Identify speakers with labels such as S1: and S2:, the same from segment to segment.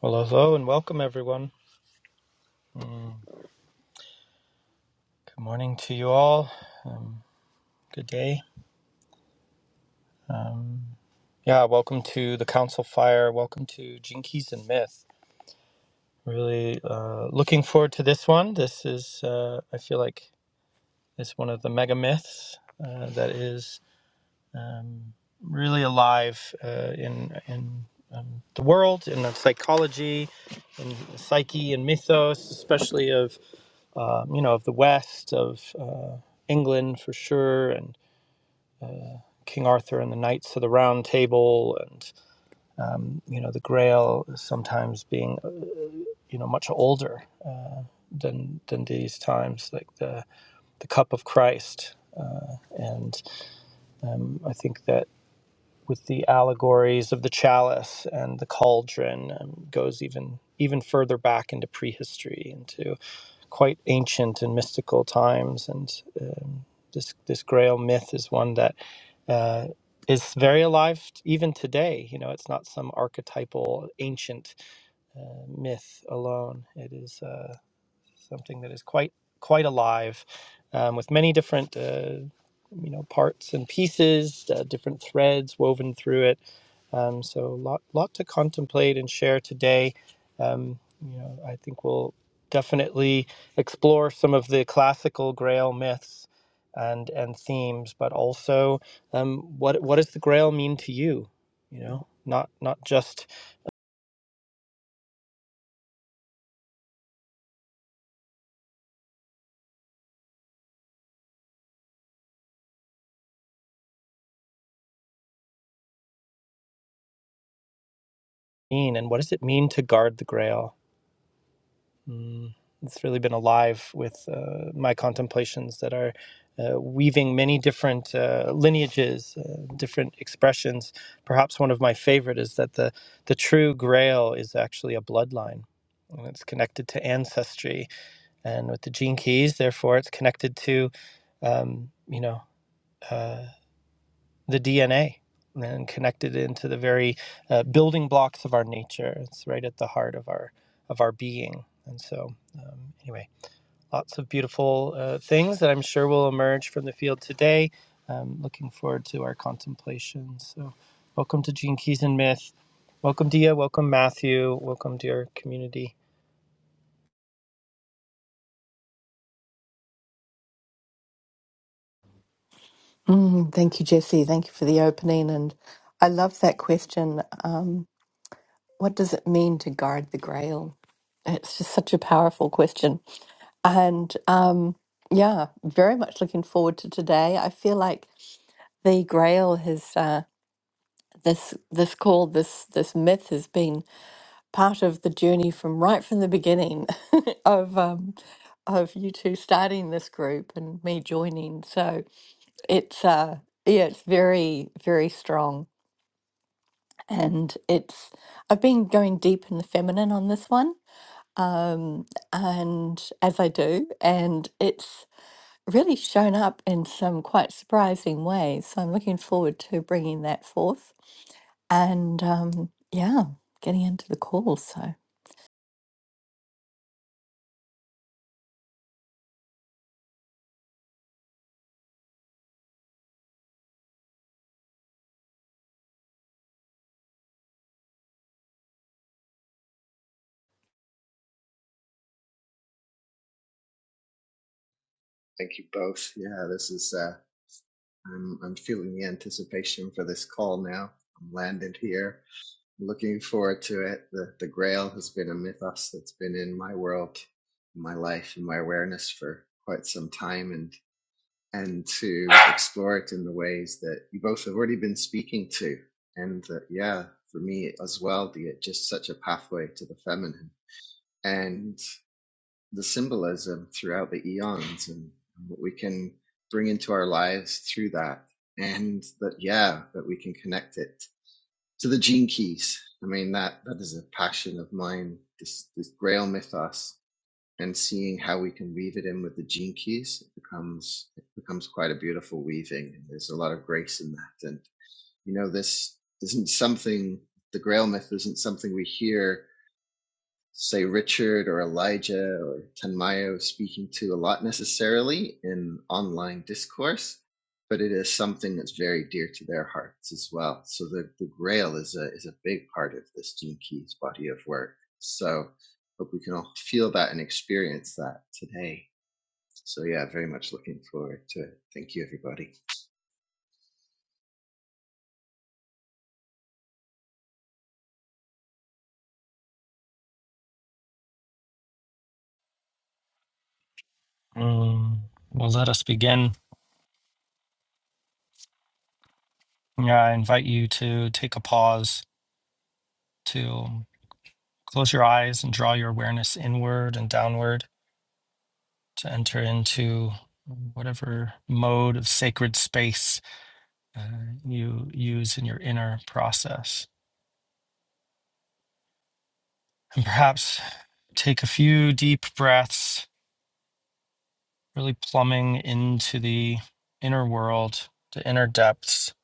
S1: Well, hello and welcome, everyone. Good morning to you all. Um, good day. Um, yeah, welcome to the Council Fire. Welcome to Jinkies and Myth. Really uh, looking forward to this one. This is, uh, I feel like, it's one of the mega myths uh, that is um, really alive uh, in in um, the world, in the psychology, in the psyche, and mythos, especially of um, you know of the West of. Uh, England for sure, and. King Arthur and the Knights of the Round Table, and you know the Grail sometimes being uh, you know much older than than these times, like the the Cup of Christ, and um, I think that with the allegories of the chalice and the cauldron um, goes even even further back into prehistory, into. quite ancient and mystical times. And um, this this Grail myth is one that uh, is very alive even today. You know, it's not some archetypal ancient uh, myth alone. It is uh, something that is quite quite alive, um, with many different. Uh, you know parts and pieces uh, different threads woven through it um, so a lot, lot to contemplate and share today. Um, you know, I think we'll definitely explore some of the classical Grail myths and and themes, but also um, what what does the Grail mean to you? You know, not not just mean, and what does it mean to guard the Grail? Mm, it's really been alive with uh, my contemplations that are uh, weaving many different uh, lineages, uh, different expressions. Perhaps one of my favorite is that the, the true grail is actually a bloodline. And it's connected to ancestry, and with the gene keys, therefore, it's connected to, um, you know, uh, the DNA, and connected into the very uh, building blocks of our nature. It's right at the heart of our of our being, and so um, anyway, lots of beautiful uh, things that I'm sure will emerge from the field today. Um, looking forward to our contemplation. So, welcome to Gene Keys and Myth. Welcome, Dia. Welcome, Matthew. Welcome, to our community.
S2: Mm, thank you, Jesse. Thank you for the opening. And I love that question. Um, what does it mean to guard the grail? It's just such a powerful question. And um, yeah, very much looking forward to today. I feel like the grail has. Uh, this this call this this myth has been part of the journey from right from the beginning of um, of you two starting this group and me joining so it's uh yeah it's very very strong and it's I've been going deep in the feminine on this one, um, and as I do, and it's really shown up in some quite surprising ways. So I'm looking forward to bringing that forth, and um, yeah, getting into the call. So
S3: Thank you both. Yeah, this is. Uh, I'm I'm feeling the anticipation for this call now. I'm landed here. I'm Looking forward to it. The the Grail has been a mythos that's been in my world, my life, and my awareness for quite some time, and and to explore it in the ways that you both have already been speaking to, and that yeah, for me as well, the just such a pathway to the feminine. and the symbolism throughout the eons and what we can bring into our lives through that. And that, yeah, that we can connect it to the gene keys. I mean, that, that is a passion of mine, this, this grail mythos and seeing how we can weave it in with the gene keys. It becomes, it becomes quite a beautiful weaving. And there's a lot of grace in that. And, you know, this isn't something, the grail myth isn't something we hear say Richard or Elijah or Tanmayo speaking to a lot necessarily in online discourse, but it is something that's very dear to their hearts as well. So the, the Grail is a is a big part of this Gene Keys body of work. So hope we can all feel that and experience that today. So yeah, very much looking forward to it. Thank you everybody.
S1: Mm, well, let us begin. Yeah, I invite you to take a pause, to close your eyes and draw your awareness inward and downward to enter into whatever mode of sacred space uh, you use in your inner process. and perhaps take a few deep breaths, really plumbing into the inner world, the inner depths.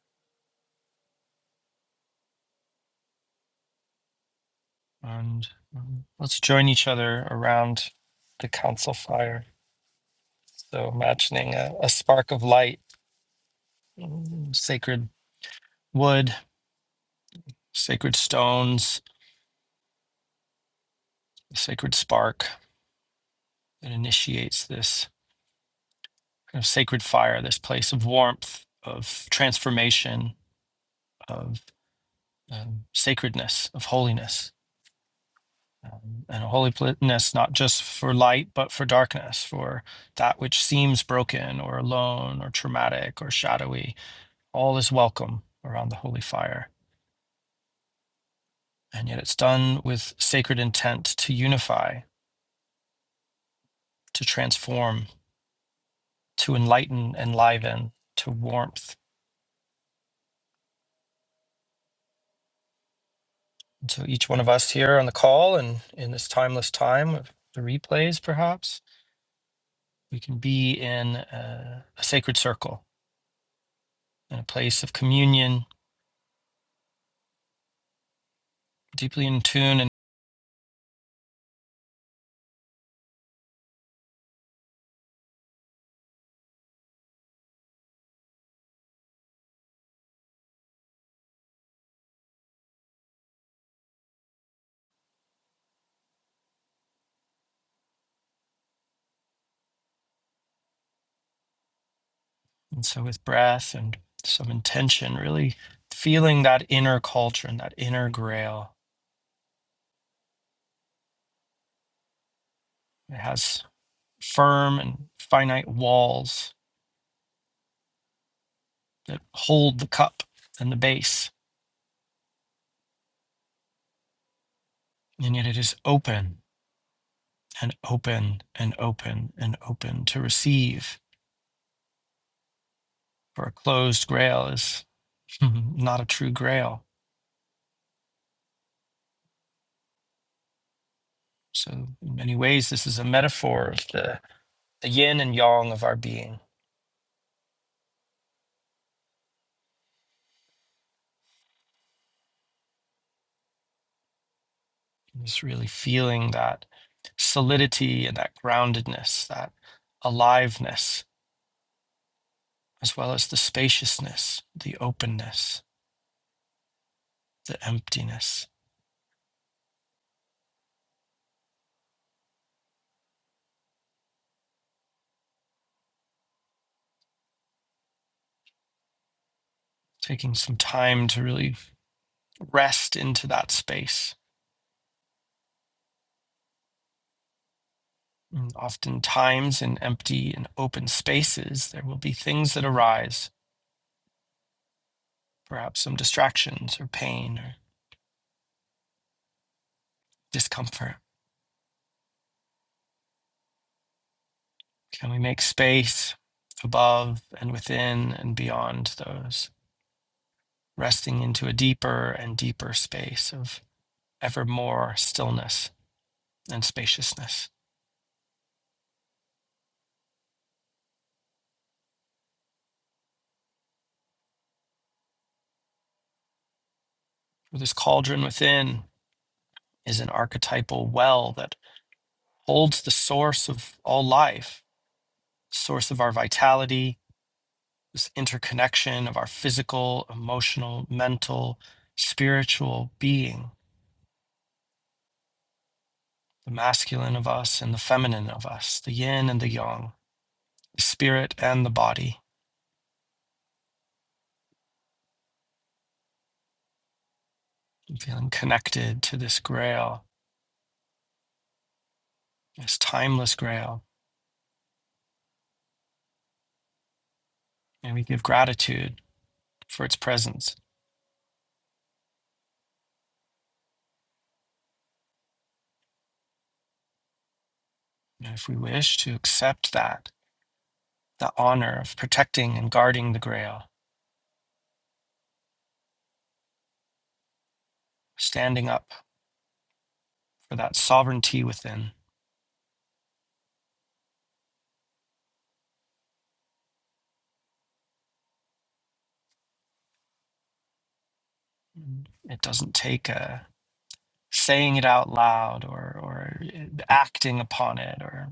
S1: And um, let's join each other around the council fire. So, imagining a, a spark of light, mm, sacred wood, sacred stones, a sacred spark that initiates this kind of sacred fire, this place of warmth, of transformation, of um, sacredness, of holiness um, and a holiness not just for light but for darkness for that which seems broken or alone or traumatic or shadowy all is welcome around the holy fire and yet it's done with sacred intent to unify to transform to enlighten enliven to warmth And so each one of us here on the call and in this timeless time of the replays perhaps we can be in a, a sacred circle in a place of communion deeply in tune and. And so, with breath and some intention, really feeling that inner culture and that inner grail, it has firm and finite walls that hold the cup and the base, and yet it is open and open and open and open to receive. For a closed grail is not a true grail. So, in many ways, this is a metaphor of the, the yin and yang of our being And Just really feeling that solidity and that groundedness, that aliveness, as well as the spaciousness, the openness, the emptiness. Taking some time to really rest into that space. And oftentimes, in empty and open spaces, there will be things that arise, perhaps some distractions or pain or discomfort. Can we make space above and within and beyond those? resting into a deeper and deeper space of ever more stillness and spaciousness. For this cauldron within is an archetypal well that holds the source of all life, source of our vitality, this interconnection of our physical, emotional, mental, spiritual being, the masculine of us and the feminine of us, the yin and the yang, the spirit and the body. I'm feeling connected to this grail, this timeless grail and we give gratitude for its presence. You know, if we wish to accept that, the honor of protecting and guarding the Grail, standing up for that sovereignty within, Mm, it doesn't take a saying it out loud or, or uh, acting upon it or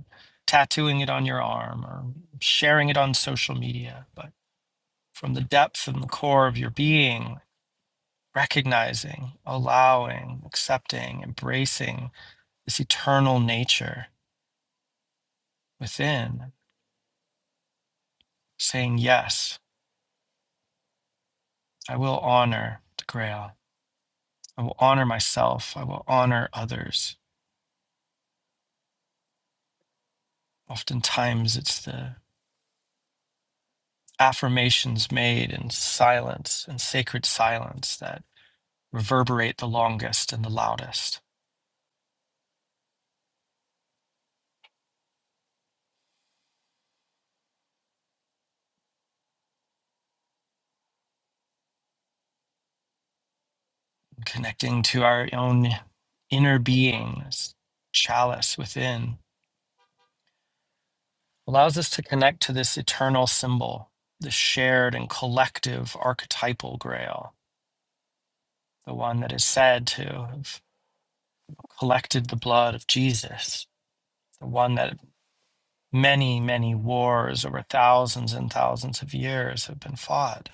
S1: tattooing it on your arm or sharing it on social media, but from the depth and the core of your being, recognizing, allowing, accepting, embracing this eternal nature within, saying, Yes, I will honor the Grail. I will honor myself. I will honor others. Oftentimes, it's the affirmations made in silence and sacred silence that reverberate the longest and the loudest, connecting to our own inner being, this chalice within, allows us to connect to this eternal symbol, the shared and collective archetypal grail, the one that is said to have collected the blood of Jesus, the one that many, many wars over thousands and thousands of years have been fought.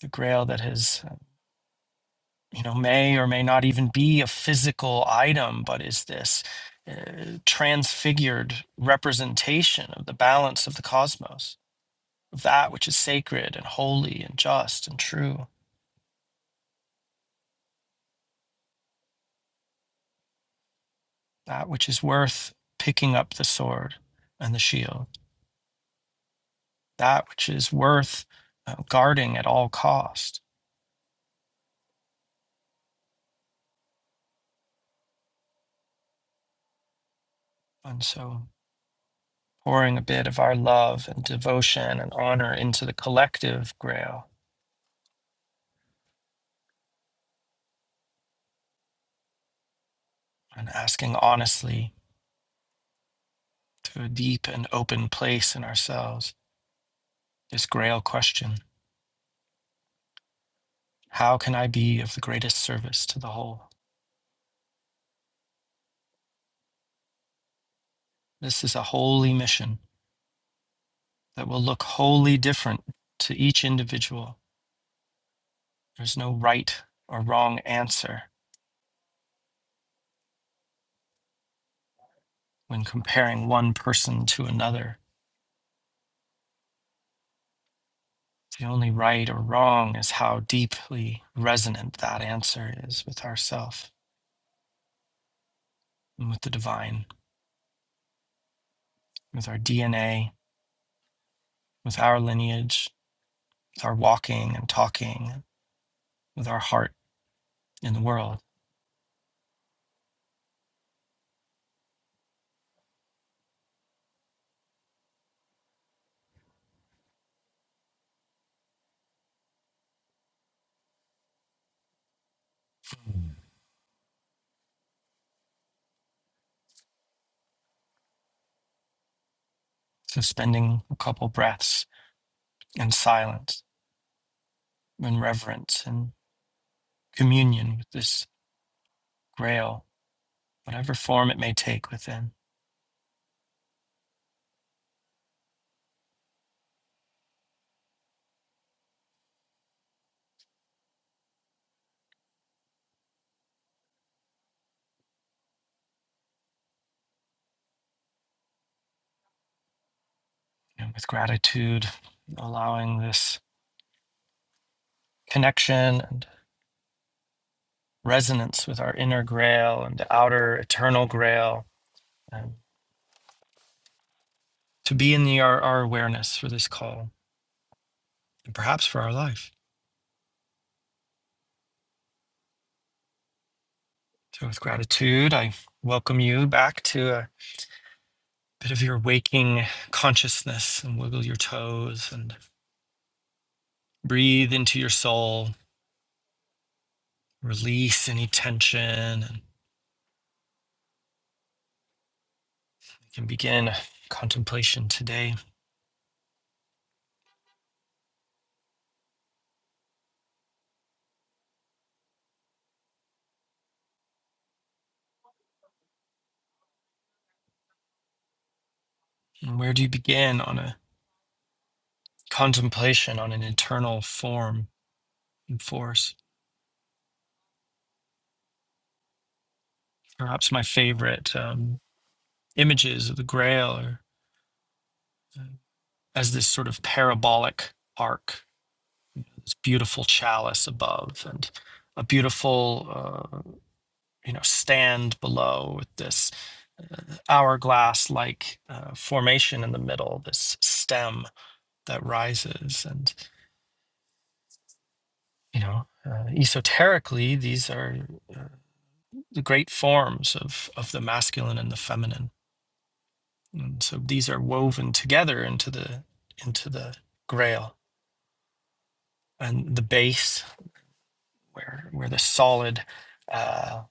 S1: The grail that has, you know, may or may not even be a physical item, but is this uh, transfigured representation of the balance of the cosmos, of that which is sacred and holy and just and true, that which is worth picking up the sword and the shield, that which is worth uh, guarding at all cost And so pouring a bit of our love and devotion and honor into the collective grail and asking honestly to a deep and open place in ourselves this grail question How can I be of the greatest service to the whole? This is a holy mission that will look wholly different to each individual. There's no right or wrong answer when comparing one person to another The only right or wrong is how deeply resonant that answer is with ourself and with the divine, with our DNA, with our lineage, with our walking and talking, with our heart in the world. So spending a couple breaths in silence, in reverence, and communion with this grail, whatever form it may take within, and with gratitude, allowing this connection and resonance with our inner grail and the outer eternal grail um, to be in the, our, our awareness for this call and perhaps for our life. So, with gratitude, I welcome you back to a bit of your waking consciousness and wiggle your toes and breathe into your soul, release any tension, and you can begin contemplation today. And where do you begin on a contemplation on an internal form and force? Perhaps my favorite um, images of the Grail or as this sort of parabolic arc, this beautiful chalice above, and a beautiful uh, you know stand below with this uh, hourglass-like uh, formation in the middle, this stem that rises, and you know uh, esoterically these are uh, the great forms of of the masculine and the feminine, and so these are woven together into the into the Grail and the base where where the solid uh,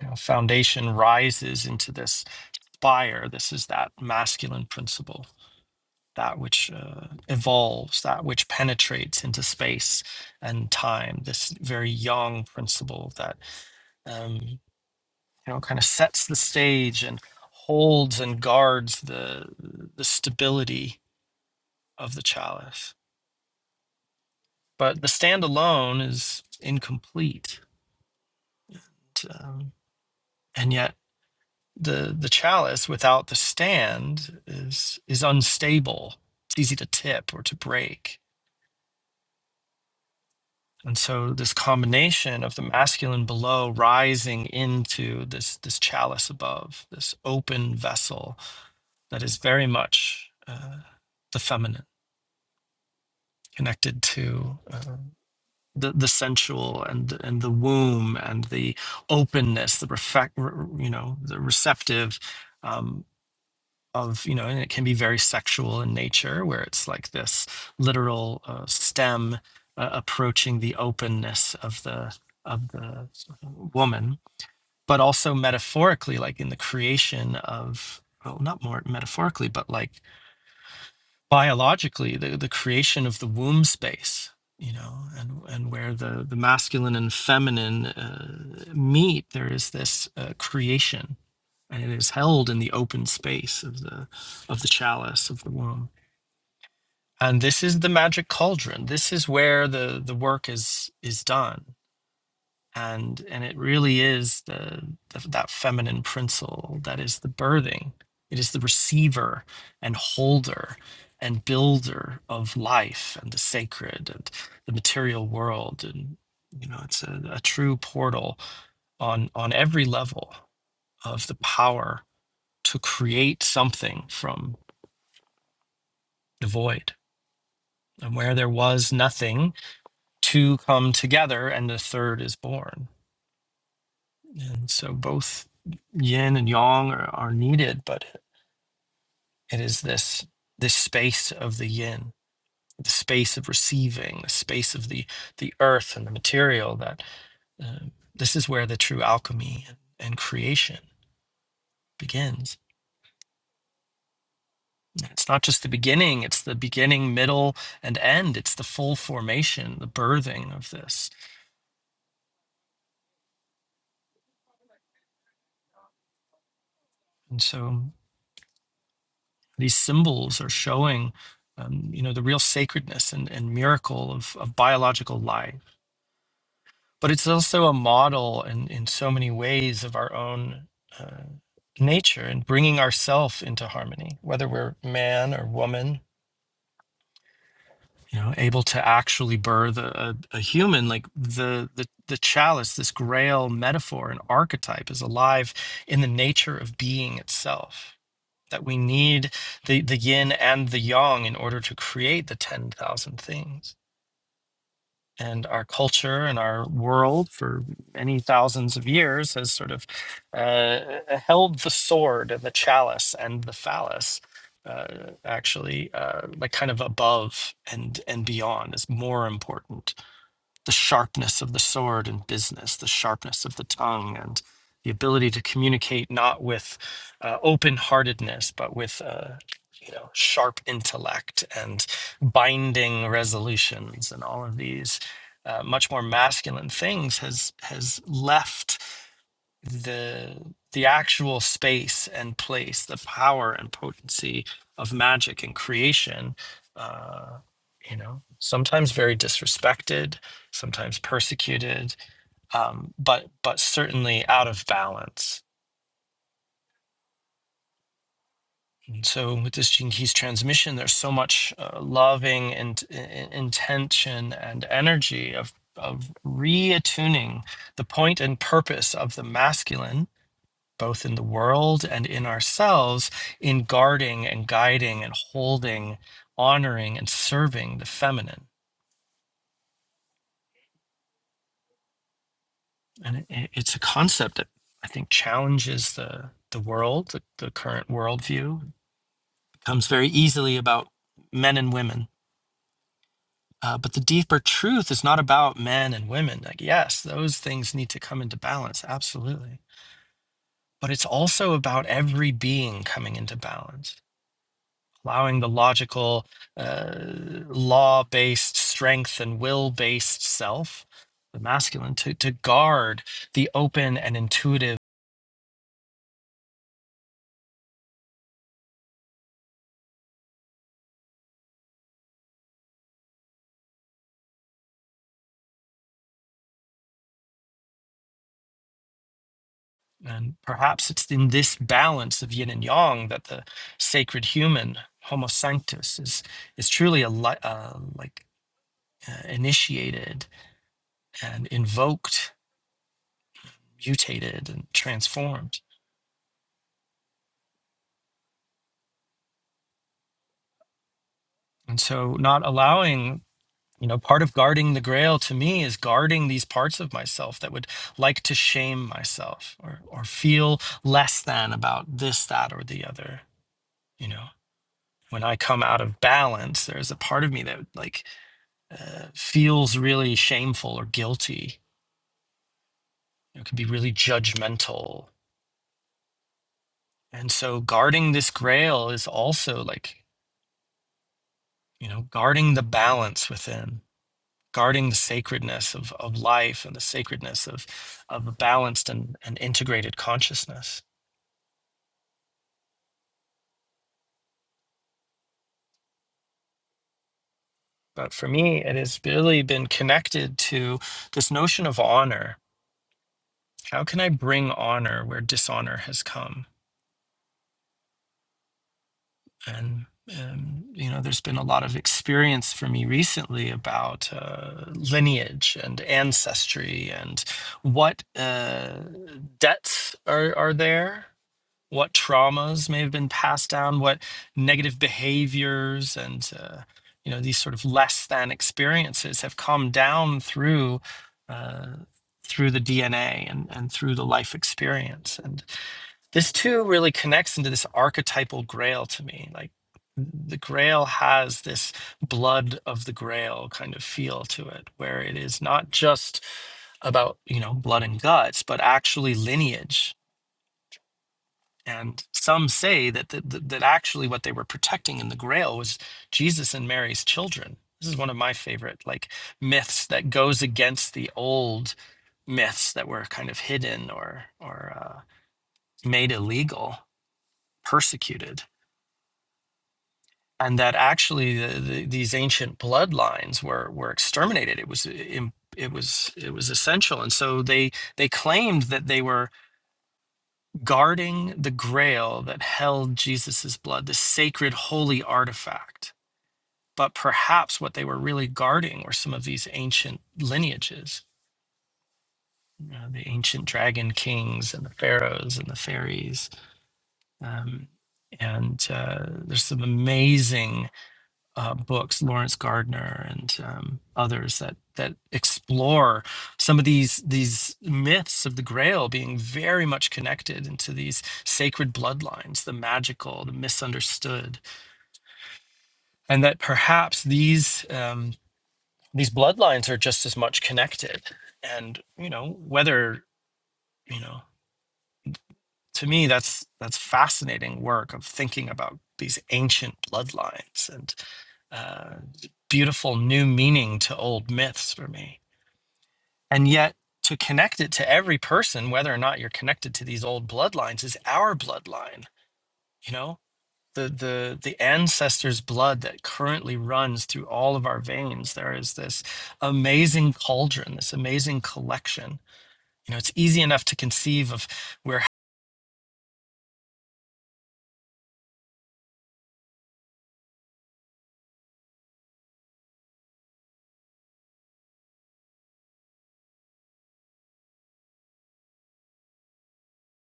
S1: you know, foundation rises into this fire. This is that masculine principle, that which uh, evolves, that which penetrates into space and time. This very young principle that um, you know kind of sets the stage and holds and guards the the stability of the chalice. But the standalone is incomplete. Um, and yet the the chalice without the stand is is unstable. It's easy to tip or to break. And so this combination of the masculine below rising into this this chalice above, this open vessel that is very much uh, the feminine, connected to uh, the the sensual and and the womb and the openness, the reflect, you know, the receptive. um, of you know and it can be very sexual in nature where it's like this literal uh, stem uh, approaching the openness of the of the woman but also metaphorically like in the creation of well not more metaphorically but like biologically the, the creation of the womb space you know and and where the the masculine and feminine uh, meet there is this uh, creation and it is held in the open space of the of the chalice of the womb and this is the magic cauldron this is where the the work is is done and and it really is the, the that feminine principle that is the birthing it is the receiver and holder and builder of life and the sacred and the material world and you know it's a, a true portal on on every level of the power to create something from the void and where there was nothing two come together and the third is born and so both yin and yang are, are needed but it is this this space of the yin the space of receiving the space of the the earth and the material that um, this is where the true alchemy and, and creation begins And it's not just the beginning it's the beginning middle and end it's the full formation the birthing of this and so these symbols are showing um, you know the real sacredness and, and miracle of, of biological life but it's also a model in, in so many ways of our own uh, nature and bringing ourself into harmony whether we're man or woman you know able to actually birth a, a, a human like the, the the chalice this grail metaphor and archetype is alive in the nature of being itself that we need the, the yin and the yang in order to create the 10,000 things and our culture and our world for many thousands of years has sort of uh, held the sword and the chalice and the phallus uh, actually uh, like kind of above and and beyond is more important the sharpness of the sword in business, the sharpness of the tongue, and the ability to communicate not with uh, open-heartedness, but with uh, you know sharp intellect and binding resolutions, and all of these uh, much more masculine things has has left the the actual space and place, the power and potency of magic and creation, uh, you know, sometimes very disrespected, sometimes persecuted, um, but but certainly out of balance. And so with this Gene Keys transmission, there's so much uh, loving and in, intention and energy of of reattuning the point and purpose of the masculine both in the world and in ourselves in guarding and guiding and holding, honoring and serving the feminine. And it, it's a concept that I think challenges the the world, the, the current worldview. It becomes very easily about men and women. Uh, but the deeper truth is not about men and women. Like, yes, those things need to come into balance, absolutely. But it's also about every being coming into balance allowing the logical, uh, law based strength and will based self, the masculine, to, to guard the open and intuitive. And perhaps it's in this balance of yin and yang that the sacred human, Homo sanctus, is, is truly a li- uh, like uh, initiated and invoked, mutated, and transformed. And so, not allowing You know, part of guarding the grail to me is guarding these parts of myself that would like to shame myself or, or feel less than about this, that, or the other. You know, when I come out of balance, there's a part of me that like uh, feels really shameful or guilty. It could be really judgmental. And so guarding this grail is also like, you know, guarding the balance within. guarding the sacredness of, of life and the sacredness of, of a balanced and, and integrated consciousness. But for me, it has really been connected to this notion of honor. How can I bring honor where dishonor has come? And, um, you know, there's been a lot of experience for me recently about uh, lineage and ancestry and what uh, debts are, are there what traumas may have been passed down, what negative behaviors and uh, you know these sort of less than experiences have come down through uh, through the DNA and and through the life experience. And this too really connects into this archetypal grail to me, like. The Grail has this blood of the Grail kind of feel to it, where it is not just about, you know, blood and guts, but actually lineage and some say that that that actually what they were protecting in the Grail was Jesus and Mary's children. This is one of my favorite like myths that goes against the old myths that were kind of hidden or or uh, made illegal, persecuted, and that actually the, the, these ancient bloodlines were were exterminated. It was im- it was it was essential, and so they they claimed that they were guarding the grail that held Jesus's blood, the sacred holy artifact. But perhaps what they were really guarding were some of these ancient lineages, you know, the ancient dragon kings and the pharaohs and the fairies. Um, and uh, there's some amazing uh, books, Lawrence Gardner and um, others that that explore some of these these myths of the Grail being very much connected into these sacred bloodlines, the magical, the misunderstood, and that perhaps these um, these bloodlines are just as much connected. And you know whether you know to me that's that's fascinating work of thinking about these ancient bloodlines and uh, beautiful new meaning to old myths for me and yet to connect it to every person whether or not you're connected to these old bloodlines is our bloodline you know the the the ancestors blood that currently runs through all of our veins there is this amazing cauldron this amazing collection you know it's easy enough to conceive of where.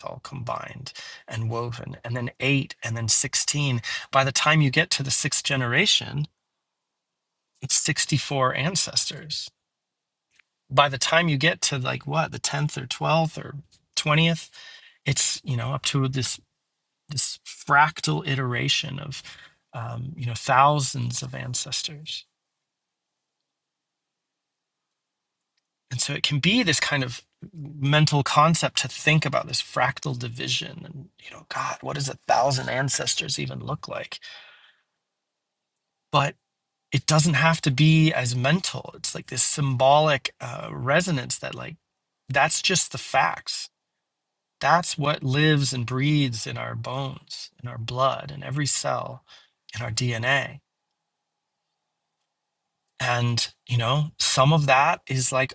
S1: all combined and woven, and then eight, and then 16. By the time you get to the sixth generation, it's 64 ancestors. By the time you get to like what, the 10th or 12th or 20th, it's, you know, up to this this fractal iteration of, um, you know, thousands of ancestors. And so it can be this kind of mental concept to think about this fractal division and, you know, God, what does a thousand ancestors even look like? But it doesn't have to be as mental. It's like this symbolic uh, resonance that, like, that's just the facts. That's what lives and breathes in our bones, in our blood, in every cell, in our DNA. And, you know, some of that is like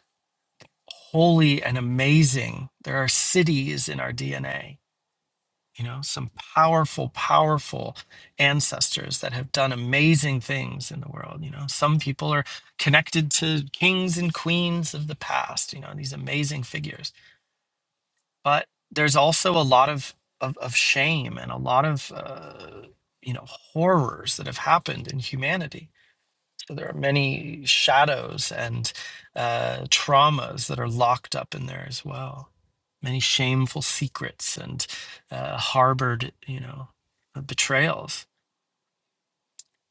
S1: holy and amazing. There are cities in our DNA you know some powerful powerful ancestors that have done amazing things in the world you know some people are connected to kings and queens of the past you know these amazing figures but there's also a lot of of, of shame and a lot of uh, you know horrors that have happened in humanity there are many shadows and uh, traumas that are locked up in there as well many shameful secrets and uh, harbored you know uh, betrayals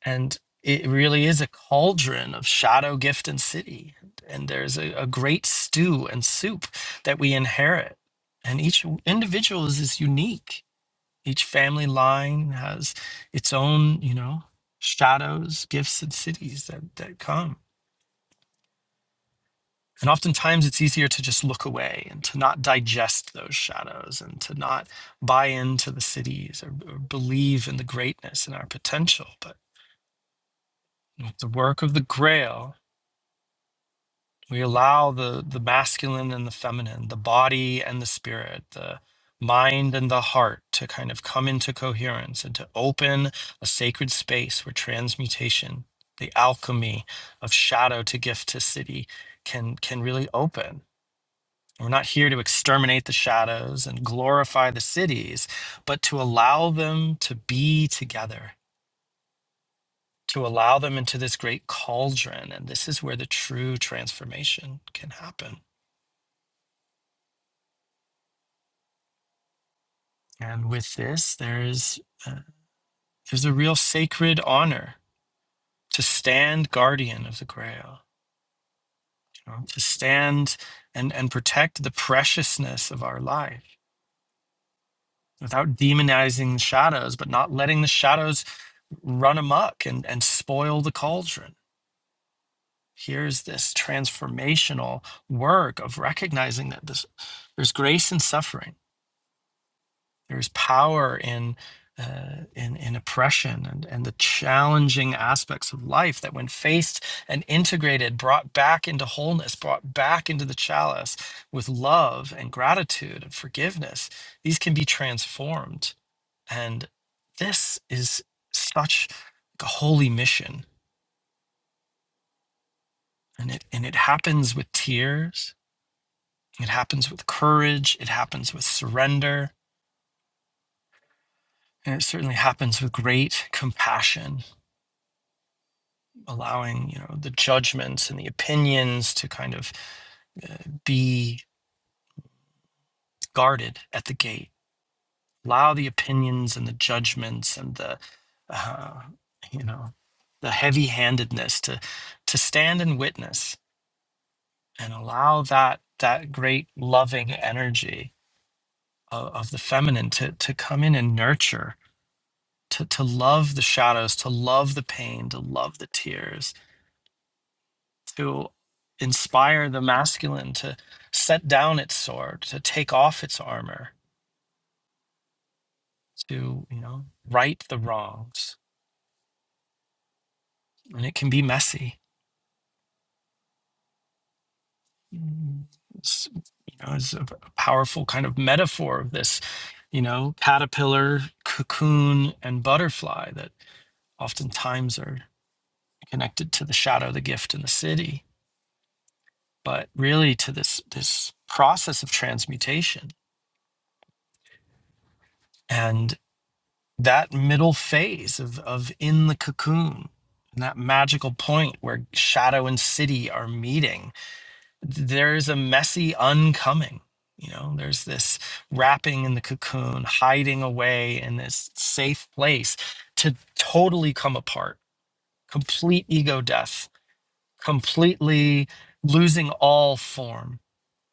S1: and it really is a cauldron of shadow gift and city and there's a, a great stew and soup that we inherit and each individual is, is unique each family line has its own you know shadows gifts and cities that that come And oftentimes it's easier to just look away and to not digest those shadows and to not buy into the cities or, or believe in the greatness and our potential. But with the work of the grail, we allow the, the masculine and the feminine, the body and the spirit, the mind and the heart to kind of come into coherence and to open a sacred space where transmutation, the alchemy of shadow to gift to city, can can really open We're not here to exterminate the shadows and glorify the cities, but to allow them to be together, to allow them into this great cauldron. And this is where the true transformation can happen. And with this, there's, uh, there's a real sacred honor to stand guardian of the grail, you know, to stand and, and protect the preciousness of our life without demonizing the shadows, but not letting the shadows run amok and, and spoil the cauldron here's this transformational work of recognizing that this, there's grace in suffering, there's power in uh, in, in oppression and, and the challenging aspects of life that when faced and integrated brought back into wholeness brought back into the chalice with love and gratitude and forgiveness these can be transformed and this is such a holy mission and it and it happens with tears It happens with courage, it happens with surrender, and it certainly happens with great compassion, allowing, you know, the judgments and the opinions to kind of uh, be guarded at the gate. Allow the opinions and the judgments and the uh, you know, the heavy-handedness to to stand and witness and allow that that great loving energy of, of the feminine to to come in and nurture to to love the shadows, to love the pain, to love the tears, to inspire the masculine to set down its sword, to take off its armor, to you know right the wrongs, and it can be messy. Mm, It's, you know, it's a powerful kind of metaphor of this, you know, caterpillar, cocoon, and butterfly that oftentimes are connected to the shadow, the gift, and the city but really to this this process of transmutation and that middle phase of of in the cocoon and that magical point where shadow and city are meeting there's a messy uncoming you know there's this wrapping in the cocoon hiding away in this safe place to totally come apart complete ego death completely losing all form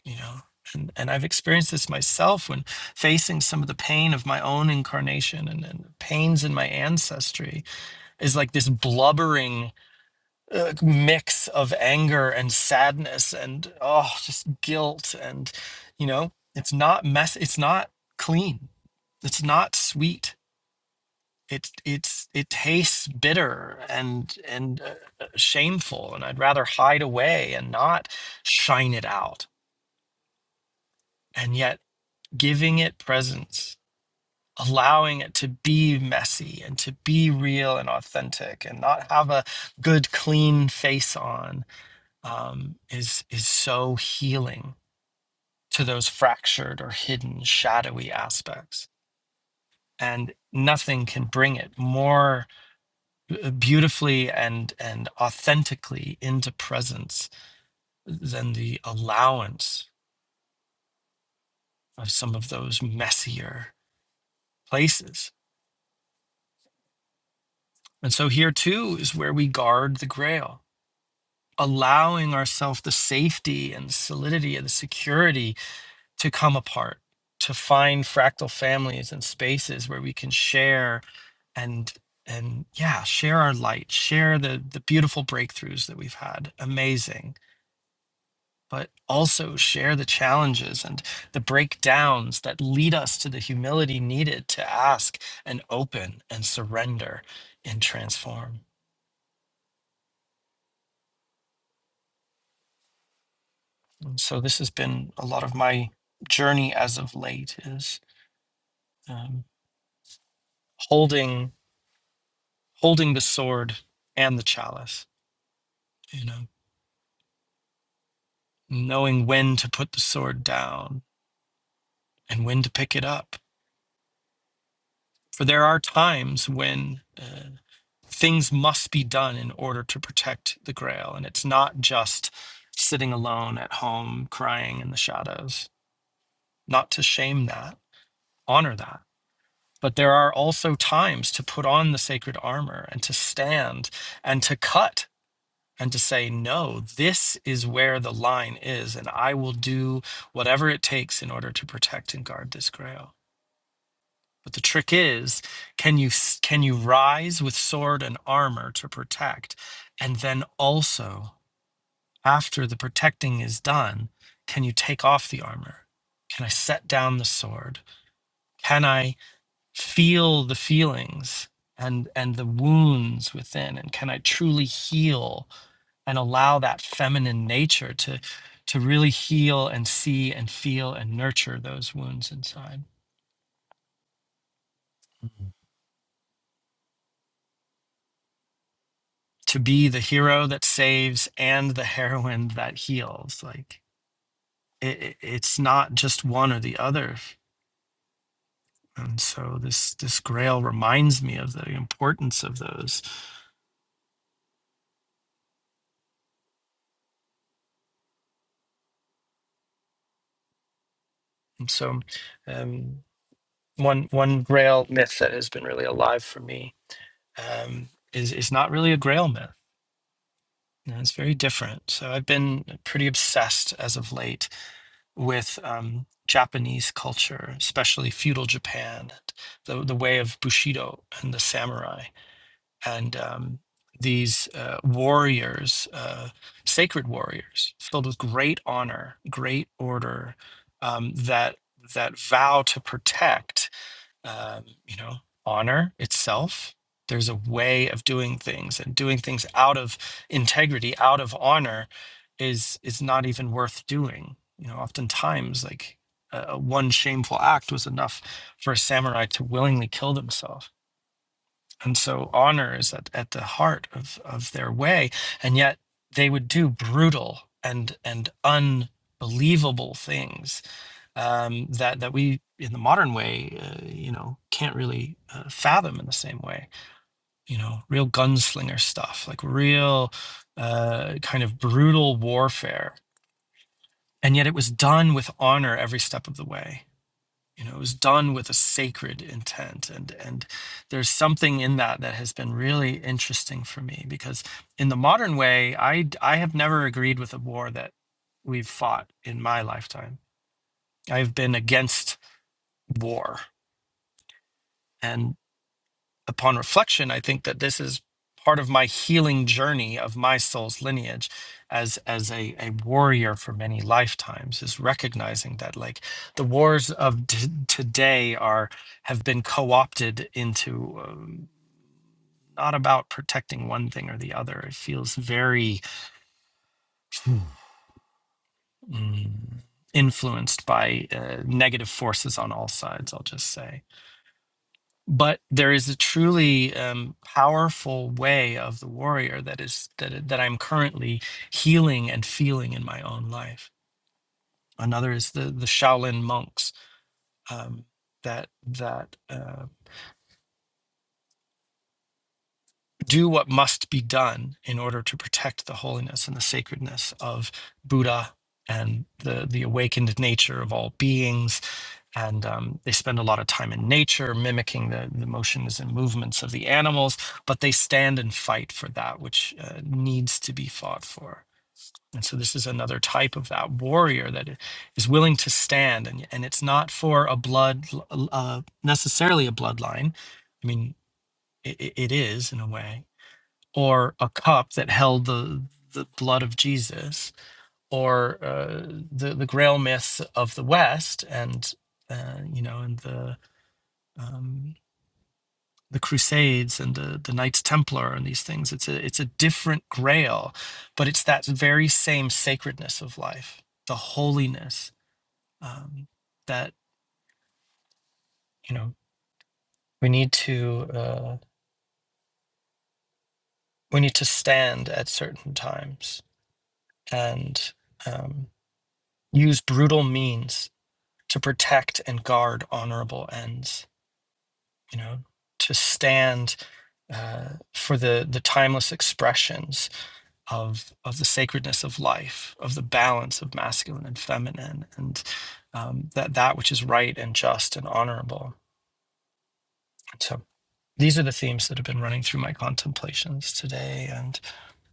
S1: you know and and i've experienced this myself when facing some of the pain of my own incarnation and, and pains in my ancestry is like this blubbering uh, mix of anger and sadness and oh just guilt and you know it's not mess it's not clean it's not sweet it it's it tastes bitter and and uh, uh, shameful and i'd rather hide away and not shine it out and yet giving it presence, allowing it to be messy and to be real and authentic and not have a good, clean face on um, is, is so healing to those fractured or hidden, shadowy aspects. And nothing can bring it more uh, beautifully and, and authentically into presence than the allowance of some of those messier places. And so here too is where we guard the grail allowing ourselves the safety and the solidity and the security to come apart, to find fractal families and spaces where we can share and and yeah, share our light, share the the beautiful breakthroughs that we've had. Amazing. But also share the challenges and the breakdowns that lead us to the humility needed to ask and open and surrender and transform. And so this has been a lot of my journey as of late is um, holding holding the sword and the chalice you know knowing when to put the sword down and when to pick it up for there are times when uh, things must be done in order to protect the grail and it's not just sitting alone at home crying in the shadows not to shame that honor that but there are also times to put on the sacred armor and to stand and to cut and to say, no, this is where the line is, and I will do whatever it takes in order to protect and guard this grail. But the trick is, can you can you rise with sword and armor to protect, and then also after the protecting is done, can you take off the armor? Can I set down the sword? Can I feel the feelings and and the wounds within? And can I truly heal and allow that feminine nature to to really heal and see and feel and nurture those wounds inside to be the hero that saves and the heroine that heals like it, it- it's not just one or the other and so this this grail reminds me of the importance of those and so um, one one grail myth that has been really alive for me um, is is not really a grail myth Yeah, it's very different. So I've been pretty obsessed as of late with um, Japanese culture, especially feudal Japan, the the way of Bushido and the samurai, and um, these uh, warriors, uh, sacred warriors, filled with great honor, great order, um, that that vow to protect um, you know, honor itself. There's a way of doing things, and doing things out of integrity, out of honor, is is not even worth doing. You know, oftentimes, like uh, uh, one shameful act was enough for a samurai to willingly kill themselves. And so, honor is at, at the heart of of their way, and yet they would do brutal and and unbelievable things um, that that we in the modern way, uh, you know, can't really uh, fathom in the same way. You know, real gunslinger stuff, like real uh, kind of brutal warfare, and yet it was done with honor every step of the way. You know, it was done with a sacred intent, and and there's something in that that has been really interesting for me because in the modern way, I I have never agreed with a war that we've fought in my lifetime. I've been against war And upon reflection, I think that this is part of my healing journey of my soul's lineage as as a, a warrior for many lifetimes is recognizing that like the wars of t- today are have been co-opted into um, not about protecting one thing or the other it feels very mm, influenced by uh, negative forces on all sides i'll just say but there is a truly um, powerful way of the warrior that is that that I'm currently healing and feeling in my own life. Another is the the Shaolin monks um, that that uh, do what must be done in order to protect the holiness and the sacredness of Buddha and the the awakened nature of all beings and um, they spend a lot of time in nature mimicking the, the motions and movements of the animals but they stand and fight for that which uh, needs to be fought for and so this is another type of that warrior that i- is willing to stand and, and it's not for a blood uh, necessarily a bloodline i mean it, it is in a way or a cup that held the the blood of jesus or uh, the the grail myths of the west and uh, you know, and the um, the Crusades and the the Knights Templar and these things. It's a it's a different Grail, but it's that very same sacredness of life, the holiness um, that you know we need to uh, we need to stand at certain times and um, use brutal means to protect and guard honorable ends. You know, to stand uh, for the the timeless expressions of of the sacredness of life, of the balance of masculine and feminine, and um, that that which is right and just and honorable. So these are the themes that have been running through my contemplations today and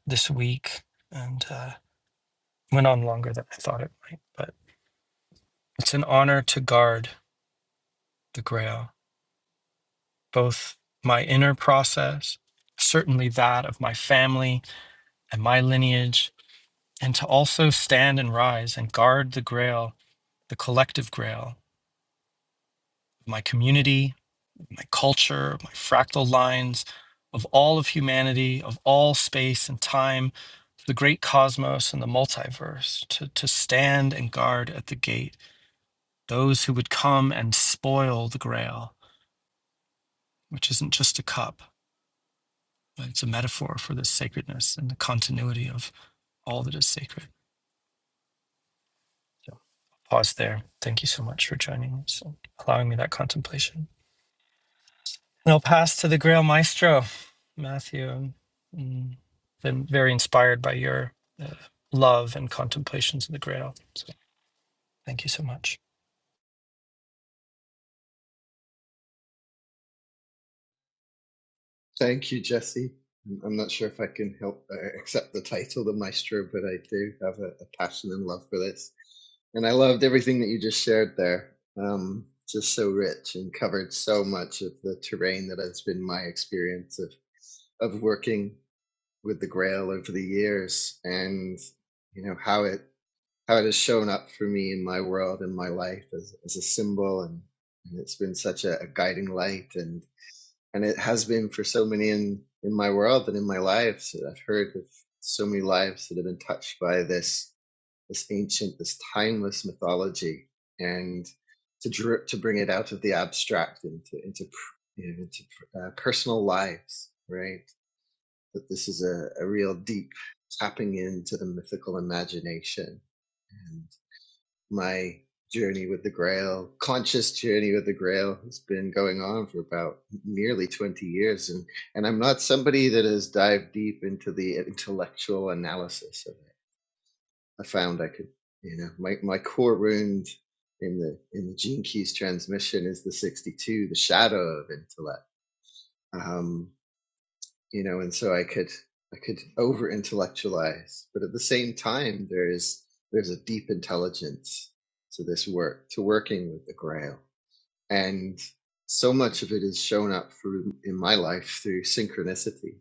S1: this week, and uh, went on longer than I thought it might. But it's an honor to guard the Grail, both my inner process, certainly that of my family and my lineage, and to also stand and rise and guard the Grail, the collective Grail my community, my culture, my fractal lines, of all of humanity, of all space and time, the great cosmos and the multiverse, to, to stand and guard at the gate those who would come and spoil the grail, which isn't just a cup, but it's a metaphor for the sacredness and the continuity of all that is sacred. So pause there. Thank you so much for joining us and allowing me that contemplation. And I'll pass to the Grail Maestro, Matthew. i been very inspired by your uh, love and contemplations of the Grail. Thank you so much.
S3: Thank you, Jesse. I'm not sure if I can help uh, accept the title, the maestro, but I do have a, a passion and love for this. And I loved everything that you just shared there. Um, just so rich and covered so much of the terrain that has been my experience of of working with the Grail over the years, and you know how it how it has shown up for me in my world and my life as as a symbol, and, and it's been such a, a guiding light. and and it has been for so many in in my world and in my lives I've heard of so many lives that have been touched by this this ancient, this timeless mythology, and to dr- to bring it out of the abstract into into you know, into uh, personal lives, right? That this is a, a real deep tapping into the mythical imagination And my journey with the Grail, conscious journey with the Grail, has been going on for about nearly 20 years. And, and I'm not somebody that has dived deep into the intellectual analysis of it. I found I could, you know, my, my core wound in the in the gene keys transmission is the 62, the shadow of intellect. Um, you know, and so I could I could over intellectualize, but at the same time there is there's a deep intelligence to this work, to working with the Grail. And so much of it has shown up through in my life through synchronicity,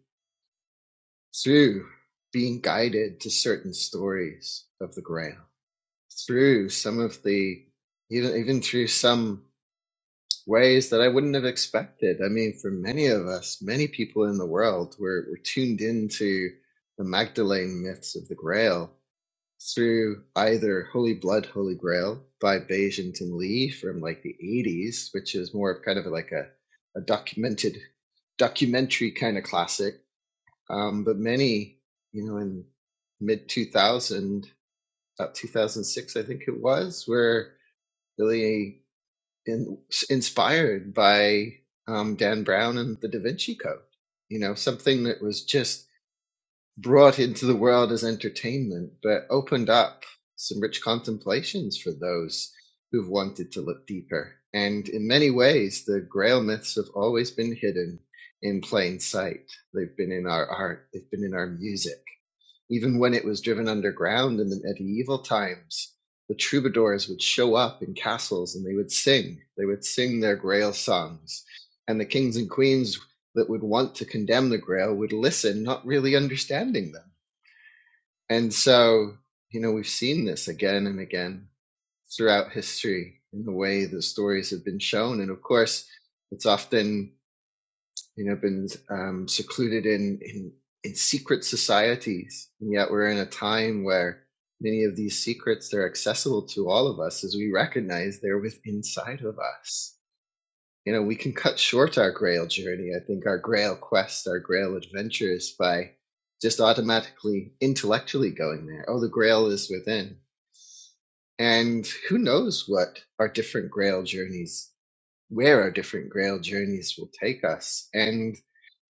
S3: through being guided to certain stories of the Grail, through some of the even even through some ways that I wouldn't have expected. I mean, for many of us, many people in the world, we're, we're tuned into the Magdalene myths of the Grail through either Holy Blood, Holy Grail by Bayesian and Lee from like the 80s, which is more of kind of like a, a documented documentary kind of classic. Um, but many, you know, in mid 2000, about 2006, I think it was, where really in, inspired by um, Dan Brown and the Da Vinci Code. You know, something that was just brought into the world as entertainment, but opened up some rich contemplations for those who've wanted to look deeper. And in many ways, the Grail myths have always been hidden in plain sight. They've been in our art, they've been in our music even when it was driven underground in the medieval times, the troubadours would show up in castles and they would sing. They would sing their Grail songs. And the kings and queens that would want to condemn the Grail would listen, not really understanding them. And so, you know, we've seen this again and again throughout history in the way the stories have been shown. And of course, it's often you know, been um, secluded in, in in secret societies, and yet we're in a time where many of these secrets they're accessible to all of us as we recognize they're within inside of us. You know, we can cut short our Grail journey. I think our Grail quest, our Grail adventures, by just automatically intellectually going there. Oh, the Grail is within, and who knows what our different Grail journeys, where our different Grail journeys will take us, and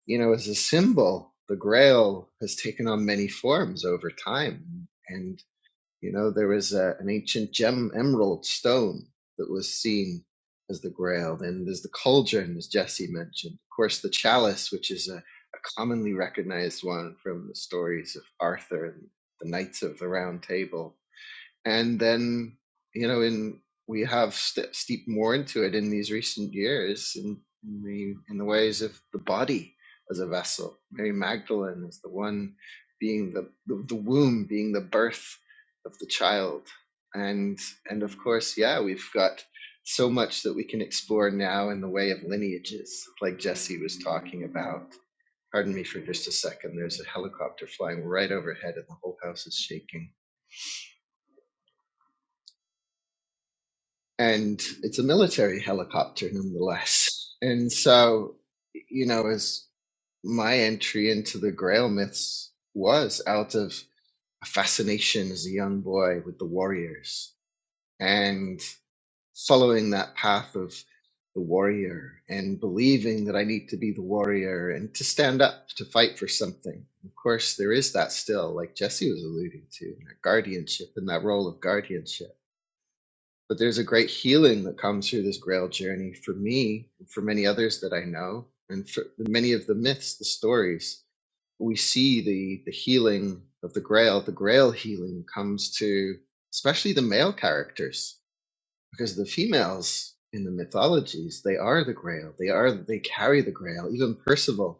S3: you know, as a symbol, the Grail has taken on many forms over time. And, you know, there was a, an ancient gem emerald stone that was seen as the Grail. Then there's the cauldron, as Jesse mentioned. Of course, the chalice, which is a, a commonly recognized one from the stories of Arthur and the Knights of the Round Table and then you know in we have st- steeped more into it in these recent years in, in the in the ways of the body as a vessel mary magdalene is the one being the, the the womb being the birth of the child and and of course yeah we've got so much that we can explore now in the way of lineages like jesse was talking about pardon me for just a second there's a helicopter flying right overhead and the whole house is shaking and it's a military helicopter nonetheless. And so, you know, as my entry into the Grail myths was out of a fascination as a young boy with the warriors and following that path of the warrior and believing that I need to be the warrior and to stand up to fight for something. Of course, there is that still, like Jesse was alluding to, that guardianship and that role of guardianship but there's a great healing that comes through this grail journey for me for many others that i know and for many of the myths the stories we see the the healing of the grail the grail healing comes to especially the male characters because the females in the mythologies they are the grail they are they carry the grail even percival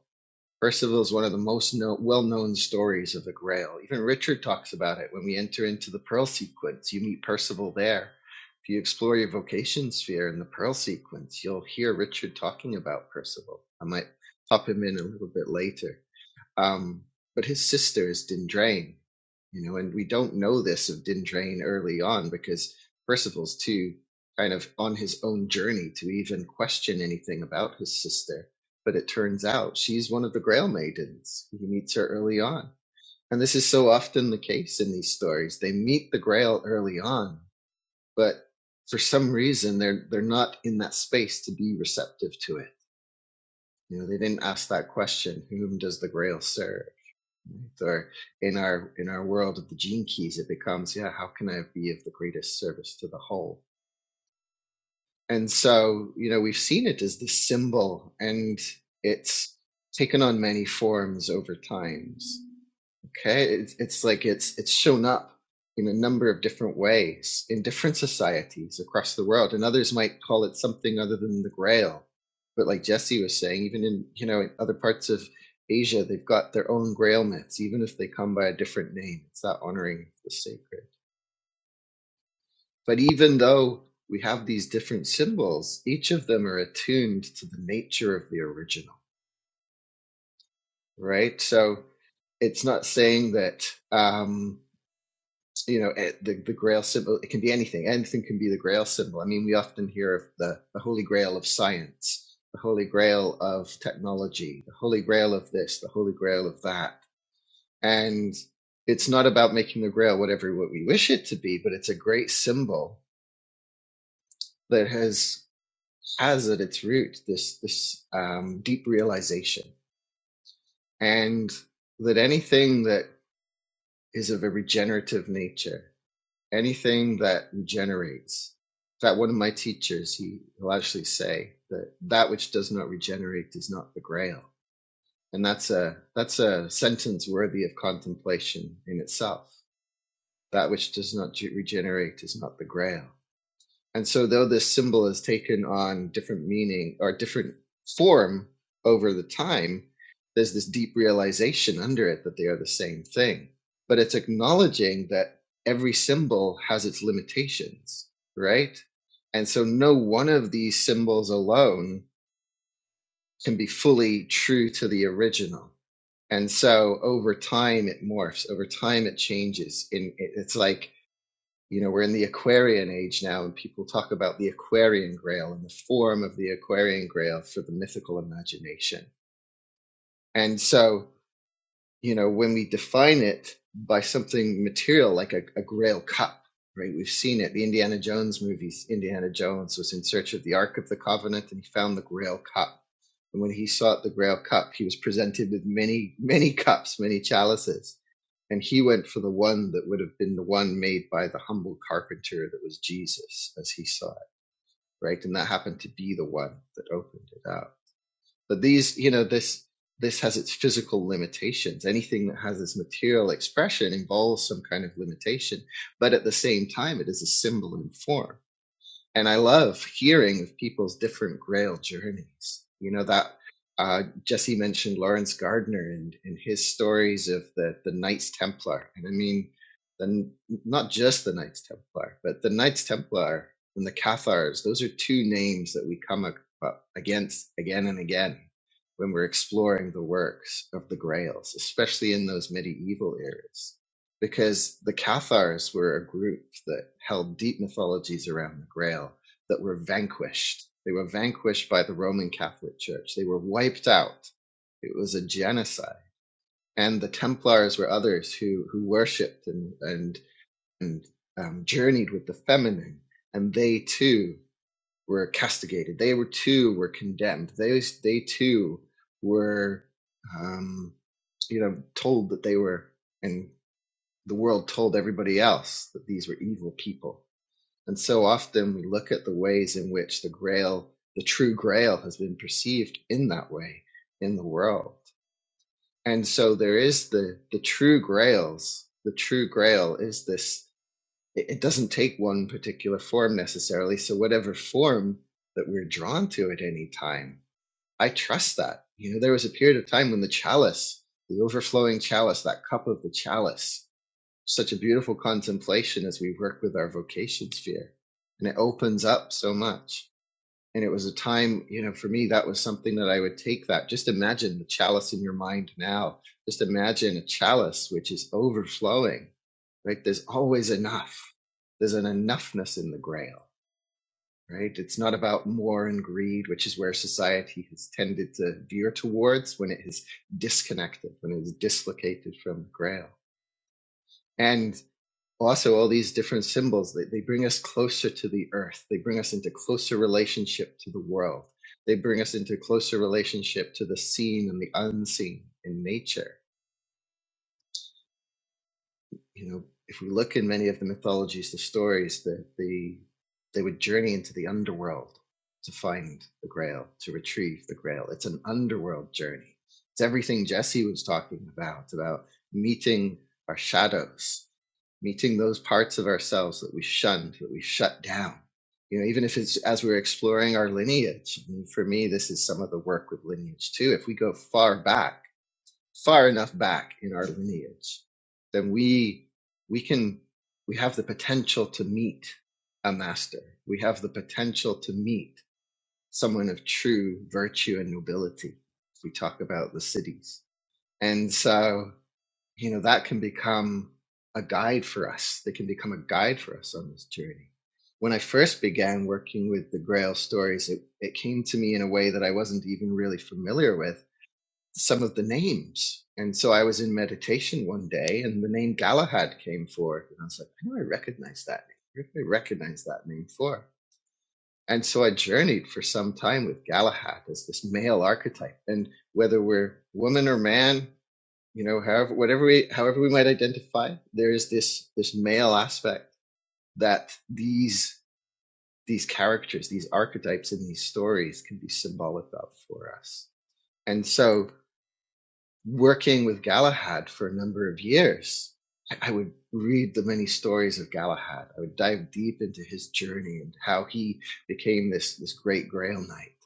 S3: Percival is one of the most know, well-known stories of the Grail. Even Richard talks about it. When we enter into the Pearl Sequence, you meet Percival there. If you explore your vocation sphere in the Pearl Sequence, you'll hear Richard talking about Percival. I might pop him in a little bit later. Um, but his sister is Dindrain, you know, and we don't know this of Dindrain early on because Percival's too kind of on his own journey to even question anything about his sister. But it turns out she's one of the Grail Maidens. He meets her early on. And this is so often the case in these stories. They meet the Grail early on, but for some reason they're they're not in that space to be receptive to it. You know, they didn't ask that question, whom does the Grail serve? or in our in our world of the gene keys it becomes yeah how can i be of the greatest service to the whole and so you know we've seen it as this symbol and it's taken on many forms over times Okay, it's, it's like it's it's shown up in a number of different ways in different societies across the world, and others might call it something other than the Grail. But like Jesse was saying, even in you know in other parts of Asia, they've got their own Grail myths, even if they come by a different name. It's that honoring of the sacred. But even though we have these different symbols, each of them are attuned to the nature of the original, right? So it's not saying that. Um, you know eh, the, the grail symbol it can be anything anything can be the grail symbol i mean we often hear of the, the holy grail of science the holy grail of technology the holy grail of this the holy grail of that and it's not about making the grail whatever what we wish it to be but it's a great symbol that has has at its root this this um, deep realization and that anything that is of a regenerative nature anything that regenerates. In fact, one of my teachers, he, will actually say that that which does not regenerate is not the grail. And that's a, that's a sentence worthy of contemplation in itself. That which does not regenerate is not the grail. And so, though this symbol has taken on different meaning or different form over the time, there's this deep realization under it that they are the same thing. But it's acknowledging that every symbol has its limitations, right? And so, no one of these symbols alone can be fully true to the original. And so, over time, it morphs. Over time, it changes. In it's like you know, we're in the Aquarian age now, and people talk about the Aquarian Grail and the form of the Aquarian Grail for the mythical imagination. And so you know, when we define it by something material like a, a grail cup, right? We've seen it. The Indiana Jones movies, Indiana Jones was in search of the Ark of the Covenant and he found the grail cup. And when he sought the grail cup, he was presented with many, many cups, many chalices. And he went for the one that would have been the one made by the humble carpenter that was Jesus as he saw it, right? And that happened to be the one that opened it up. But these, you know, this this has its physical limitations. Anything that has this material expression involves some kind of limitation, but at the same time, it is a symbol in form and I love hearing of people's different Grail journeys. You know that uh, Jesse mentioned Lawrence Gardner and, and his stories of the the Knights Templar, and I mean, the, not just the Knights Templar, but the Knights Templar and the Cathars. Those are two names that we come up against again and again when we're exploring the works of the Grails, especially in those medieval eras because the Cathars were a group that held deep mythologies around the Grail that were vanquished. They were vanquished by the Roman Catholic Church. They were wiped out. It was a genocide. And the Templars were others who who worshipped and and and um, journeyed with the feminine, and they too were castigated. They were too were condemned. They they too were um, you know told that they were and the world told everybody else that these were evil people. And so often we look at the ways in which the grail, the true grail, has been perceived in that way in the world. And so there is the, the true grails. The true grail is this, it, it doesn't take one particular form necessarily. So, whatever form that we're drawn to at any time, I trust that. You know, there was a period of time when the chalice, the overflowing chalice, that cup of the chalice, such a beautiful contemplation as we work with our vocation sphere. And it opens up so much. And it was a time, you know, for me, that was something that I would take that. Just imagine the chalice in your mind now. Just imagine a chalice which is overflowing, right? There's always enough. There's an enoughness in the grail, right? It's not about more and greed, which is where society has tended to veer towards when it is disconnected, when it is dislocated from the grail. and also all these different symbols they, they bring us closer to the earth they bring us into closer relationship to the world they bring us into closer relationship to the seen and the unseen in nature you know, if we look in many of the mythologies, the stories that the they would journey into the underworld to find the Grail, to retrieve the Grail. It's an underworld journey. It's everything Jesse was talking about, about meeting our shadows, meeting those parts of ourselves that we shunned, that we shut down. You know, even if it's as we're exploring our lineage, and for me, this is some of the work with lineage too. If we go far back, far enough back in our lineage, then we we can we have the potential to meet a master. We have the potential to meet someone of true virtue and nobility. we talk about the cities, and so you know that can become a guide for us. They can become a guide for us on this journey. When I first began working with the Grail stories, it, it came to me in a way that I wasn't even really familiar with some of the names. And so I was in meditation one day and the name Galahad came forward. And I was like, I know I recognize that name. Where do I recognize that name for? And so I journeyed for some time with Galahad as this male archetype. And whether we're woman or man, you know, however whatever we however we might identify, there is this this male aspect that these these characters, these archetypes in these stories can be symbolic of for us. And so working with Galahad for a number of years, I would read the many stories of Galahad. I would dive deep into his journey and how he became this, this great Grail Knight.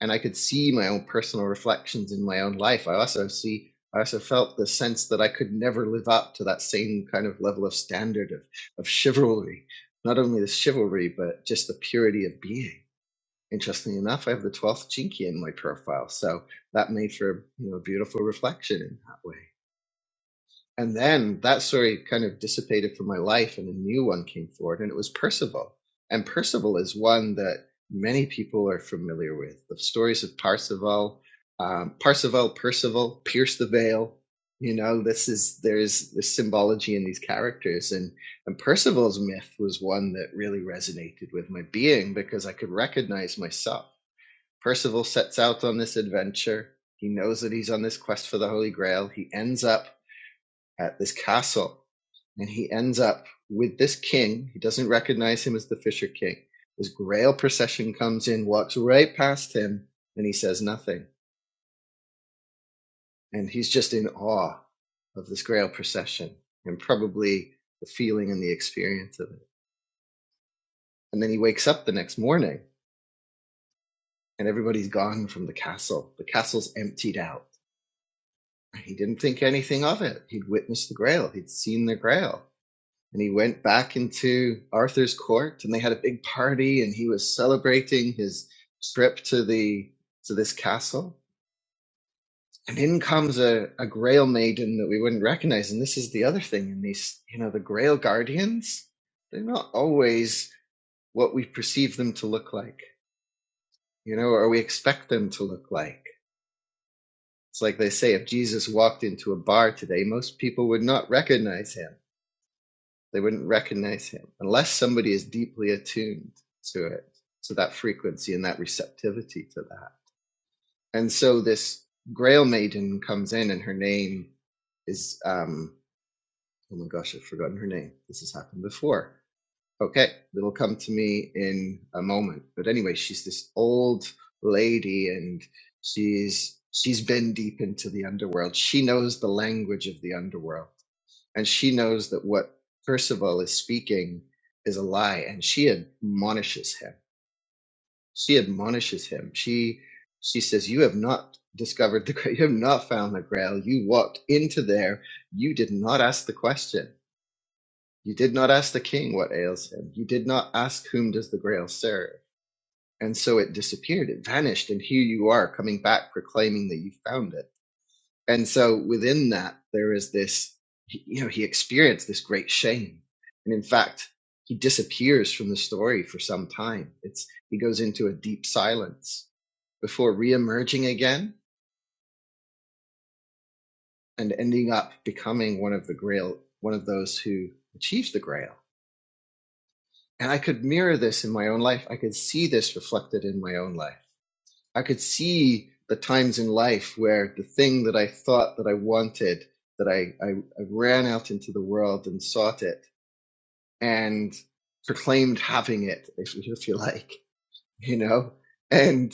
S3: And I could see my own personal reflections in my own life. I also see I also felt the sense that I could never live up to that same kind of level of standard of, of chivalry. Not only the chivalry, but just the purity of being interestingly enough, I have the twelfth chinky in my profile, so that made for you know a beautiful reflection in that way. And then that story kind of dissipated from my life, and a new one came forward, and it was Percival. And Percival is one that many people are familiar with. The stories of Parzival, um, Parzival, Percival, Pierce the Veil. You know, this is there's this symbology in these characters, and and Percival's myth was one that really resonated with my being because I could recognize myself Percival sets out on this adventure. He knows that he's on this quest for the Holy Grail. He ends up at this castle and he ends up with this king. He doesn't recognize him as the Fisher King. This Grail procession comes in, walks right past him, and he says nothing. And he's just in awe of this Grail procession and probably the feeling and the experience of it. And then he wakes up the next morning and everybody's gone from the castle. The castle's emptied out he didn't think anything of it. He'd witnessed the Grail, he'd seen the Grail. And he went back into Arthur's court and they had a big party and he was celebrating his trip to the to this castle. And in comes a, a Grail maiden that we wouldn't recognize. And this is the other thing in these, you know, the Grail guardians, they're not always what we perceive them to look like, you know, or we expect them to look like. It's like they say if Jesus walked into a bar today, most people would not recognize him They wouldn't recognize him unless somebody is deeply attuned to it, to that frequency and that receptivity to that. And so this Grail Maiden comes in, and her name is um, oh my gosh, I've forgotten her name. This has happened before. Okay, it'll come to me in a moment. But anyway, she's this old lady, and she's she's been deep into the underworld. She knows the language of the underworld and she knows that what Percival is speaking is a lie, and she admonishes him. She admonishes him. She she says, "You have not discovered the Grail. You have not found the Grail. You walked into there. You did not ask the question. You did not ask the king what ails him. You did not ask whom does the Grail serve." And so it disappeared. It vanished, and here you are coming back proclaiming that you found it and so within that, there is this, you know, he experienced this great shame. And in fact, he disappears from the story for some time. It's, he goes into a deep silence before reemerging again and ending up becoming one of the grail, one of those who achieves the grail. And I could mirror this in my own life. I could see this reflected in my own life. I could see the times in life where the thing that I thought that I wanted, that I, I, I ran out into the world and sought it and proclaimed having it, if, if you like, you know, and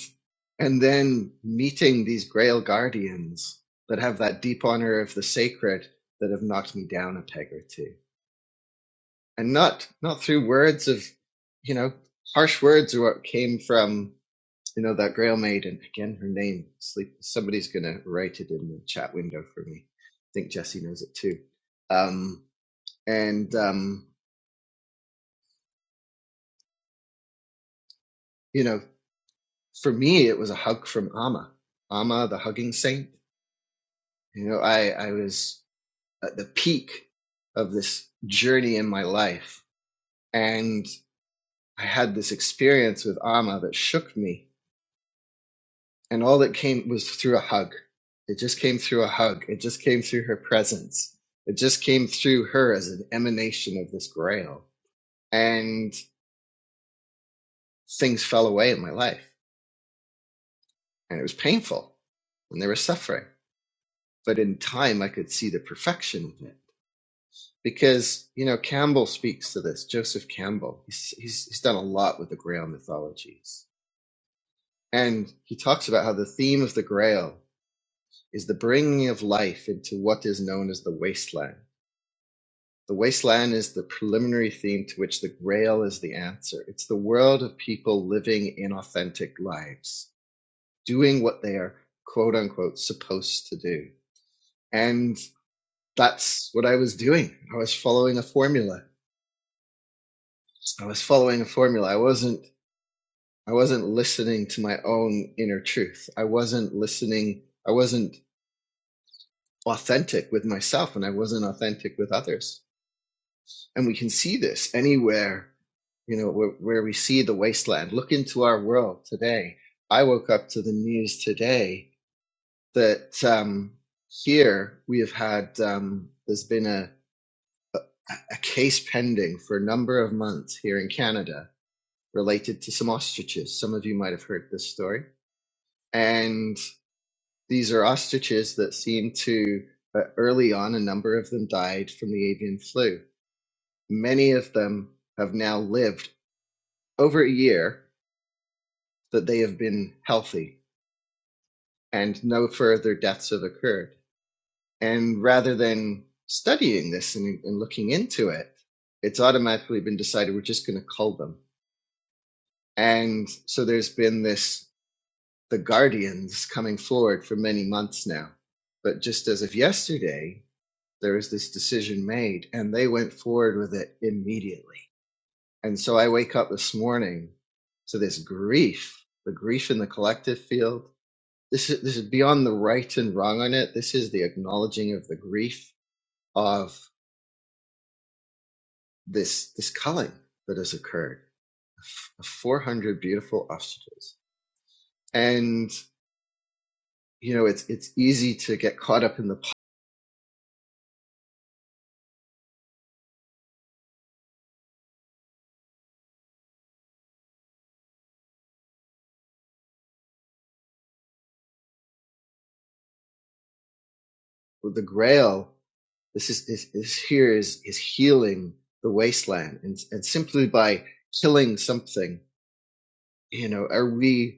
S3: and then meeting these Grail guardians that have that deep honor of the sacred that have knocked me down a peg or two, and not not through words of, you know, harsh words or what came from. You know, that Grail Maiden, again, her name, sleep. Somebody's going to write it in the chat window for me. I think Jesse knows it too. Um, and, um, you know, for me, it was a hug from Amma, Amma, the hugging saint. You know, I, I was at the peak of this journey in my life. And I had this experience with Amma that shook me and all that came was through a hug. It just came through a hug. It just came through her presence. It just came through her as an emanation of this grail. And things fell away in my life. And it was painful and there was suffering. But in time, I could see the perfection of it. Because, you know, Campbell speaks to this, Joseph Campbell. He's, he's, he's done a lot with the Grail mythologies. And he talks about how the theme of the Grail is the bringing of life into what is known as the wasteland The wasteland is the preliminary theme to which the Grail is the answer. It's the world of people living inauthentic lives, doing what they are quote unquote supposed to do. And that's what I was doing. I was following a formula. I was following a formula. I wasn't I wasn't listening to my own inner truth. I wasn't listening I wasn't authentic with myself and I wasn't authentic with others. and we can see this anywhere you know where, where we see the wasteland look into our world today i woke up to the news today that um, here we have had um, there's been a, a case pending for a number of months here in canada related to some ostriches some of you might have heard this story and these are ostriches that seem to uh, early on a number of them died from the avian flu many of them have now lived over a year that they have been healthy and no further deaths have occurred. And rather than studying this and, and looking into it, it's automatically been decided we're just going to cull them. And so there's been this the guardians coming forward for many months now. But just as of yesterday, there was this decision made and they went forward with it immediately. And so I wake up this morning to this grief, the grief in the collective field, This is this is beyond the right and wrong on it. This is the acknowledging of the grief of this this culling that has occurred of 400 beautiful ostriches. And you know, it's it's easy to get caught up in the with the grail. This is, is is here is is healing the wasteland, and and simply by killing something, you know, are we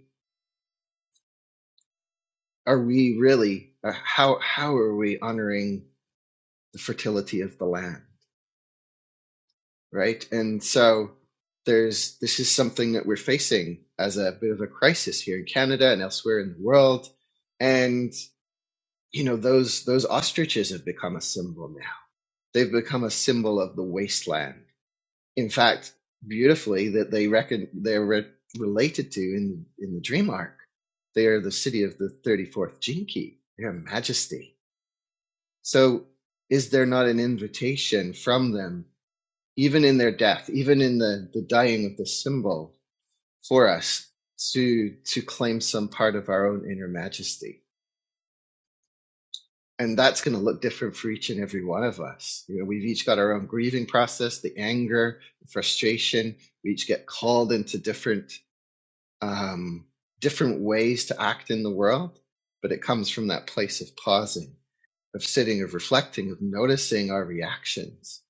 S3: are we really uh, how how are we honoring the fertility of the land? right? And so there's this is something that we're facing as a bit of a crisis here in Canada and elsewhere in the world. And you know those those ostriches have become a symbol now. They've become a symbol of the wasteland. In fact, beautifully that they reckon they're re- related to in in the Dream Arc. They are the city of the 34th Jinki, their majesty. So is there not an invitation from them even in their death, even in the, the dying of the symbol for us to to claim some part of our own inner majesty. And that's going to look different for each and every one of us. You know, we've each got our own grieving process, the anger, the frustration. We each get called into different um, different ways to act in the world, but it comes from that place of pausing, of sitting, of reflecting, of noticing our reactions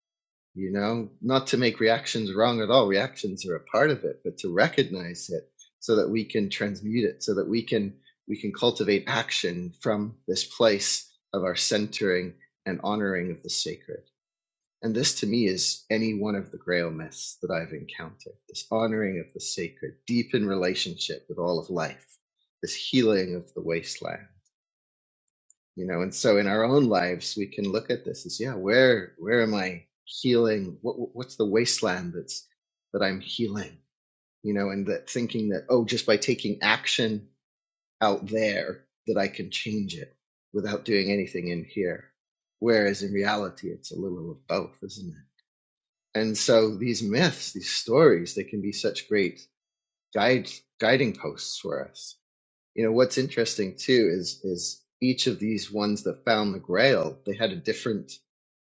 S3: you know, not to make reactions wrong at all. Reactions are a part of it, but to recognize it so that we can transmute it, so that we can we can cultivate action from this place of our centering and honoring of the sacred. And this to me is any one of the grail myths that I've encountered. This honoring of the sacred, deep in relationship with all of life, this healing of the wasteland you know and so in our own lives we can look at this as yeah where where am i healing what what's the wasteland that's that i'm healing you know and that thinking that oh just by taking action out there that i can change it without doing anything in here whereas in reality it's a little of both isn't it and so these myths these stories they can be such great guides guiding posts for us you know what's interesting too is is each of these ones that found the grail they had a different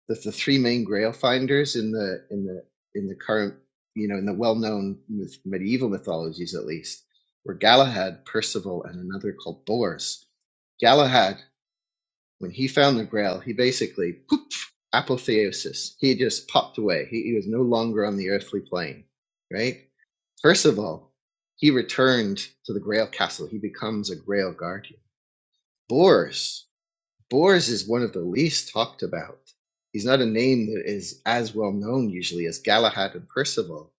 S3: the, the three main grail finders in the in the in the current you know in the well-known myth, medieval mythologies at least were galahad percival and another called bors galahad when he found the Grail, he basically poof, apotheosis. He just popped away. He, he was no longer on the earthly plane, right? First of all, he returned to the Grail Castle. He becomes a Grail Guardian. Bors. Bors is one of the least talked about. He's not a name that is as well known usually as Galahad and Percival.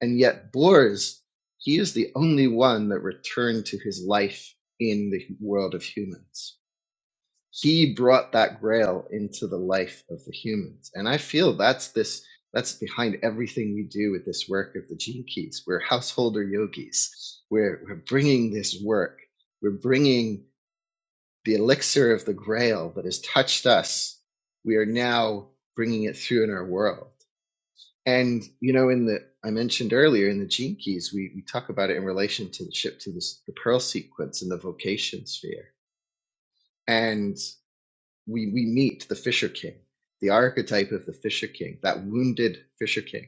S3: And yet, Bors, he is the only one that returned to his life in the world of humans he brought that grail into the life of the humans and i feel that's this that's behind everything we do with this work of the gene keys we're householder yogis we're, we're bringing this work we're bringing the elixir of the grail that has touched us we are now bringing it through in our world and you know in the i mentioned earlier in the gene keys we, we talk about it in relation to the ship to this, the pearl sequence in the vocation sphere and we we meet the fisher king the archetype of the fisher king that wounded fisher king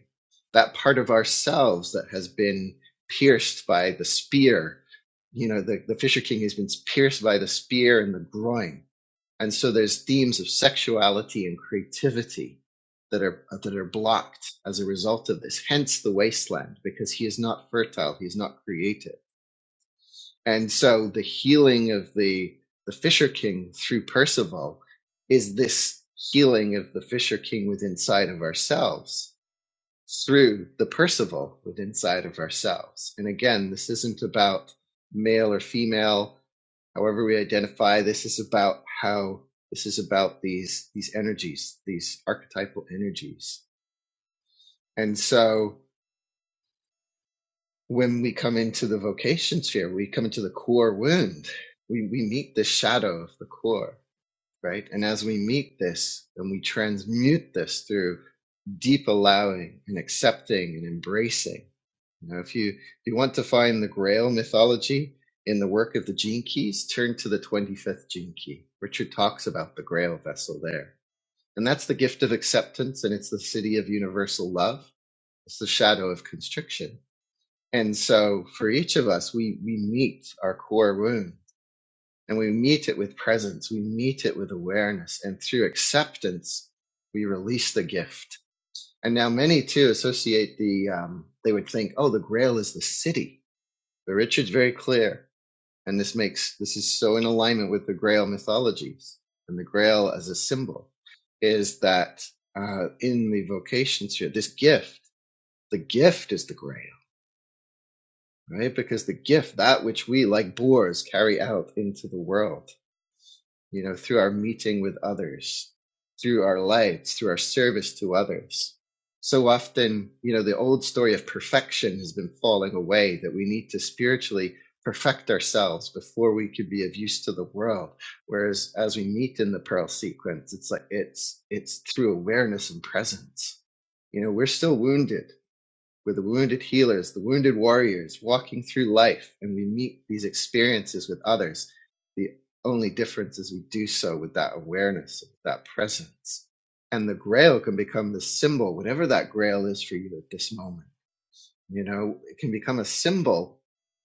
S3: that part of ourselves that has been pierced by the spear you know the, the fisher king has been pierced by the spear in the groin and so there's themes of sexuality and creativity that are that are blocked as a result of this hence the wasteland because he is not fertile he is not creative and so the healing of the the Fisher King through Percival is this healing of the Fisher King within side of ourselves through the Percival within side of ourselves. And again, this isn't about male or female, however we identify. This is about how this is about these these energies, these archetypal energies. And so when we come into the vocation sphere, we come into the core wound. We, we meet the shadow of the core, right? And as we meet this and we transmute this through deep allowing and accepting and embracing. You know, if you if you want to find the Grail mythology in the work of the Gene Keys, turn to the 25th Gene Key. Richard talks about the Grail vessel there. And that's the gift of acceptance, and it's the city of universal love. It's the shadow of constriction and so for each of us, we, we meet our core wound and we meet it with presence. We meet it with awareness and through acceptance, we release the gift. And now many too associate the, um, they would think, oh, the grail is the city. But Richard's very clear. And this makes, this is so in alignment with the grail mythologies and the grail as a symbol is that uh, in the vocation sphere, this gift, the gift is the grail right? Because the gift, that which we, like boars, carry out into the world, you know, through our meeting with others, through our lives, through our service to others. So often, you know, the old story of perfection has been falling away, that we need to spiritually perfect ourselves before we could be of use to the world. Whereas as we meet in the pearl sequence, it's like it's it's through awareness and presence. You know, we're still wounded we're the wounded healers, the wounded warriors walking through life, and we meet these experiences with others. The only difference is we do so with that awareness, with that presence. And the grail can become the symbol, whatever that grail is for you at this moment. You know, it can become a symbol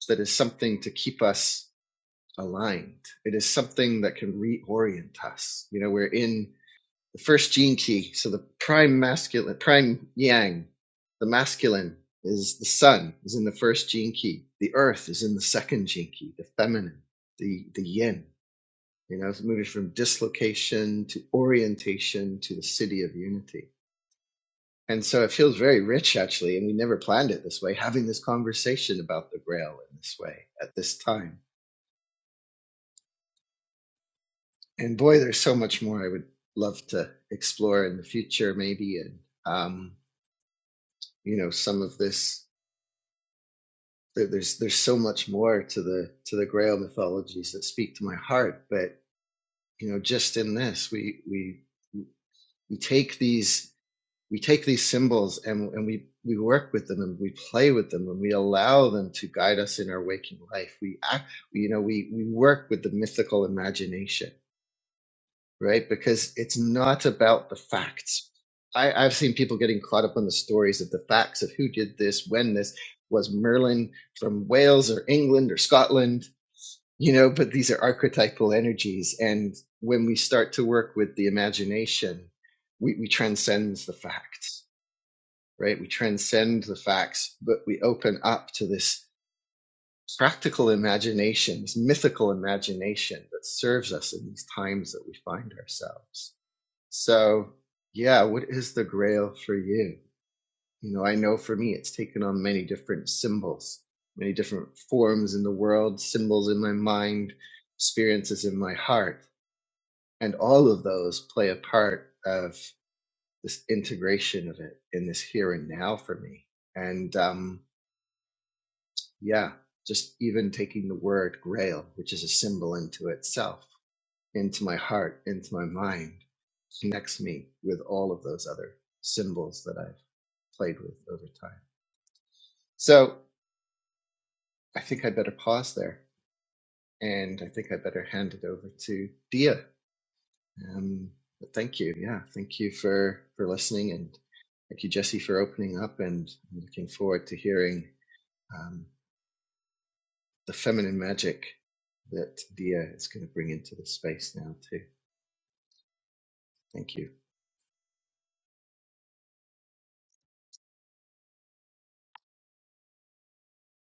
S3: that is something to keep us aligned. It is something that can reorient us. You know, we're in the first gene key. So the prime masculine, prime yang, the masculine is the sun is in the first gene key. The earth is in the second gene key, the feminine, the, the yin. You know, it's moving from dislocation to orientation to the city of unity. And so it feels very rich, actually. And we never planned it this way, having this conversation about the grail in this way at this time. And boy, there's so much more I would love to explore in the future, maybe. And, um, you know, some of this there, there's there's so much more to the to the Grail mythologies that speak to my heart. But you know, just in this, we we we take these we take these symbols and and we we work with them and we play with them and we allow them to guide us in our waking life. We act, you know, we we work with the mythical imagination, right? Because it's not about the facts. I, I've seen people getting caught up on the stories of the facts of who did this, when this was Merlin from Wales or England or Scotland you know but these are archetypal energies and when we start to work with the imagination we, we transcend the facts right we transcend the facts but we open up to this practical imagination this mythical imagination that serves us in these times that we find ourselves so yeah what is the grail for you you know, I know for me, it's taken on many different symbols, many different forms in the world, symbols in my mind, experiences in my heart. And all of those play a part of this integration of it in this here and now for me. And um, yeah, just even taking the word grail, which is a symbol into itself, into my heart, into my mind, connects me with all of those other symbols that I've played with over time. So I think I better pause there, and I think I better hand it over to Dia. Um, but thank you, yeah, thank you for for listening, and thank you, Jesse, for opening up. And I'm looking forward to hearing um, the feminine magic that Dia is going to bring into this space now too. Thank you,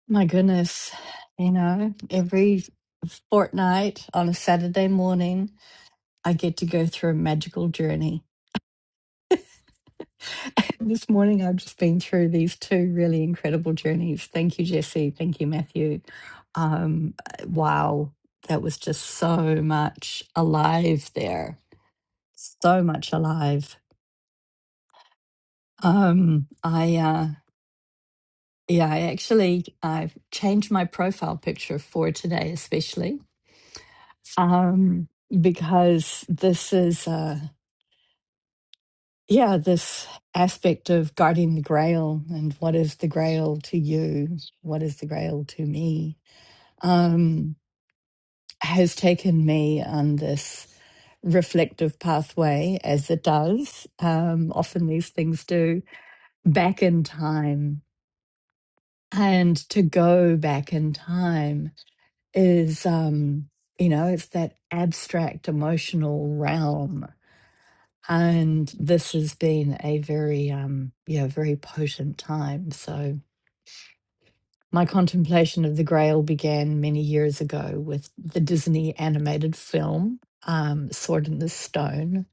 S2: My goodness, you know, every fortnight on a Saturday morning, I get to go through a magical journey. This morning, I've just been through these two really incredible journeys. Thank you, Jesse. Thank you, Matthew. Um, wow, that was just so much alive there. So much alive. Um, I uh, yeah, I actually I've changed my profile picture for today, especially um, because this is. uh, yeah, this aspect of guarding the grail and what is the grail to you? What is the grail to me? Um, has taken me on this reflective pathway, as it does. Um, often these things do back in time. And to go back in time is, um, you know, it's that abstract emotional realm And this has been a very, um, yeah, very potent time. So my contemplation of the Grail began many years ago with the Disney animated film um, Sword in the Stone,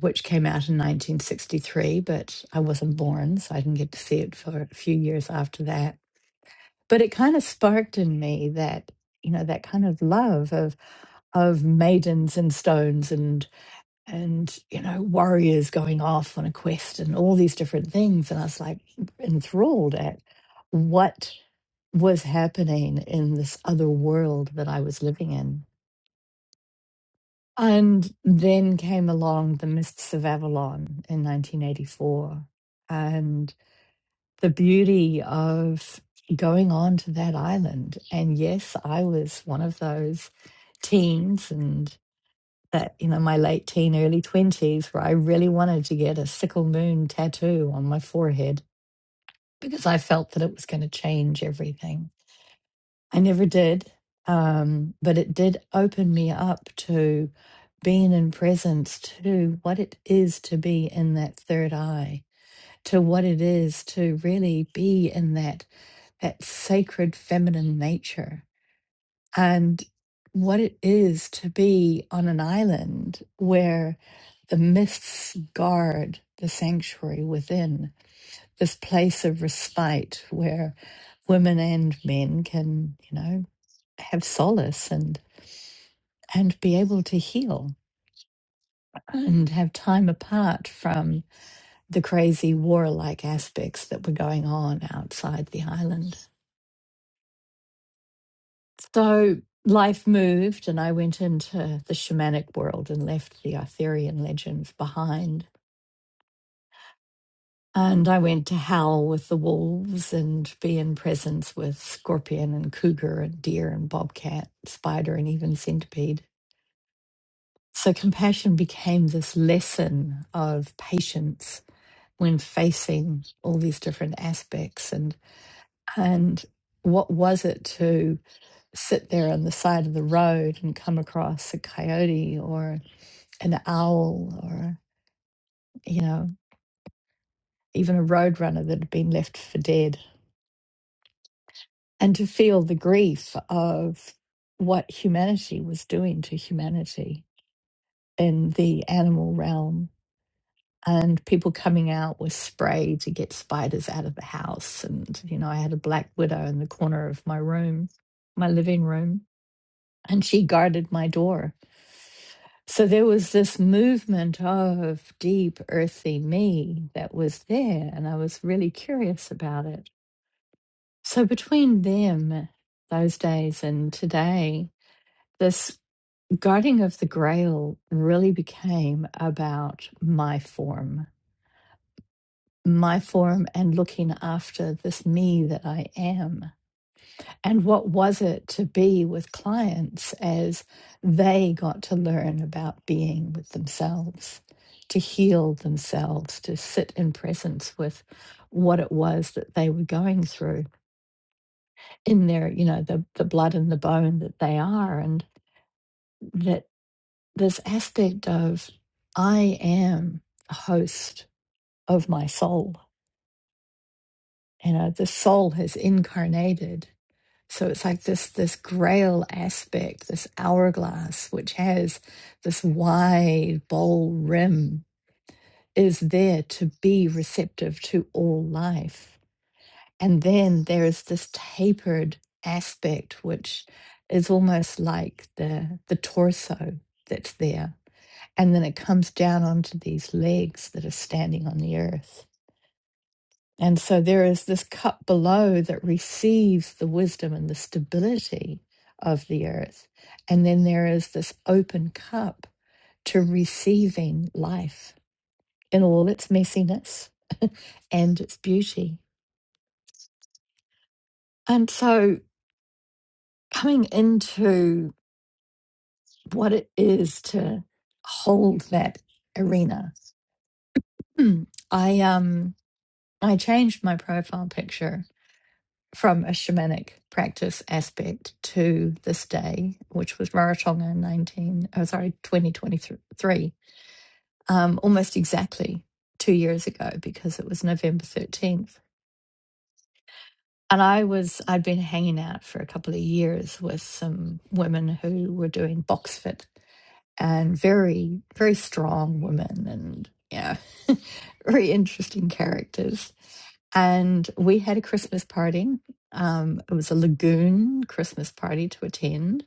S2: which came out in 1963, but I wasn't born, so I didn't get to see it for a few years after that. But it kind of sparked in me that, you know, that kind of love of of maidens and stones and and you know warriors going off on a quest and all these different things and i was like enthralled at what was happening in this other world that i was living in and then came along the mists of avalon in 1984 and the beauty of going on to that island and yes i was one of those teens and that you know my late teen early 20s where i really wanted to get a sickle moon tattoo on my forehead because i felt that it was going to change everything i never did um, but it did open me up to being in presence to what it is to be in that third eye to what it is to really be in that that sacred feminine nature and what it is to be on an island where the mists guard the sanctuary within this place of respite where women and men can you know have solace and and be able to heal and have time apart from the crazy warlike aspects that were going on outside the island So life moved, and I went into the shamanic world and left the Arthurian legends behind. And I went to howl with the wolves and be in presence with scorpion and cougar and deer and bobcat, spider, and even centipede. So compassion became this lesson of patience when facing all these different aspects and and what was it to sit there on the side of the road and come across a coyote or an owl or, you know, even a roadrunner that had been left for dead, and to feel the grief of what humanity was doing to humanity in the animal realm. And people coming out with spray to get spiders out of the house. And, you know, I had a black widow in the corner of my room, my living room, and she guarded my door So there was this movement of deep earthy me that was there, and I was really curious about it. So between them, those days, and today, this guarding of the grail really became about my form, my form, and looking after this me that I am. and what was it to be with clients as they got to learn about being with themselves to heal themselves to sit in presence with what it was that they were going through in their you know the, the blood and the bone that they are and that this aspect of i am a host of my soul you know the soul has incarnated So it's like this this grail aspect, this hourglass, which has this wide bowl rim, is there to be receptive to all life. And then there is this tapered aspect, which is almost like the the torso that's there. And then it comes down onto these legs that are standing on the earth. And so there is this cup below that receives the wisdom and the stability of the earth. And then there is this open cup to receiving life in all its messiness and its beauty. And so coming into what it is to hold that arena, I um I changed my profile picture from a shamanic practice aspect to this day, which was Rarotonga in 19, oh sorry, 2023, um, almost exactly two years ago because it was November 13th. And I was, I'd been hanging out for a couple of years with some women who were doing box fit and very, very strong women and yeah, very interesting characters. And we had a Christmas party. Um, it was a lagoon Christmas party to attend,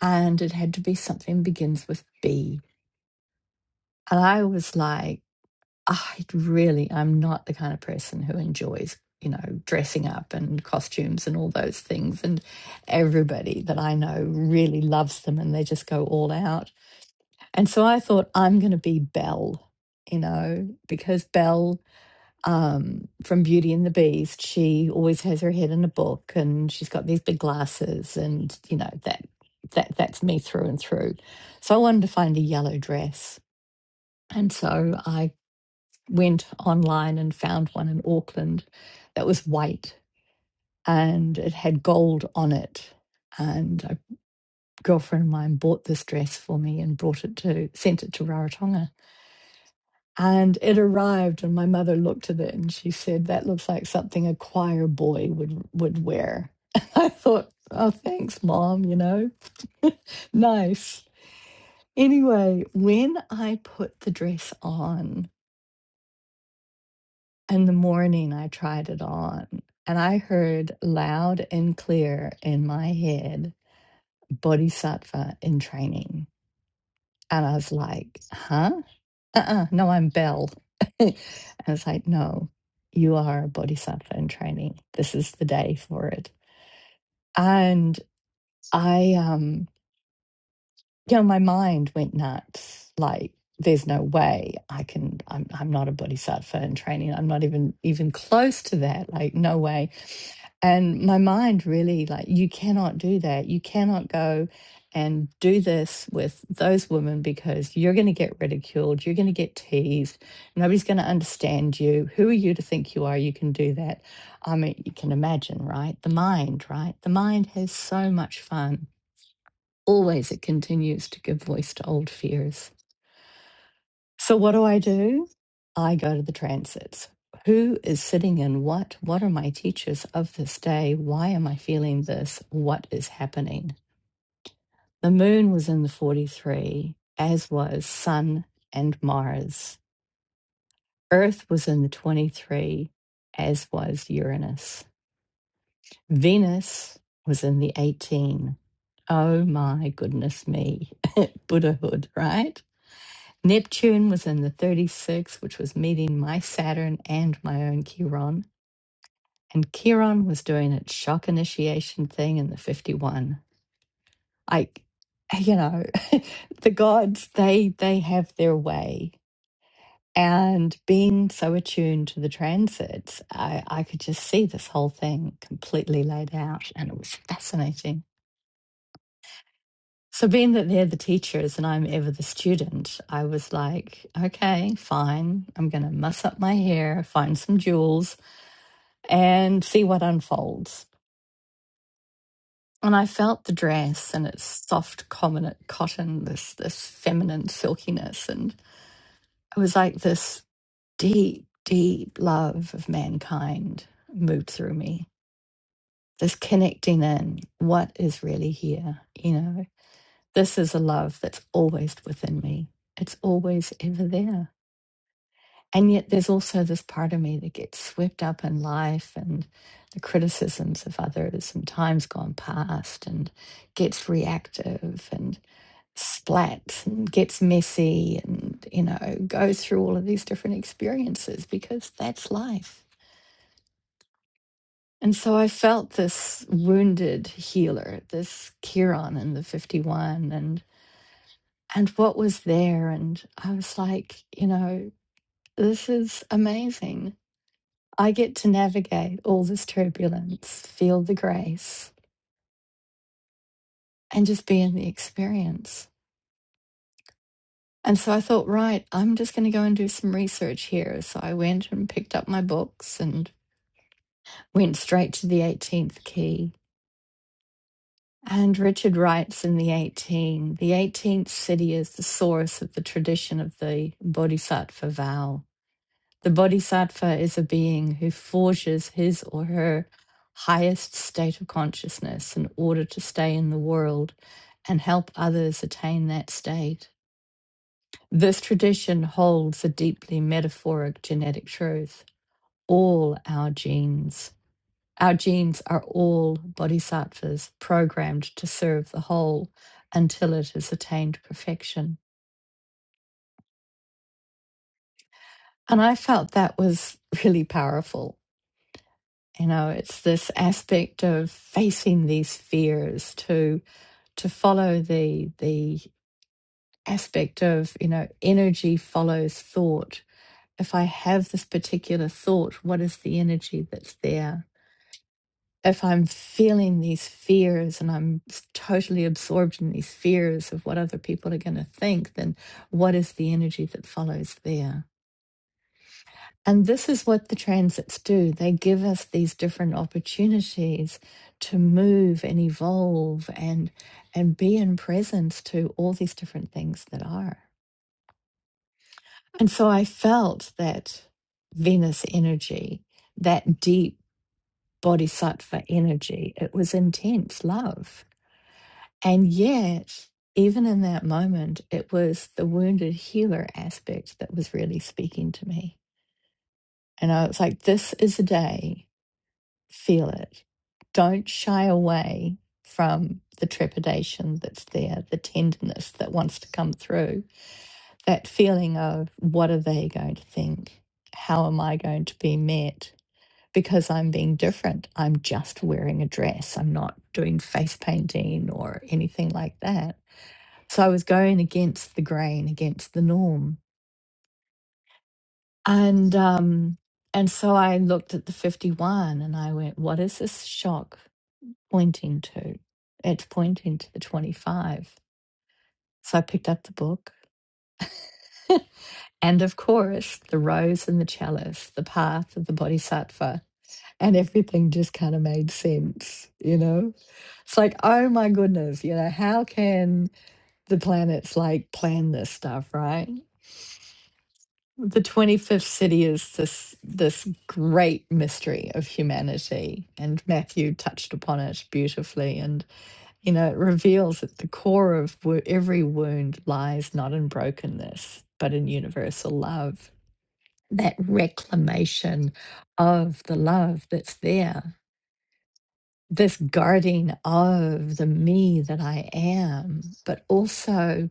S2: and it had to be something begins with B. And I was like, I really, I'm not the kind of person who enjoys, you know, dressing up and costumes and all those things. And everybody that I know really loves them, and they just go all out. And so I thought, I'm going to be Belle, you know, because Belle um, from Beauty and the Beast, she always has her head in a book and she's got these big glasses and, you know, that. That, that's me through and through. So I wanted to find a yellow dress. And so I went online and found one in Auckland that was white and it had gold on it. And a girlfriend of mine bought this dress for me and brought it to, sent it to Rarotonga. And it arrived, and my mother looked at it and she said, That looks like something a choir boy would, would wear. And I thought, Oh, thanks, mom, you know, nice. Anyway, when I put the dress on in the morning, I tried it on and I heard loud and clear in my head, Bodhisattva in training. And I was like, Huh? uh-uh, no, I'm Belle. I was like, no, you are a bodhisattva in training. This is the day for it. And I, um, you know, my mind went nuts. Like, there's no way I can. I'm, I'm not a bodhisattva in training. I'm not even even close to that. Like, no way. And my mind really like, you cannot do that. You cannot go and do this with those women because you're going to get ridiculed. You're going to get teased. Nobody's going to understand you. Who are you to think you are? You can do that. I mean, you can imagine, right? The mind, right? The mind has so much fun Always it continues to give voice to old fears. So, what do I do? I go to the transits. Who is sitting in what? What are my teachers of this day? Why am I feeling this? What is happening? The moon was in the 43, as was Sun and Mars. Earth was in the 23, as was Uranus. Venus was in the 18. Oh my goodness me. Buddhahood, right? Neptune was in the 36, which was meeting my Saturn and my own Chiron. And Chiron was doing its shock initiation thing in the 51. Like, you know, the gods, they they have their way. And being so attuned to the transits, I, I could just see this whole thing completely laid out. And it was fascinating. So, being that they're the teachers and I'm ever the student, I was like, okay, fine. I'm going to muss up my hair, find some jewels, and see what unfolds. And I felt the dress and its soft common cotton, this this feminine silkiness, and it was like this deep, deep love of mankind moved through me. This connecting in, what is really here, you know. This is a love that's always within me. It's always ever there And yet there's also this part of me that gets swept up in life and the criticisms of others and time's gone past and gets reactive and splats and gets messy and, you know, goes through all of these different experiences because that's life. And so I felt this wounded healer, this Chiron in the 51 and and what was there and I was like, you know, this is amazing I get to navigate all this turbulence, feel the grace, and just be in the experience. And so I thought, right, I'm just going to go and do some research here. So I went and picked up my books and went straight to the 18th key. And Richard writes in the 18, the 18th city is the source of the tradition of the Bodhisattva vow. The bodhisattva is a being who forges his or her highest state of consciousness in order to stay in the world and help others attain that state. This tradition holds a deeply metaphoric genetic truth. All our genes, our genes are all bodhisattvas programmed to serve the whole until it has attained perfection. And I felt that was really powerful you know it's this aspect of facing these fears to to follow the the aspect of you know energy follows thought if i have this particular thought what is the energy that's there if i'm feeling these fears and i'm totally absorbed in these fears of what other people are going to think then what is the energy that follows there And this is what the transits do. They give us these different opportunities to move and evolve and and be in presence to all these different things that are. And so I felt that Venus energy, that deep bodhisattva energy, it was intense love. And yet, even in that moment, it was the wounded healer aspect that was really speaking to me. And I was like, this is a day feel it. Don't shy away from the trepidation that's there, the tenderness that wants to come through, that feeling of what are they going to think? How am I going to be met? Because I'm being different. I'm just wearing a dress. I'm not doing face painting or anything like that. So I was going against the grain, against the norm. And um, and so I looked at the 51 and I went, what is this shock? pointing to. It's pointing to the 25. So I picked up the book. and of course, the rose and the chalice, the path of the bodhisattva, and everything just kind of made sense, you know? It's like, oh my goodness, you know, how can the planets like plan this stuff, right? The 25th city is this this great mystery of humanity and Matthew touched upon it beautifully and. You know, it reveals that the core of wo- every wound lies not in brokenness, but in universal love. That reclamation of the love that's there, this guarding of the me that I am, but also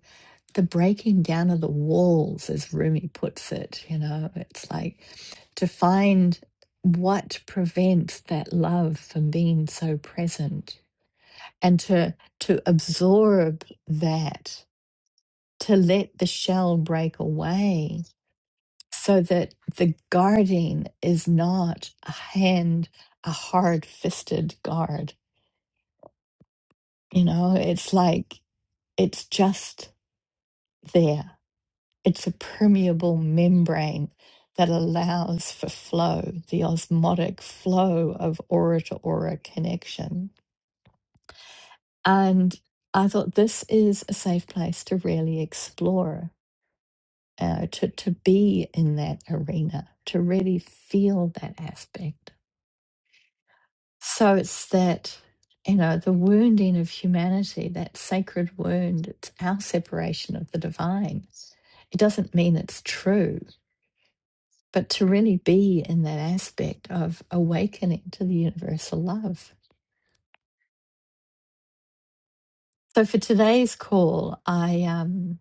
S2: the breaking down of the walls, as Rumi puts it. You know, it's like to find what prevents that love from being so present and to to absorb that to let the shell break away so that the guarding is not a hand a hard fisted guard you know it's like it's just there it's a permeable membrane that allows for flow the osmotic flow of aura to aura connection and i thought this is a safe place to really explore uh, to to be in that arena, to really feel that aspect. So it's that you know the wounding of humanity, that sacred wound. It's our separation of the divine. It doesn't mean it's true, but to really be in that aspect of awakening to the universal love. So for today's call, I um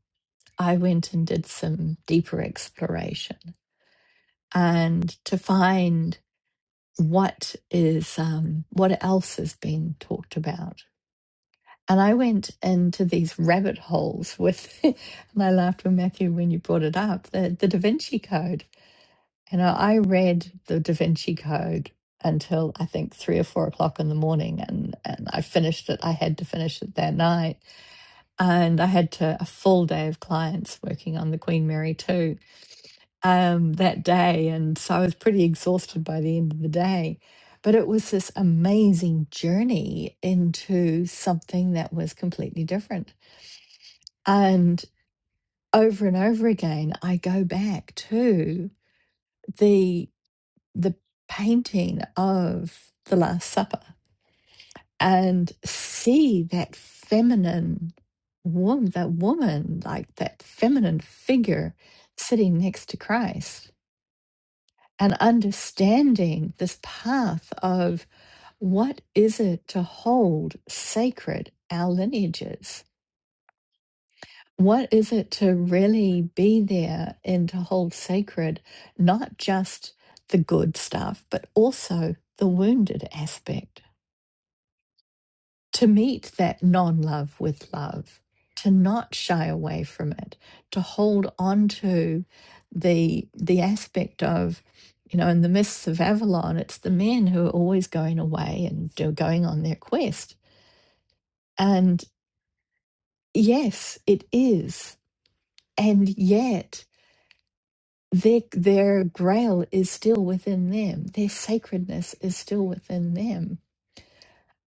S2: I went and did some deeper exploration and to find what is um, what else is being talked about and i went into these rabbit holes with and i laughed with matthew when you brought it up the, the da vinci code you know i read the da vinci code until i think three or four o'clock in the morning and, and i finished it i had to finish it that night and i had to a full day of clients working on the queen mary 2 um, that day. And so I was pretty exhausted by the end of the day. But it was this amazing journey into something that was completely different. And over and over again, I go back to the the painting of the Last Supper and see that feminine woman, that woman, like that feminine figure sitting next to Christ and understanding this path of what is it to hold sacred our lineages? What is it to really be there and to hold sacred, not just the good stuff, but also the wounded aspect? to meet that non love with love, to not shy away from it, to hold on to the, the aspect of, you know, in the myths of Avalon, it's the men who are always going away and do- going on their quest. And yes, it is. And yet, their, their grail is still within them, their sacredness is still within them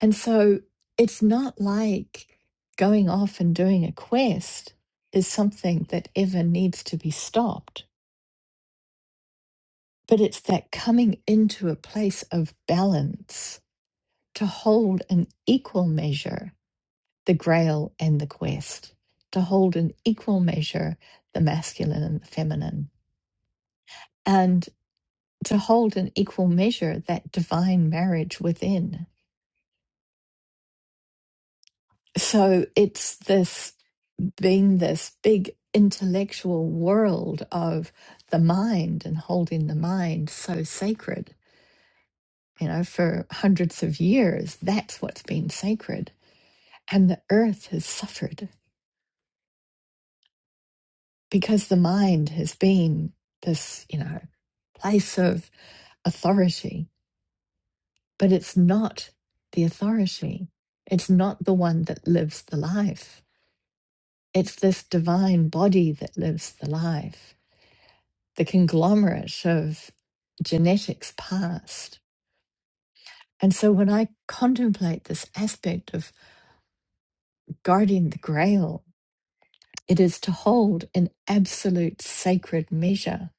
S2: And so it's not like going off and doing a quest is something that ever needs to be stopped, but it's that coming into a place of balance to hold an equal measure the grail and the quest, to hold an equal measure the masculine and the feminine, and to hold an equal measure that divine marriage within. So it's this being this big intellectual world of the mind and holding the mind so sacred. You know, for hundreds of years, that's what's been sacred. And the earth has suffered because the mind has been this, you know, place of authority, but it's not the authority. It's not the one that lives the life. It's this divine body that lives the life. the conglomerate of genetics past. And so when I contemplate this aspect of guarding the grail, it is to hold in absolute sacred measure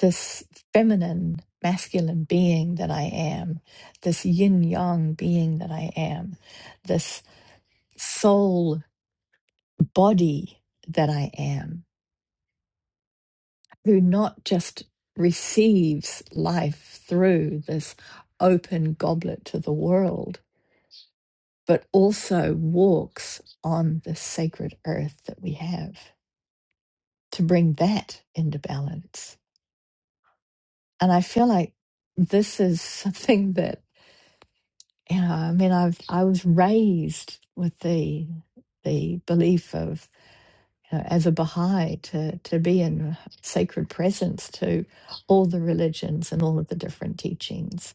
S2: this feminine, masculine being that I am, this yin yang being that I am, this soul body that I am, who not just receives life through this open goblet to the world, but also walks on the sacred earth that we have to bring that into balance. And I feel like this is something that you know, I mean, I've I was raised with the the belief of you know, as a Baha'i to to be in sacred presence to all the religions and all of the different teachings,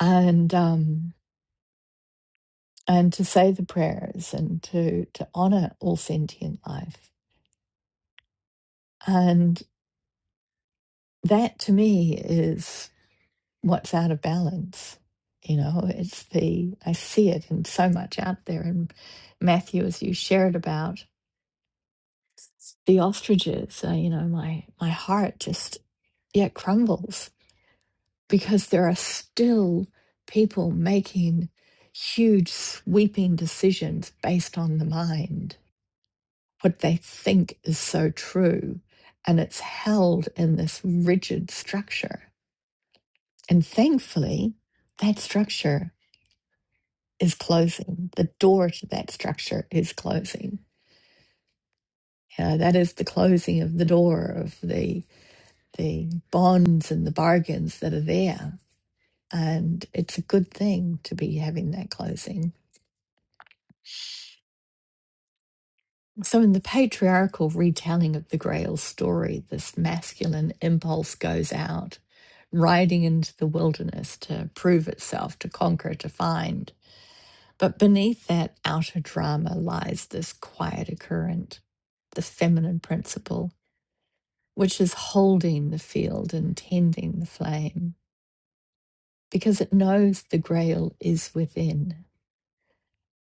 S2: and um, and to say the prayers and to to honor all sentient life. and. that to me is what's out of balance. You know, it's the, I see it in so much out there. And Matthew, as you shared about the ostriches, uh, you know, my, my heart just, yeah, crumbles because there are still people making huge, sweeping decisions based on the mind, what they think is so true. And it's held in this rigid structure And thankfully, that structure is closing. The door to that structure is closing. Uh, that is the closing of the door of the the bonds and the bargains that are there. And it's a good thing to be having that closing. So, in the patriarchal retelling of the Grail story, this masculine impulse goes out, riding into the wilderness to prove itself, to conquer, to find But beneath that outer drama lies this quieter current, the feminine principle, which is holding the field and tending the flame because it knows the grail is within.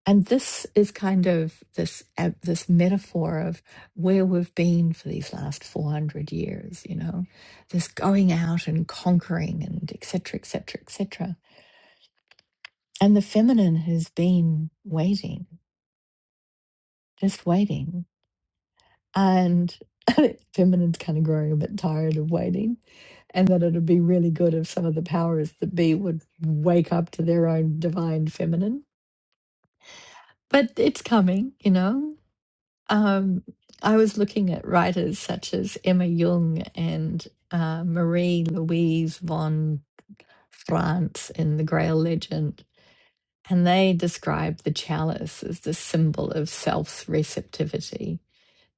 S2: And this is kind of this ab- this metaphor of where we've been for these last 400 years, you know, this going out and conquering and et cetera, et cetera, et cetera. And the feminine has been waiting, just waiting and I think feminine's kind of growing a bit tired of waiting, and that it'd be really good if some of the powers that be would wake up to their own divine feminine. But it's coming, you know. Um, I was looking at writers such as Emma Jung and uh, Marie Louise von France in The Grail Legend, and they describe the chalice as the symbol of self's receptivity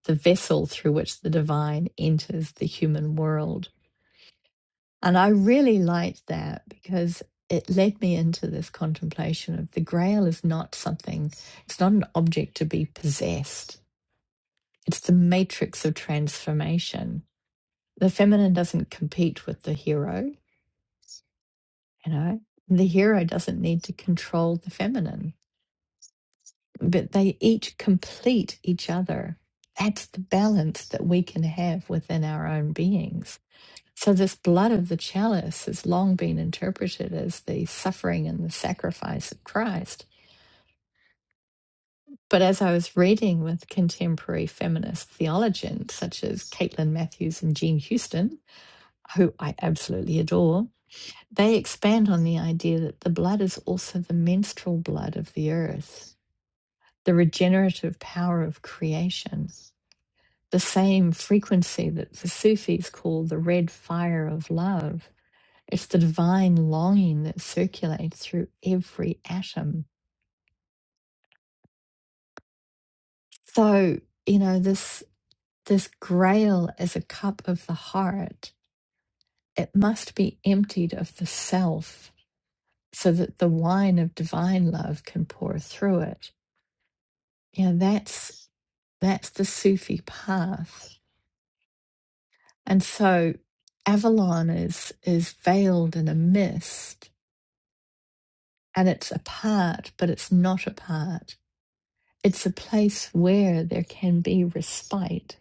S2: the vessel through which the divine enters the human world. And I really liked that because it led me into this contemplation of the grail is not something, it's not an object to be possessed, it's the matrix of transformation. The feminine doesn't compete with the hero, you know, the hero doesn't need to control the feminine, but they each complete each other. That's the balance that we can have within our own beings So, this blood of the chalice has long been interpreted as the suffering and the sacrifice of Christ. But as I was reading with contemporary feminist theologians such as Caitlin Matthews and Jean Houston, who I absolutely adore, they expand on the idea that the blood is also the menstrual blood of the earth, the regenerative power of creation, the same frequency that the Sufis call the red fire of love It's the divine longing that circulates through every atom. So, you know, this this grail is a cup of the heart. It must be emptied of the self so that the wine of divine love can pour through it. You know, that's that's the Sufi path. And so Avalon is is veiled in a mist and it's apart, but it's not apart It's a place where there can be respite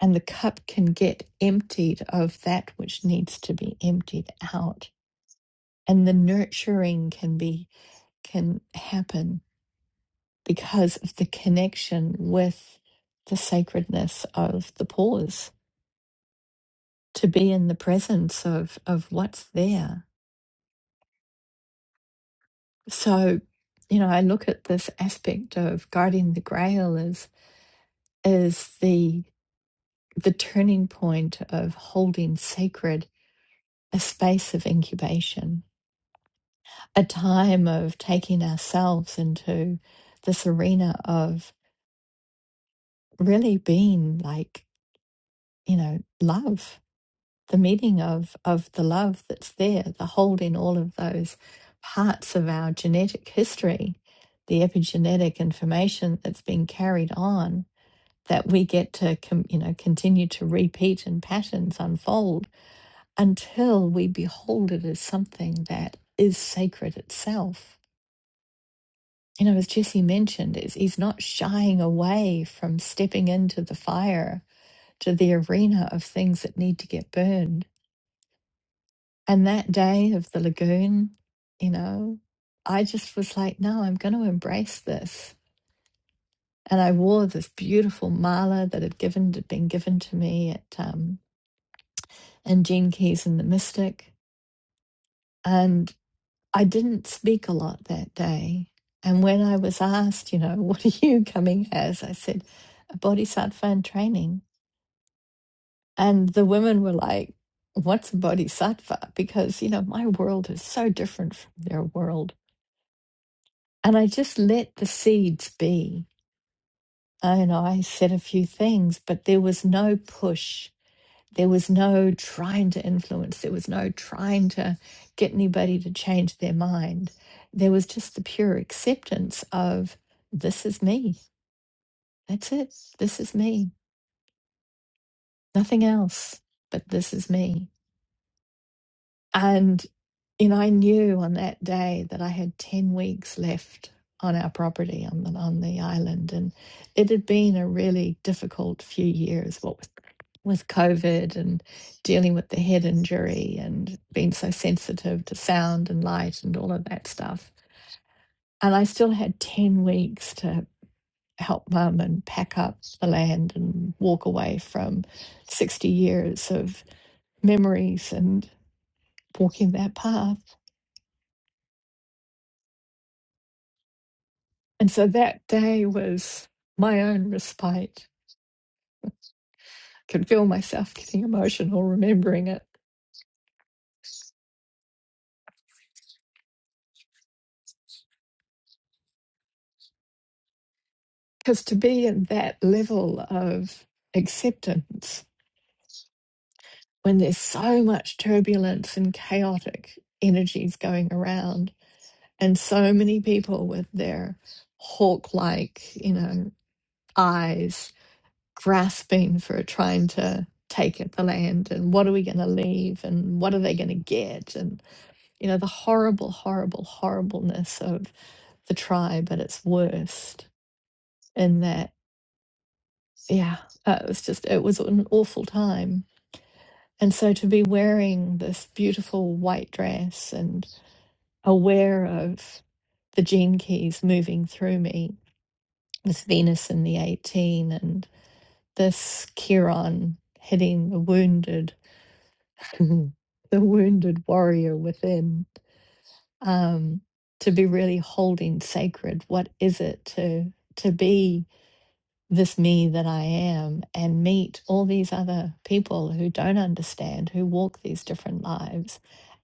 S2: and the cup can get emptied of that which needs to be emptied out. And the nurturing can be, can happen because of the connection with the sacredness of the pause, to be in the presence of, of what's there. So, you know, I look at this aspect of guarding the grail as, as the, the turning point of holding sacred a space of incubation, a time of taking ourselves into this arena of really being like, you know, love, the meeting of of the love that's there, the holding all of those parts of our genetic history, the epigenetic information that's been carried on that we get to com- you know continue to repeat and patterns unfold until we behold it as something that is sacred itself You know, as Jesse mentioned, is he's not shying away from stepping into the fire to the arena of things that need to get burned. And that day of the lagoon, you know, I just was like, no, I'm going to embrace this. And I wore this beautiful mala that had given been given to me at um, in Gene Keys and the Mystic, I didn't speak a lot that day. And when I was asked, you know, what are you coming as? I said, a bodhisattva in training. And the women were like, what's a bodhisattva? Because, you know, my world is so different from their world. And I just let the seeds be. I, you know, I said a few things, but there was no push. There was no trying to influence, there was no trying to get anybody to change their mind. There was just the pure acceptance of this is me. That's it. This is me. Nothing else, but this is me. And you know, I knew on that day that I had 10 weeks left on our property on the, on the island. And it had been a really difficult few years, What with with COVID and dealing with the head injury and being so sensitive to sound and light and all of that stuff. And I still had 10 weeks to help mum and pack up the land and walk away from 60 years of memories and walking that path. And so that day was my own respite. I Could feel myself getting emotional remembering it. Because to be in that level of acceptance when there's so much turbulence and chaotic energies going around, and so many people with their hawk like, you know, eyes grasping for trying to take at the land and what are we going to leave and what are they going to get and you know the horrible horrible horribleness of the tribe at its worst in that yeah uh, it was just it was an awful time and so to be wearing this beautiful white dress and aware of the gene keys moving through me with Venus in the 18 and this Chiron hitting the wounded, the wounded warrior within, um, to be really holding sacred. What is it to to be this me that I am and meet all these other people who don't understand, who walk these different lives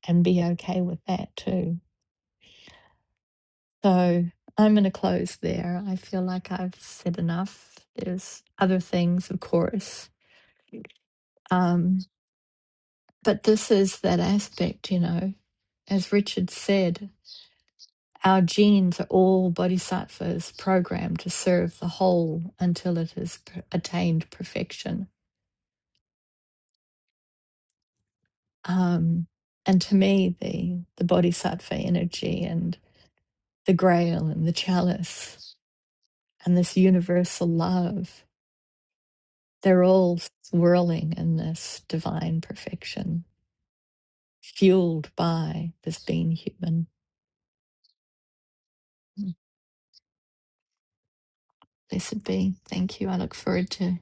S2: and be okay with that too? So I'm going to close there. I feel like I've said enough. There's other things, of course. Um, but this is that aspect, you know, as Richard said, our genes are all bodhisattvas programmed to serve the whole until it has p- attained perfection. Um, and to me, the, the bodhisattva energy and the grail and the chalice and this universal love They're all swirling in this divine perfection, fueled by this being human. Blessed be. Thank you. I look forward to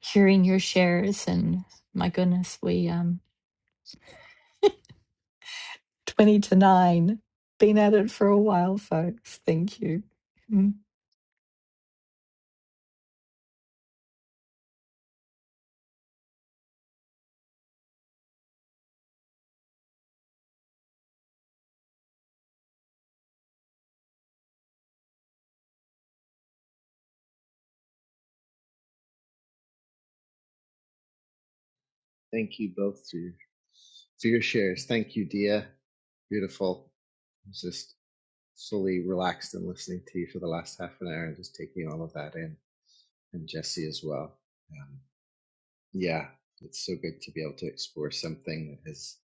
S2: hearing your shares. And my goodness, we um twenty to nine. Been at it for a while, folks. Thank you. Mm.
S3: thank you both for your, for your shares. Thank you, Dia. Beautiful. I was just fully relaxed and listening to you for the last half an hour and just taking all of that in, and Jesse as well. Um, Yeah, it's so good to be able to explore something that has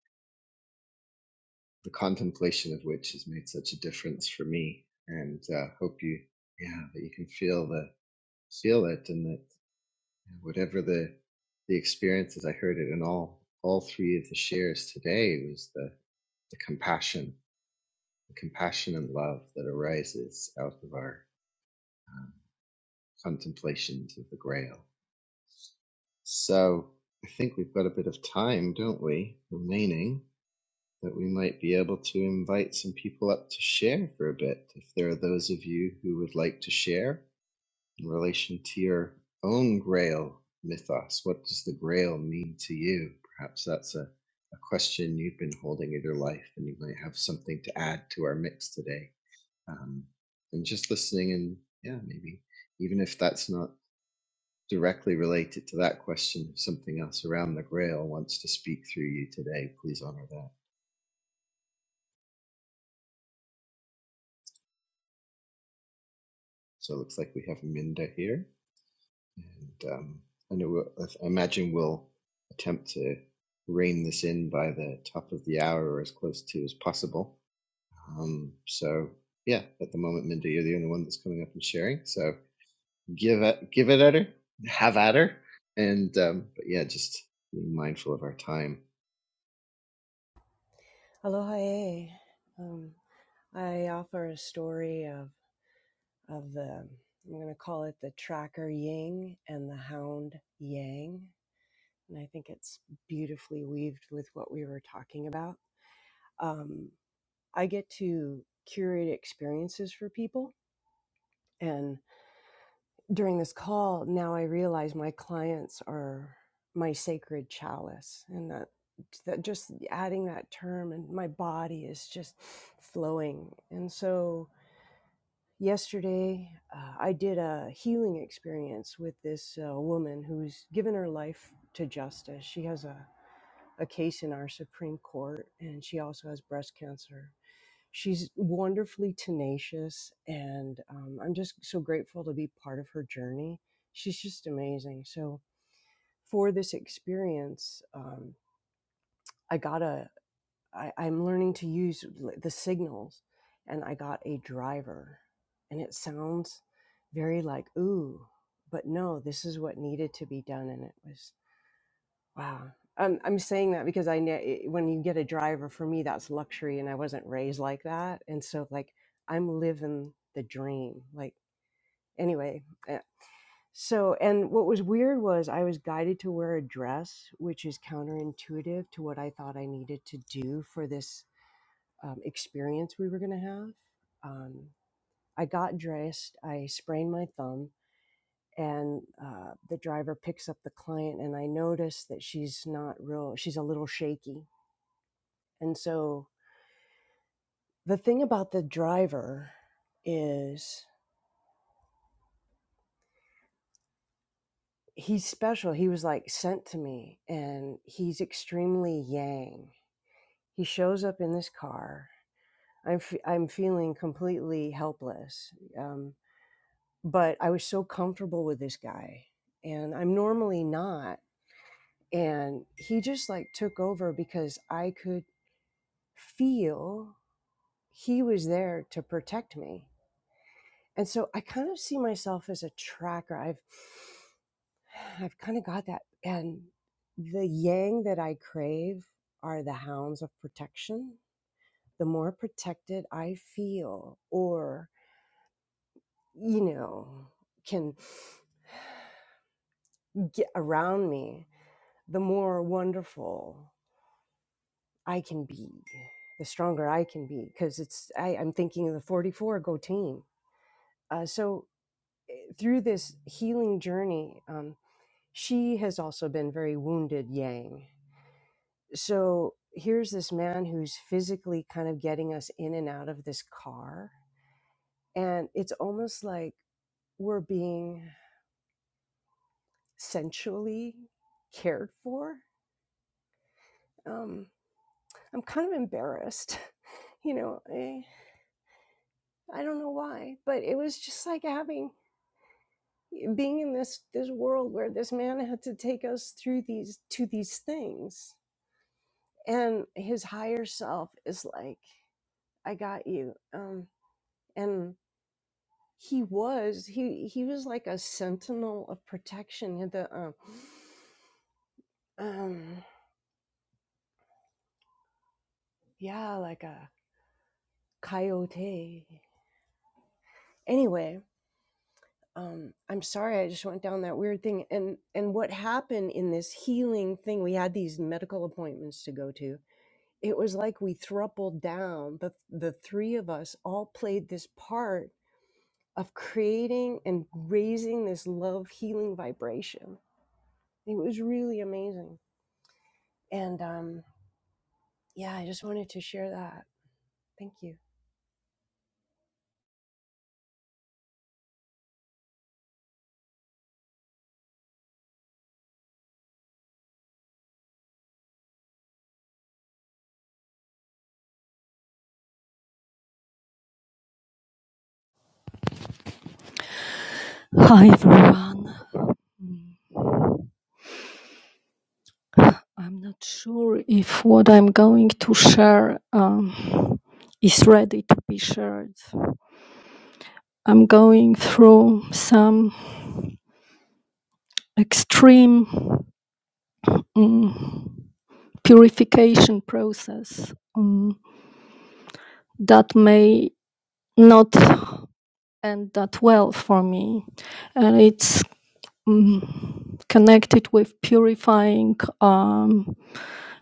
S3: the contemplation of which has made such a difference for me. And uh, hope you, yeah, that you can feel the feel it, and that whatever the the experiences, I heard it in all all three of the shares today was the the compassion, the compassion and love that arises out of our um, contemplations of the Grail. So I think we've got a bit of time, don't we, remaining? that we might be able to invite some people up to share for a bit. If there are those of you who would like to share in relation to your own Grail mythos, what does the Grail mean to you? Perhaps that's a, a question you've been holding in your life, and you might have something to add to our mix today. Um, and just listening, and yeah, maybe even if that's not directly related to that question, if something else around the Grail wants to speak through you today, please honor that. So it looks like we have Minda here, and um, I know we'll, I imagine we'll attempt to rein this in by the top of the hour or as close to as possible. Um, so yeah, at the moment, Minda, you're the only one that's coming up and sharing. So give it, give it at her, have at her, and um, but yeah, just being mindful of our time.
S4: Aloha. eh. Um, I offer a story of of the I'm going to call it the tracker yin and the hound yang, and I think it's beautifully weaved with what we were talking about. Um, I get to curate experiences for people, and during this call, now I realize my clients are my sacred chalice, and that that just adding that term and my body is just flowing and so Yesterday, uh, I did a healing experience with this uh, woman who's given her life to justice. She has a, a case in our Supreme Court, and she also has breast cancer. She's wonderfully tenacious, and um, I'm just so grateful to be part of her journey. She's just amazing. So, for this experience, um, I got I, I'm learning to use like, the signals. And I got a driver. And it sounds very like, ooh, but no, this is what needed to be done. And it was, wow. Um, I'm saying that because I know when you get a driver, for me, that's luxury. And I wasn't raised like that. And so, like, I'm living the dream. Like, anyway. eh, So, and what was weird was I was guided to wear a dress, which is counterintuitive to what I thought I needed to do for this um, experience we were going to have. Um, I got dressed, I sprained my thumb, and uh, the driver picks up the client, and I notice that she's not real, she's a little shaky. And so the thing about the driver is he's special. He was like sent to me, and he's extremely yang. He shows up in this car. I'm, f- I'm feeling completely helpless. Um, but I was so comfortable with this guy and I'm normally not and he just like took over because I could feel he was there to protect me. And so I kind of see myself as a tracker. I've I've kind of got that and the yang that I crave are the hounds of protection. The more protected I feel or you know can get around me the more wonderful I can be, the stronger I can be, because it's I, I'm thinking of the 44 go team. Uh, so eh, through this healing journey, um, she has also been very wounded Yang. So here's this man who's physically kind of getting us in and out of this car, and it's almost like we're being sensually cared for. Um, I'm kind of embarrassed, you know. eh, I don't know why, but it was just like having being in this this world where this man had to take us through these to these things, and his higher self is like, "I got you," um, and he was he he was like a sentinel of protection. He The um, um, yeah, like a coyote. Anyway, um i'm sorry i just went down that weird thing and and what happened in this healing thing we had these medical appointments to go to it was like we thrupled down the the three of us all played this part of creating and raising this love healing vibration it was really amazing and um yeah i just wanted to share that thank you
S5: Hi everyone. Mm, I'm not sure if what I'm going to share um, is ready to be shared. I'm going through some extreme mm, purification process mm, that may not end that well for me, and it's mm, connected with purifying. Um,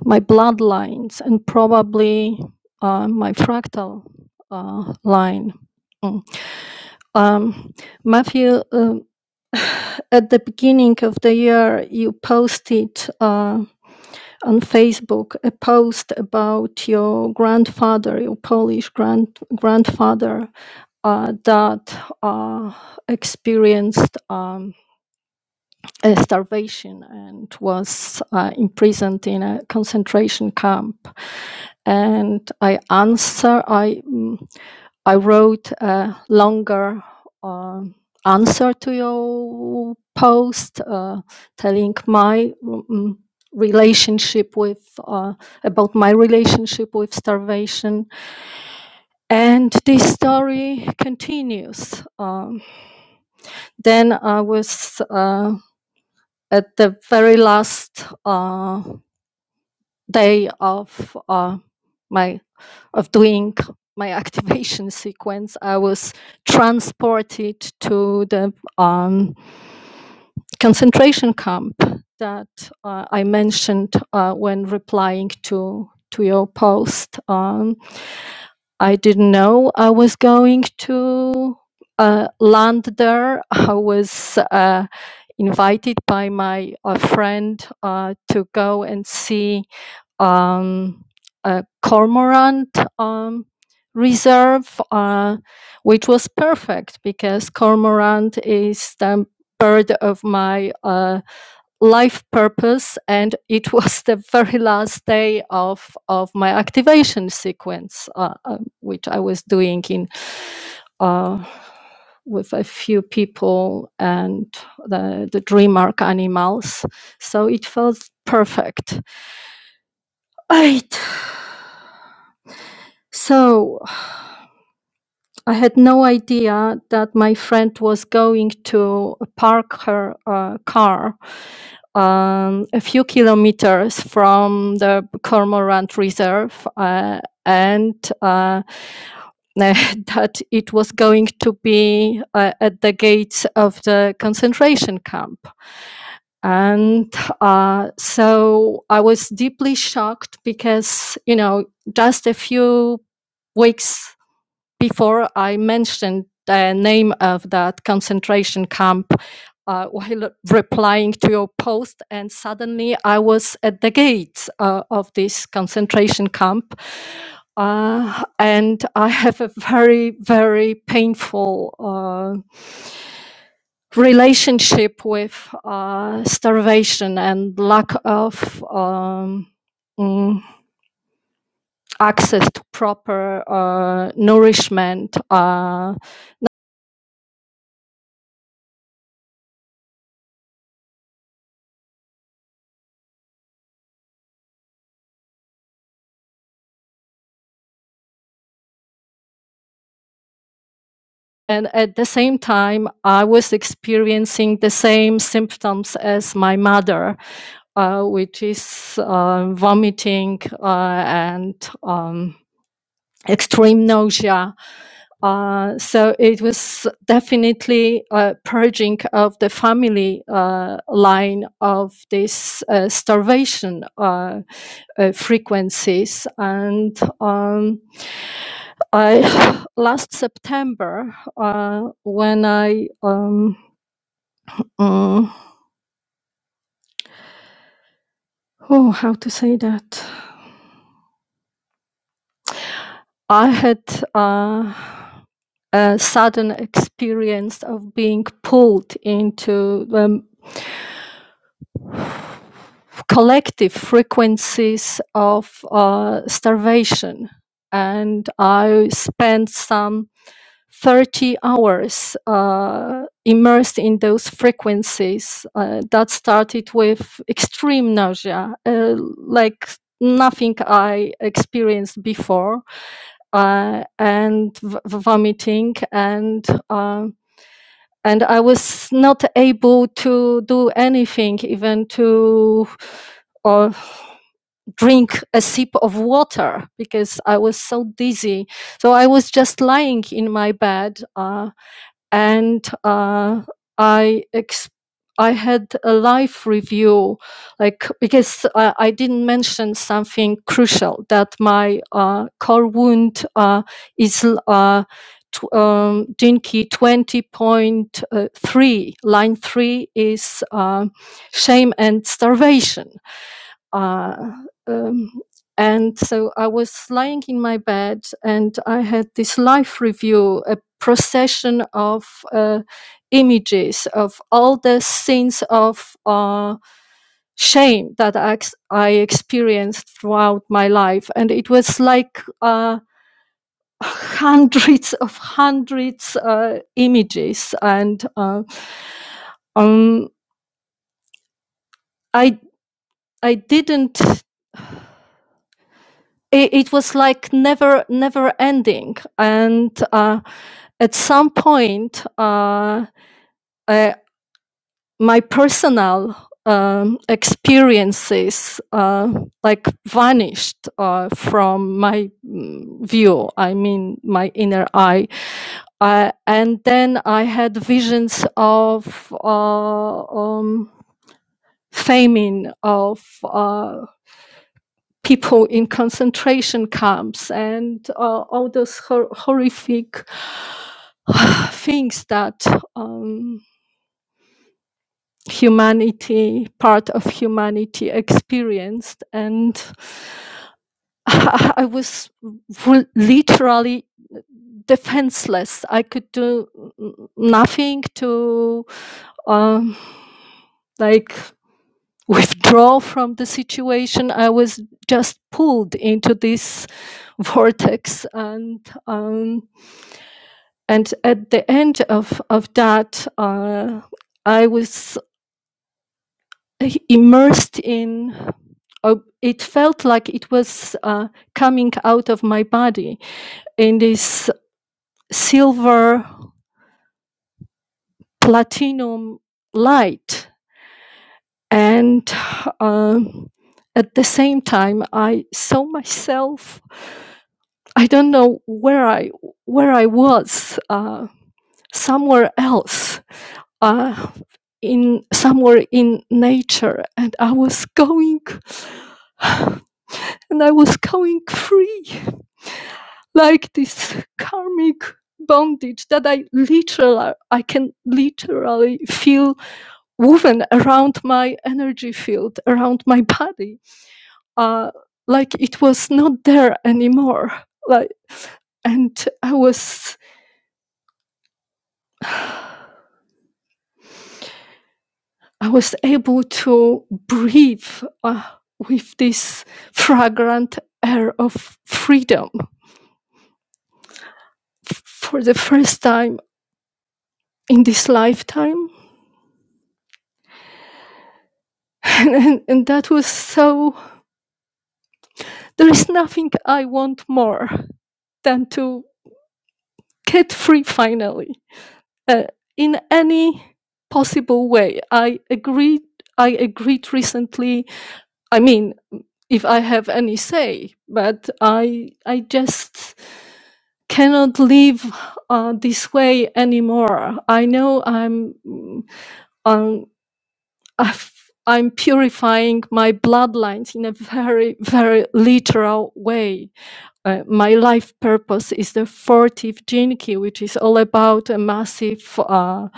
S5: my bloodlines and probably uh, my fractal uh, line. Mm. Um, Matthew, um, at the beginning of the year, you posted uh, on Facebook a post about your grandfather, your Polish grand grandfather, uh, that uh, experienced. Um, uh, starvation and was uh, imprisoned in a concentration camp. And I answer, I mm, I wrote a longer uh, answer to your post, uh, telling my mm, relationship with uh, about my relationship with starvation. And this story continues. Um, then I was. Uh, at the very last uh, day of uh, my of doing my activation sequence, I was transported to the um, concentration camp that uh, I mentioned uh, when replying to to your post. Um, I didn't know I was going to uh, land there. I was uh, invited by my uh, friend uh, to go and see um, a cormorant um, reserve, uh, which was perfect because cormorant is the bird of my uh, life purpose and it was the very last day of of my activation sequence uh, um, which i was doing in uh, with a few people and the, the dream arc animals so it felt perfect right so I had no idea that my friend was going to park her uh, car um, a few kilometers from the Cormorant Reserve, uh, and uh, that it was going to be uh, at the gates of the concentration camp. And uh, so I was deeply shocked because, you know, just a few weeks before I mentioned the name of that concentration camp uh, while replying to your post, and suddenly I was at the gates uh, of this concentration camp. Uh, and I have a very, very painful uh, relationship with uh, starvation and lack of um, mm, access to proper uh, nourishment. Uh, And at the same time, I was experiencing the same symptoms as my mother, uh, which is uh, vomiting uh, and um, extreme nausea. Uh, so it was definitely a purging of the family uh, line of this uh, starvation uh, uh, frequencies. And um, I last September uh, when I um, mm, oh how to say that I had uh, a sudden experience of being pulled into um, collective frequencies of uh, starvation, and I spent some 30 hours uh, immersed in those frequencies uh, that started with extreme nausea, uh, like nothing I experienced before, uh, and v- vomiting, and uh, and I was not able to do anything, even to or drink a sip of water because I was so dizzy. So I was just lying in my bed. Uh, and uh, I ex- I had a live review, like because uh, I didn't mention something crucial that my uh, core wound uh, is uh, tw- um, Dinky twenty point uh, three line three is uh, shame and starvation uh, um, and so I was lying in my bed, and I had this life review, a procession of uh, images of all the scenes of uh, shame that I, ex- I experienced throughout my life. And it was like uh, hundreds of hundreds uh, images. And uh, um, I, I didn't it, it was like never never ending and uh, at some point uh, uh, my personal um, experiences uh, like vanished uh, from my mm, view i mean my inner eye uh, and then i had visions of uh, um, famine of uh, people in concentration camps and uh, all those hor- horrific things that um, humanity, part of humanity, experienced. And I I was literally defenseless. I could do nothing to um, like withdraw from the situation. I was just pulled into this vortex, and um, and at the end of of that, uh, I was immersed in. Uh, it felt like it was uh, coming out of my body in this silver platinum light, and um at the same time, I saw myself I don't know where I where I was, uh, somewhere else, uh, in somewhere in nature, and I was going, and I was going free, like this karmic bondage that I literally I can literally feel woven around my energy field, around my body, uh, like it was not there anymore, like and I was I was able to breathe uh, with this fragrant air of freedom f- for the first time in this lifetime. And, and, and that was so, there is nothing I want more than to get free finally uh, in any possible way. I agreed. I agreed recently. I mean, if I have any say, but I, I just cannot live uh, this way anymore. I know I'm mm, um, i am purifying my bloodlines in a very very literal way. Uh, my life purpose is the 40th Jinki, which is all about a massive uh,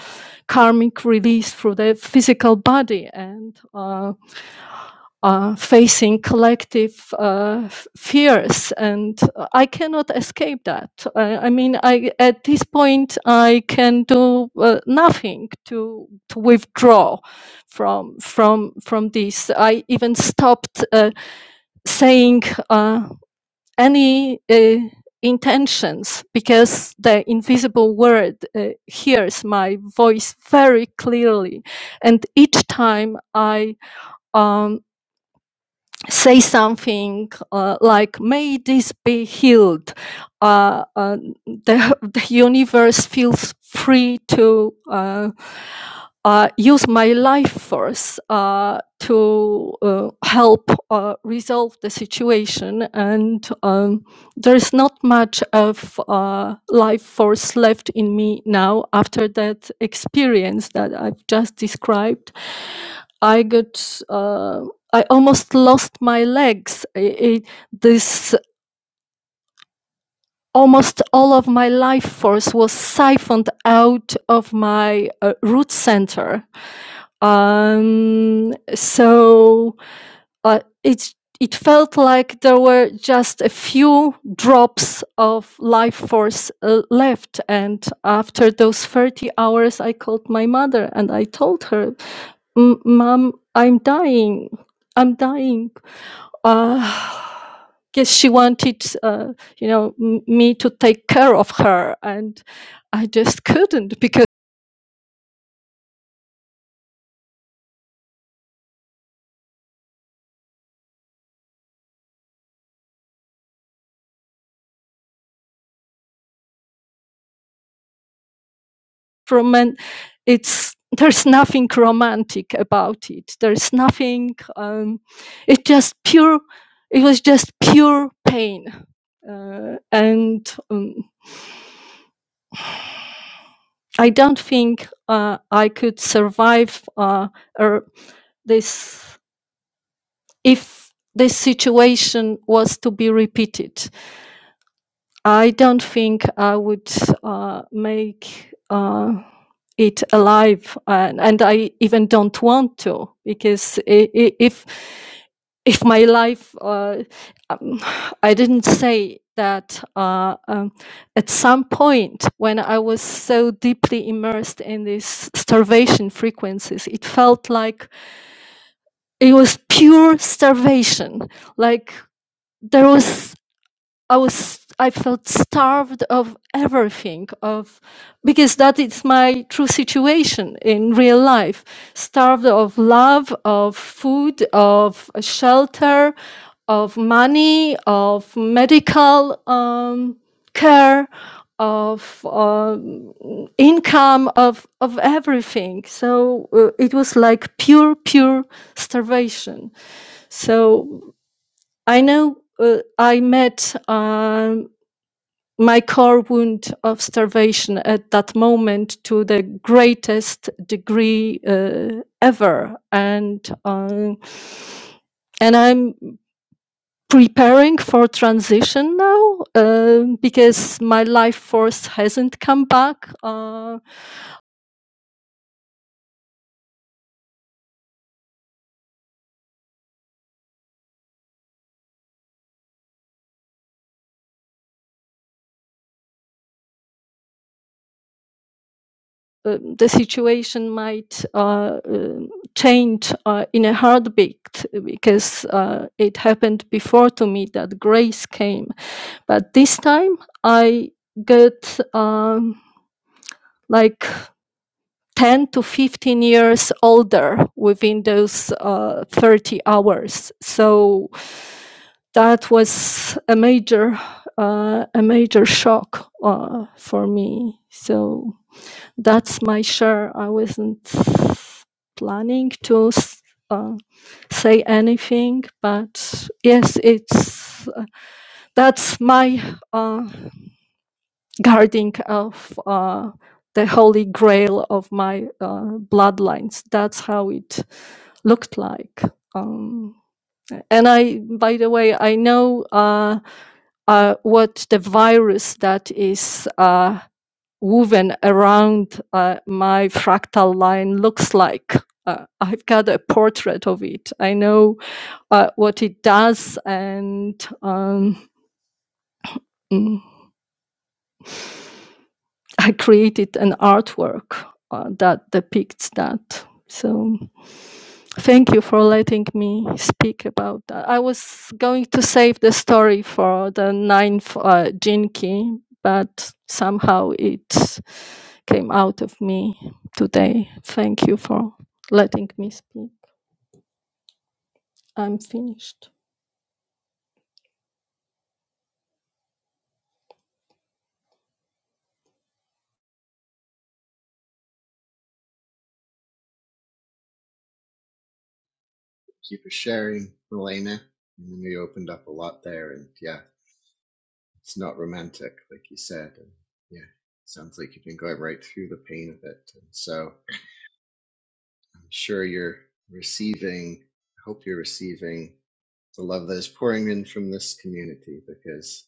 S5: karmic release through the physical body and. uh, uh, facing collective uh, fears, and I cannot escape that. I, I mean, I at this point I can do uh, nothing to to withdraw from from from this. I even stopped uh, saying uh, any. Uh, intentions because the invisible world uh, hears my voice very clearly and each time i um, say something uh, like, may this be healed. Uh, uh, the, the universe feels free to uh, uh, use my life force uh, to uh, help uh, resolve the situation. And um, there is not much of uh, life force left in me now after that experience that I've just described. I got. uh, I almost lost my legs. I- I- this almost all of my life force was siphoned out of my uh, root center. Um, so uh, it it felt like there were just a few drops of life force uh, left. And after those thirty hours, I called my mother and I told her, "Mom, I'm dying. I'm dying." uh, guess she wanted, uh, you know, m- me to take care of her, and I just couldn't because roman, it's there's nothing romantic about it. There's nothing. Um, it just pure. It was just pure pain, uh, and um, I don't think uh, I could survive uh, er, this if this situation was to be repeated I don't think I would uh, make uh, it alive, and, and I even don't want to because i- i- if if my life, uh, um, I didn't say that uh, um, at some point when I was so deeply immersed in these starvation frequencies, it felt like it was pure starvation, like there was. I was I felt starved of everything of because that is my true situation in real life starved of love of food of shelter of money of medical um, care of um, income of of everything so uh, it was like pure pure starvation so I know uh, I met um, my core wound of starvation at that moment to the greatest degree uh, ever and um, and i'm preparing for transition now uh, because my life force hasn't come back uh, uh, the situation might uh, uh, change uh, in a heartbeat because uh, it happened before to me that grace came But this time I got um, like 10 to 15 years older within those uh, 30 hours. So that was a major, uh, a major shock uh, for me. So that's my share. I wasn't planning to uh, say anything, but yes, it's uh, that's my uh, guarding of uh, the holy grail of my uh, bloodlines. That's how it looked like. Um, and I, by the way, I know uh, uh, what the virus that is uh, woven around uh, my fractal line looks like. Uh, I've got a portrait of it. I know uh, what it does, and um, mm, I created an artwork uh, that depicts that. So thank you for letting me speak about that. I was going to save the story for the ninth uh, Jinki, but somehow it came out of me today. Thank you for letting me speak. I'm finished.
S3: Keep her sharing, Elena. I know you opened up a lot there, and yeah, it's not romantic, like you said. And yeah, sounds like you've been going right through the pain of it. And so I'm sure you're receiving, I hope you're receiving the love that is pouring in from this community because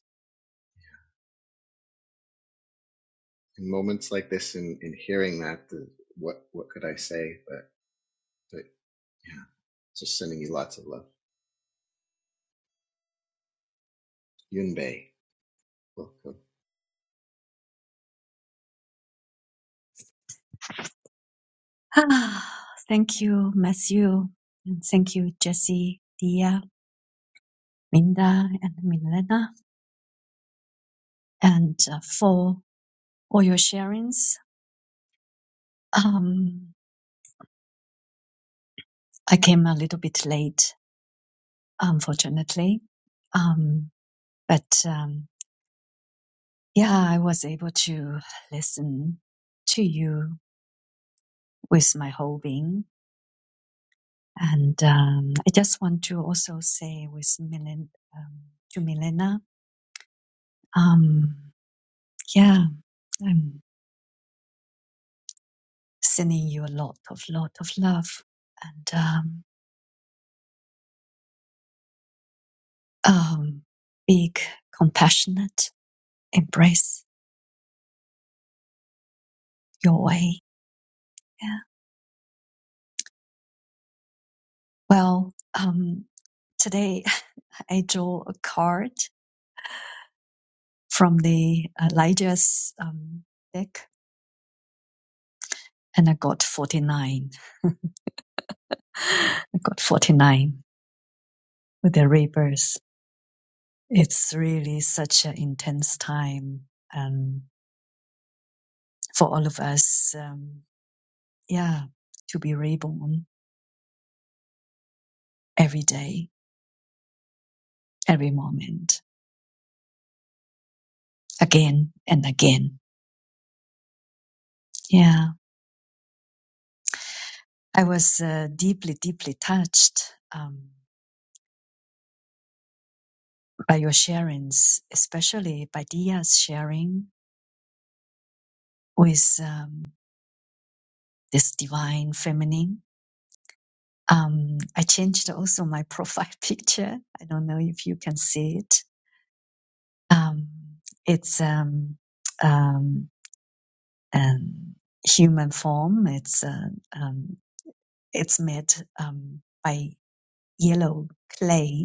S3: in moments like this in, in hearing that, the, what, what could I say? But, but yeah, just sending you lots of love. Yunbei, welcome.
S6: Ah, thank you, Matthew. And thank you, Jesse, Dia, Minda, and Milena, and uh, for all your sharings. Um, I came a little bit late, unfortunately. Um, but um, yeah, I was able to listen to you with my whole being. And um, I just want to also say with Milen, um, to Milena, um, yeah, I'm sending you a lot of lot of love and um, um, big compassionate embrace your way yeah well um, today i drew a card from the uh, elijah's um, deck and i got 49 i got 49 with the rebirth it's really such an intense time um, for all of us um, yeah to be reborn every day every moment again and again. Yeah, I was uh, deeply, deeply touched um, by your sharings, especially by Dia's sharing with um, this divine feminine. Um, I changed also my profile picture. I don't know if you can see it. Um, it's um, um, um, human form. It's uh, um, it's made um, by yellow clay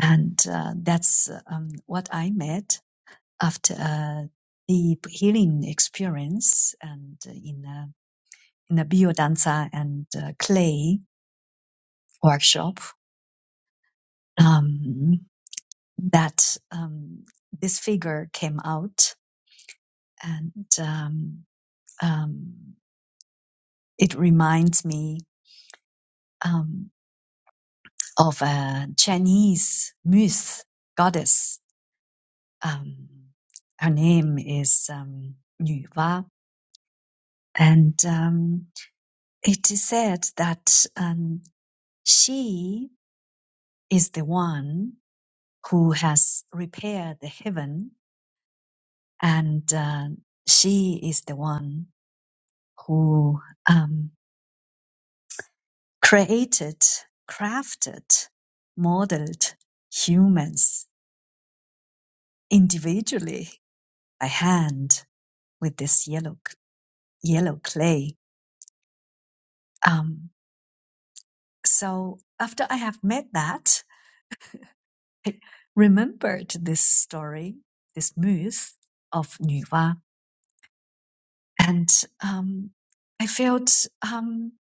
S6: and uh, that's um, what I met after a deep healing experience and uh, in a in a biodanza and uh, clay workshop um, that um, this figure came out and um, um, it reminds me um, of a Chinese myth goddess. Um, her name is um, Nuwa, and um, it is said that um, she is the one who has repaired the heaven, and uh, she is the one who um, created, crafted, modeled humans individually by hand with this yellow yellow clay. Um, so after I have made that, remembered this story, this myth of Nuwa, and um, I felt um,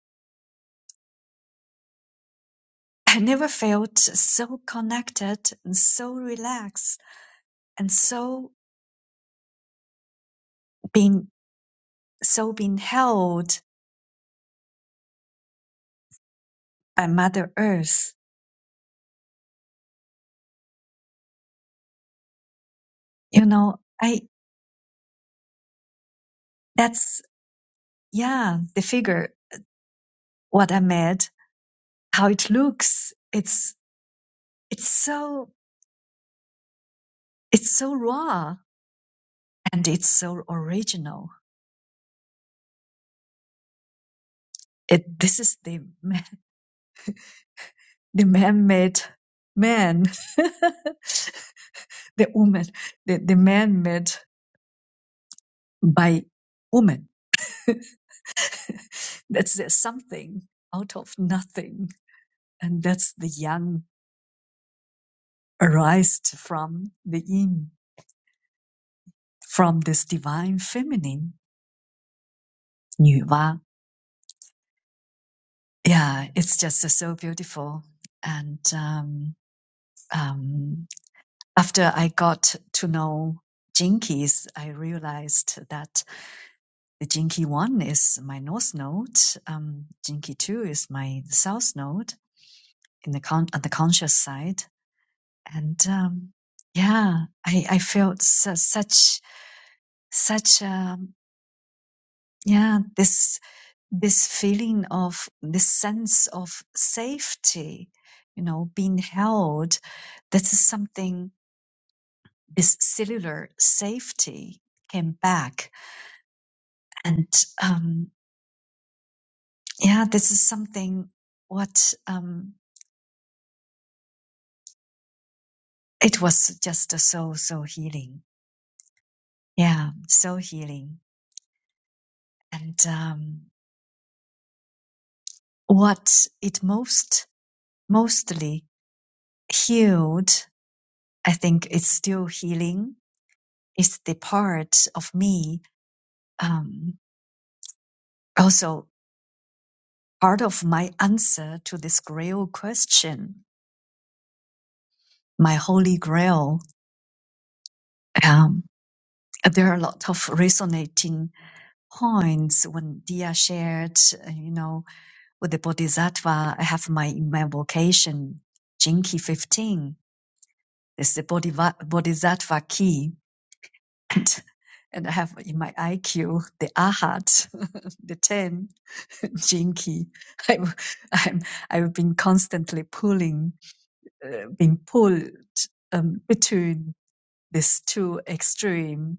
S6: I never felt so connected and so relaxed and so being so being held by Mother Earth. You know, I that's yeah the figure what I made, how it looks. It's it's so it's so raw and it's so original. It this is the the man-made man, the woman, the, the man made by woman. that's the something out of nothing. And that's the yang arised from the yin, from this divine feminine, Nuwa. Yeah, it's just so beautiful. And um, um, after I got to know Jinkies, I realized that The Jinky 1 is my north node. Um, Jinky 2 is my south node in the con- on the conscious side. And um, yeah, I, I felt su- such, such, um, yeah, this, this feeling of this sense of safety, you know, being held. This is something, this cellular safety came back. And um, yeah, this is something what, Um, it was just so so healing yeah so healing and um, what it most mostly healed i think it's still healing is the part of me um, also part of my answer to this grail question my holy grail um, there are a lot of resonating points when dia shared uh, you know With the Bodhisattva, I have my in my vocation, Jinki 15. This is the Bodhiva- Bodhisattva key. And, and I have in my IQ, the Ahat, the 10, Jinki. I'm, I'm, I've been constantly pulling, uh, being pulled um, between these two extreme.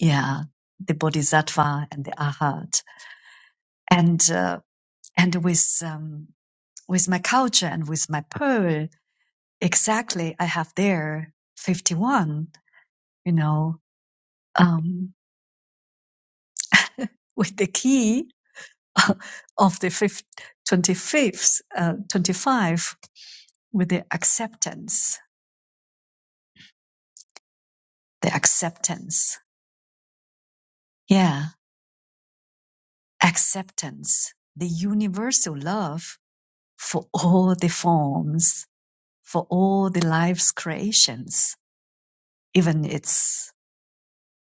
S6: Yeah, the Bodhisattva and the Ahat. And, uh, and with, um, with my culture and with my pearl. exactly I have there 51, you know, um, with the key of the fifth, 25th, uh, 25 with the acceptance, the acceptance. Yeah, acceptance, the universal love for all the forms, for all the life's creations, even its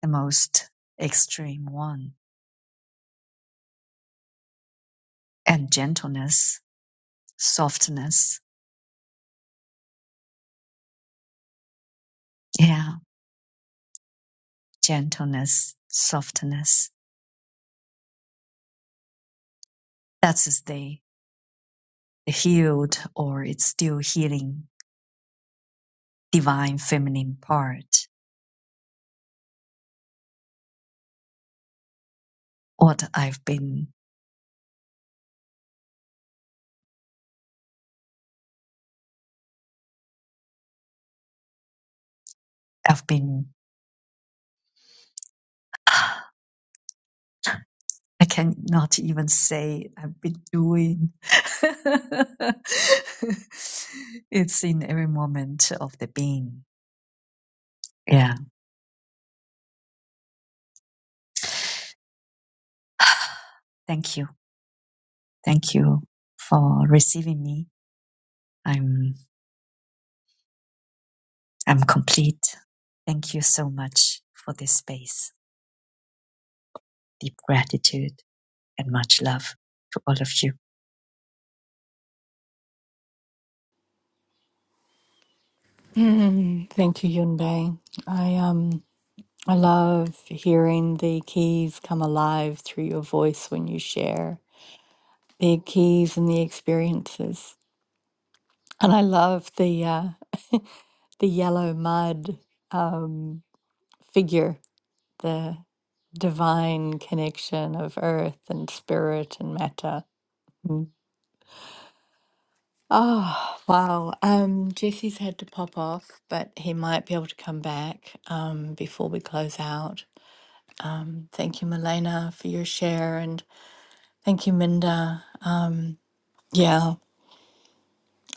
S6: the most extreme one and gentleness, softness. Yeah gentleness, softness. That's the, the healed or it's still healing divine feminine part. What I've been, I've been, I cannot even say I've been doing. it's in every moment of the being. Yeah. Thank you. Thank you for receiving me. I'm, I'm complete. Thank you so much for this space. Deep gratitude. and much love to all of you.
S2: Mm, thank you, Yunbei. I um I love hearing the keys come alive through your voice when you share the keys and the experiences. And I love the uh, the yellow mud um, figure, the divine connection of earth and spirit and matter. Mm. Oh wow! Um, Jesse's had to pop off, but he might be able to come back um, before we close out. Thank you, Milena, for your share, and thank you, Minda. Yeah,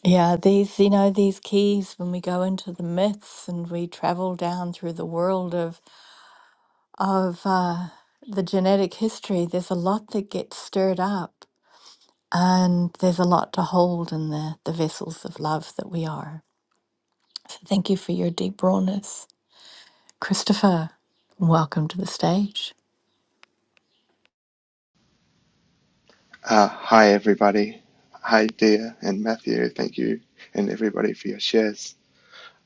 S2: yeah. These, you know, these keys when we go into the myths and we travel down through the world of of uh, the genetic history, there's a lot that gets stirred up, and there's a lot to hold in the, the vessels of love that we are. So thank you for your deep rawness. Christopher, welcome to the stage.
S7: Uh, hi, everybody. Hi, Dia and Matthew. Thank you, and everybody, for your shares.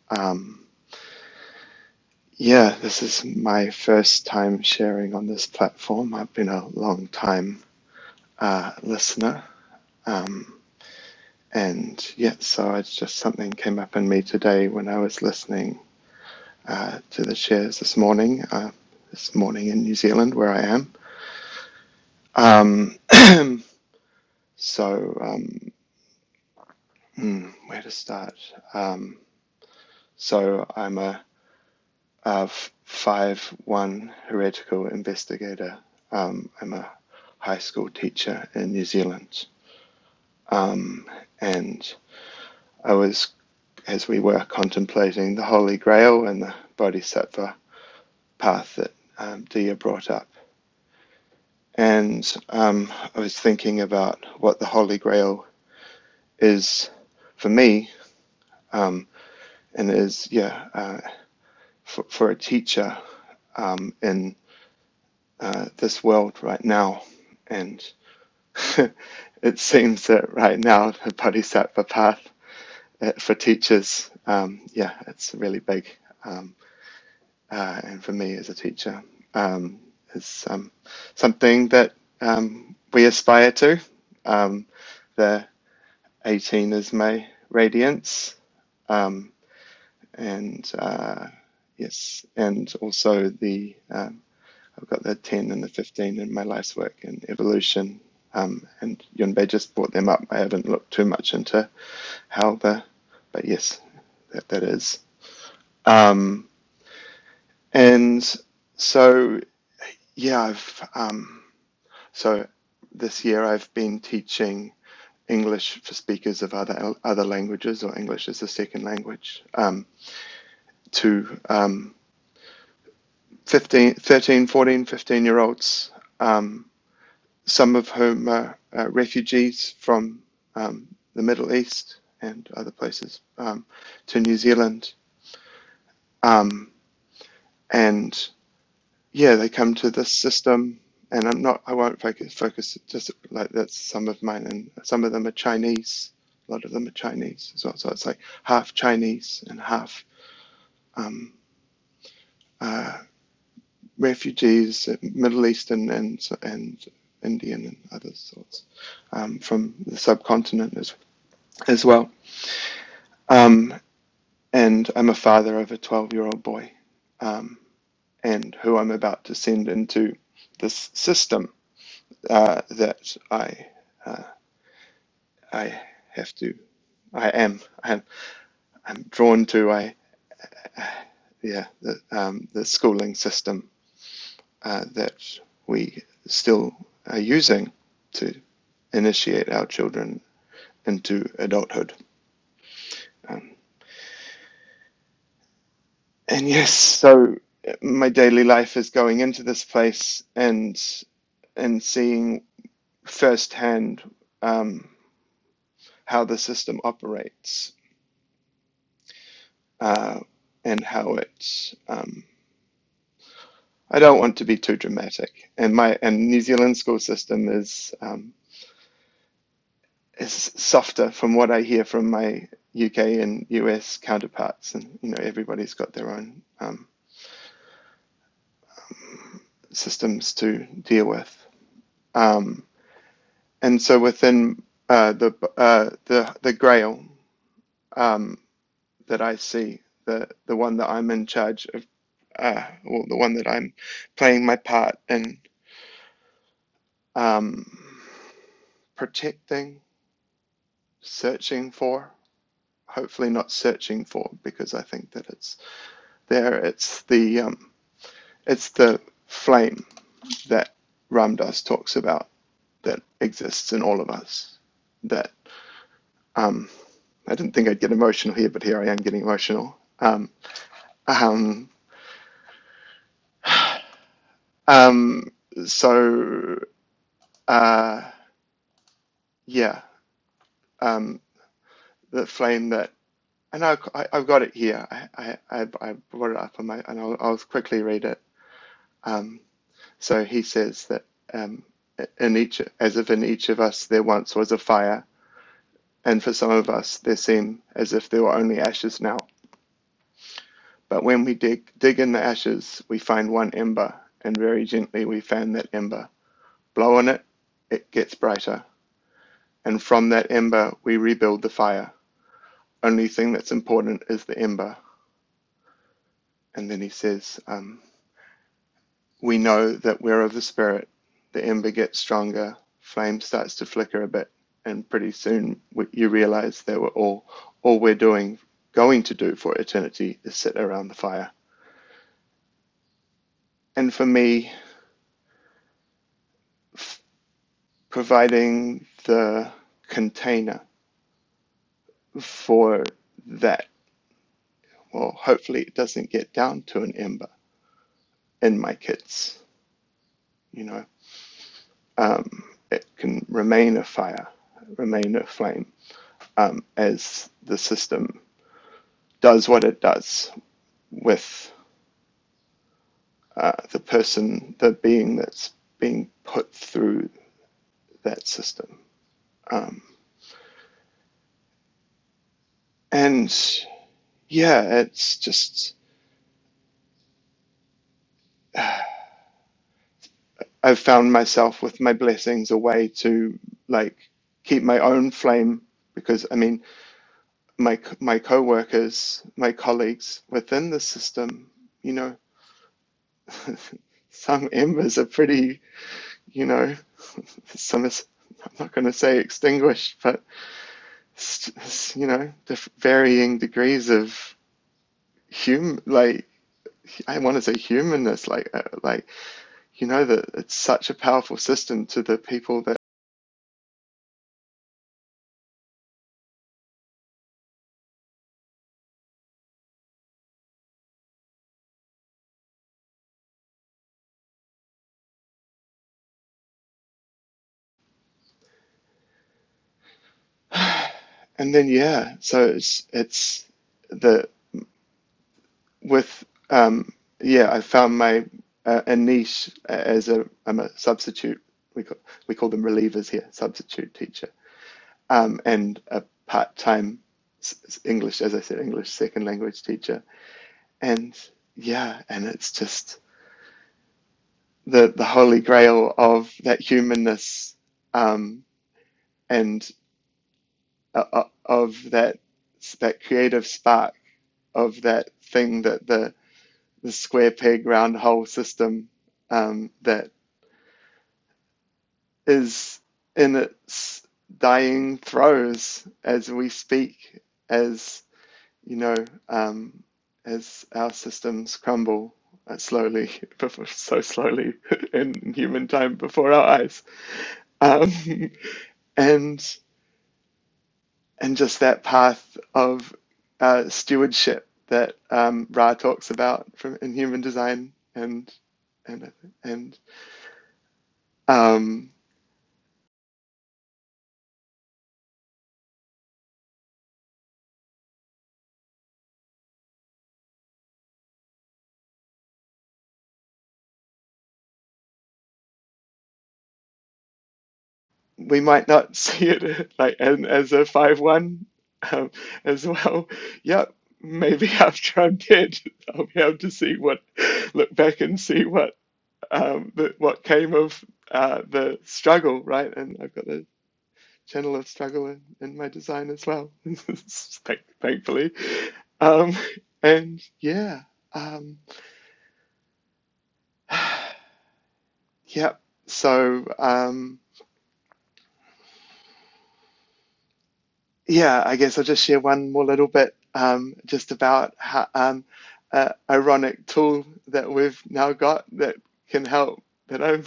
S7: Um, yeah, this is my first time sharing on this platform. I've been a long time uh, listener. Um, and yeah, so it's just something came up in me today when I was listening uh, to the shares this morning, uh, this morning in New Zealand, where I am. Um, so, um, hmm, where to start? Um, so, I'm a of five one heretical investigator. Um, I'm a high school teacher in New Zealand, um, and I was as we were contemplating the Holy Grail and the Bodhisattva path that um, Dia brought up, and um, I was thinking about what the Holy Grail is for me, um, and is yeah uh, for, for a teacher um, in uh, this world right now, and it seems that right now the bodhisattva path uh, for teachers, um, yeah, it's really big. Um, uh, and for me as a teacher, um, is um, something that um, we aspire to. Um, the 18 is my radiance, um, and uh, yes, and also the uh, I've got the 10 and the 15 in my life's work and evolution. Um, and Yunbei just brought them up. I haven't looked too much into how the, but yes, that, that is. Um, and so, yeah, I've, um, so this year I've been teaching English for speakers of other other languages or English as a second language um, to um, 15, thirteen, fourteen, fifteen year olds. Um, some of whom are uh, refugees from um, the Middle East and other places um, to New Zealand. Um, and yeah, they come to this system. And I'm not, I won't focus, focus just like that's some of mine. And some of them are Chinese. A lot of them are Chinese as well. So it's like half Chinese and half um, uh, refugees, uh, Middle Eastern and, and Indian and other sorts um, from the subcontinent as, as well. Um, and I'm a father of a 12 year old boy, um, and who I'm about to send into this system uh, that I uh, I have to I am I'm, I'm drawn to I yeah the um, the schooling system uh, that we still are using to initiate our children into adulthood. Um, and yes, so my daily life is going into this place and and seeing firsthand um, how the system operates uh, and how it's. Um, I don't want to be too dramatic, and my and New Zealand school system is um, is softer from what I hear from my UK and US counterparts, and you know everybody's got their own um, systems to deal with. Um, and so within uh, the uh, the the Grail um, that I see, the the one that I'm in charge of uh, well, the one that I'm playing my part in um, protecting, searching for. Hopefully, not searching for because I think that it's there. It's the um, it's the flame that Ram Dass talks about that exists in all of us. That um, I didn't think I'd get emotional here, but here I am getting emotional. Um, um, um, so uh, yeah, um, the flame that And I know I, I've got it here. I, I, I I brought it up on my, and I'll, I'll quickly read it. Um, so he says that um, in each, as if in each of us there once was a fire, and for some of us there seem as if there were only ashes now. But when we dig, dig in the ashes, we find one ember, and very gently we fan that ember. Blow on it, it gets brighter, and from that ember we rebuild the fire. Only thing that's important is the ember. And then he says, um, we know that we're of the spirit. The ember gets stronger, flame starts to flicker a bit, and pretty soon we, you realize that we're all all we're doing going to do for eternity is sit around the fire. And for me, providing the container for that, well, hopefully it doesn't get down to an ember in my kids. You know, um, it can remain a fire, remain a flame um, as the system does what it does with uh, the person, the being that's being put through that system. Um, and yeah, it's just, I've found myself with my blessings a way to like keep my own flame because I mean, my, my co-workers, my colleagues within the system, you know, some embers are pretty, you know, some is, I'm not going to say extinguished, but you know, the varying degrees of hum, like I want to say humanness, like uh, like you know that it's such a powerful system to the people that, and then yeah, so it's it's the with um yeah, I found my uh, a niche as a I'm a substitute. We call, we call them relievers here, substitute teacher, um, and a part-time English, as I said, English second language teacher, and yeah, and it's just the the holy grail of that humanness um, and uh, uh, of that that creative spark of that thing that the the square peg round hole system um, that is in its dying throes as we speak, as you know, um, as our systems crumble uh, slowly, before, so slowly in human time before our eyes. Um, and and just that path of uh, stewardship that um, Ra talks about from in human design, and and and um, we might not see it like and as a five one um, as well. Yep, maybe after I'm dead, I'll be able to see what look back and see what um, the, what came of uh, the struggle, right? And I've got the channel of struggle in, in my design as well, thankfully. Um, and yeah, um, yeah. So um, yeah, I guess I'll just share one more little bit um, just about how um, uh, ironic tool that we've now got that can help. That I'm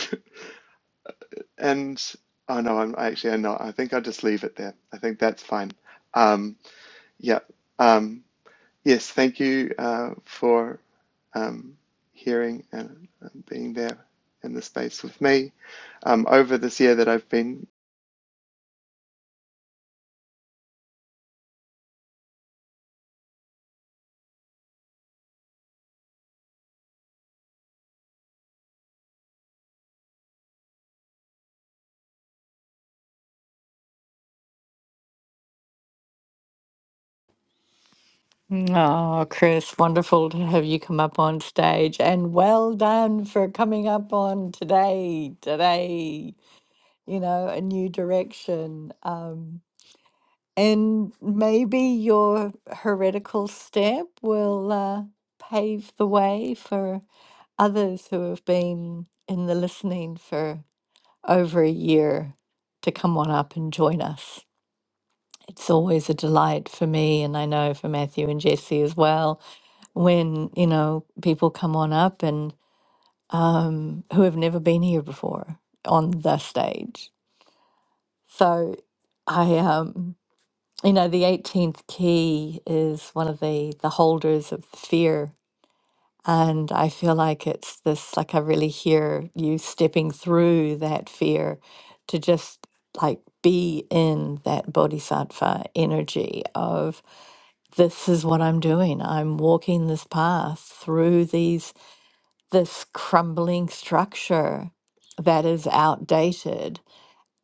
S7: and oh no, I'm actually I'm not. I think I'll just leave it there. I think that's fine. Um, yeah. Um. Yes, thank you uh, for um, hearing and, being there in the space with me. Um, over this year that I've been
S2: Oh, Chris, wonderful to have you come up on stage and well done for coming up on today, today, you know, a new direction. Um, And maybe your heretical step will uh, pave the way for others who have been in the listening for over a year to come on up and join us. It's always a delight for me, and I know for Matthew and Jesse as well, when, you know, people come on up and um, who have never been here before on the stage. So I um. you know the 18th key is one of the the holders of fear and i feel like it's this like i really hear you stepping through that fear to just like be in that bodhisattva energy of this is what i'm doing i'm walking this path through these this crumbling structure that is outdated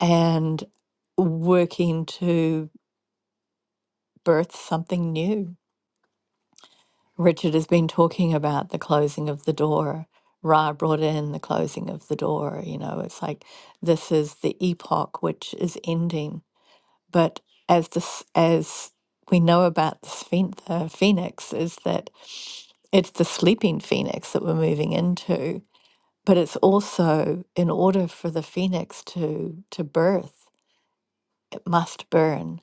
S2: and working to birth something new Richard has been talking about the closing of the door. Ra brought in the closing of the door. You know, it's like this is the epoch which is ending. But as this, as we know about the sphen- uh, phoenix, is that it's the sleeping phoenix that we're moving into. But it's also in order for the phoenix to to birth, it must burn.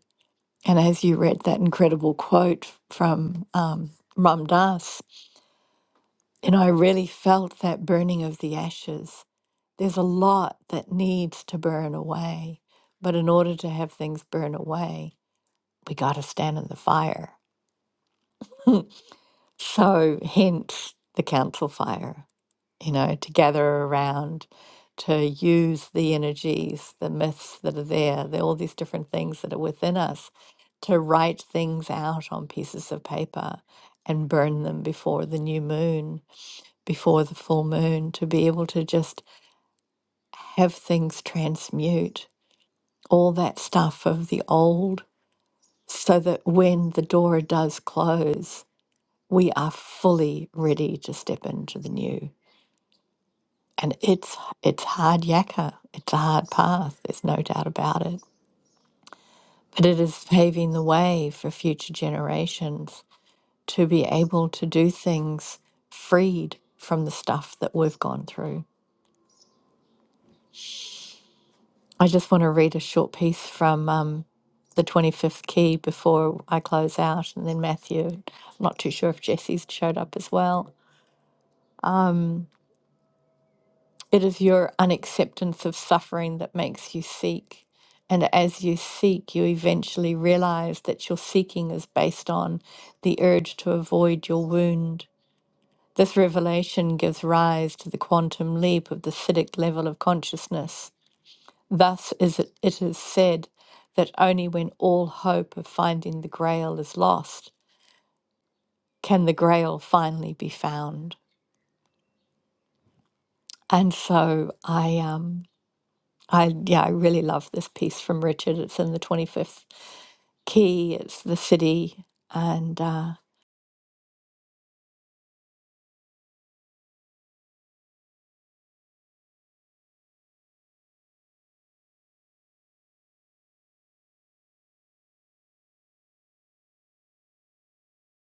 S2: And as you read that incredible quote from um, Ram Dass You know, I really felt that burning of the ashes. There's a lot that needs to burn away. But in order to have things burn away, we got to stand in the fire. So, hence the council fire, you know, to gather around, to use the energies, the myths that are there, the, all these different things that are within us, to write things out on pieces of paper and burn them before the new moon, before the full moon, to be able to just have things transmute, all that stuff of the old, so that when the door does close, we are fully ready to step into the new. And it's it's hard yakka. It's a hard path. There's no doubt about it. But it is paving the way for future generations to be able to do things freed from the stuff that we've gone through. I just want to read a short piece from um, the 25th key before I close out, and then Matthew. I'm not too sure if Jesse's showed up as well. It is your unacceptance of suffering that makes you seek. And as you seek, you eventually realize that your seeking is based on the urge to avoid your wound. This revelation gives rise to the quantum leap of the Siddhic level of consciousness, Thus is it, it is said that only when all hope of finding the grail is lost can the grail finally be found. And so I um I yeah, I really love this piece from Richard. It's in the 25th key, it's the city and uh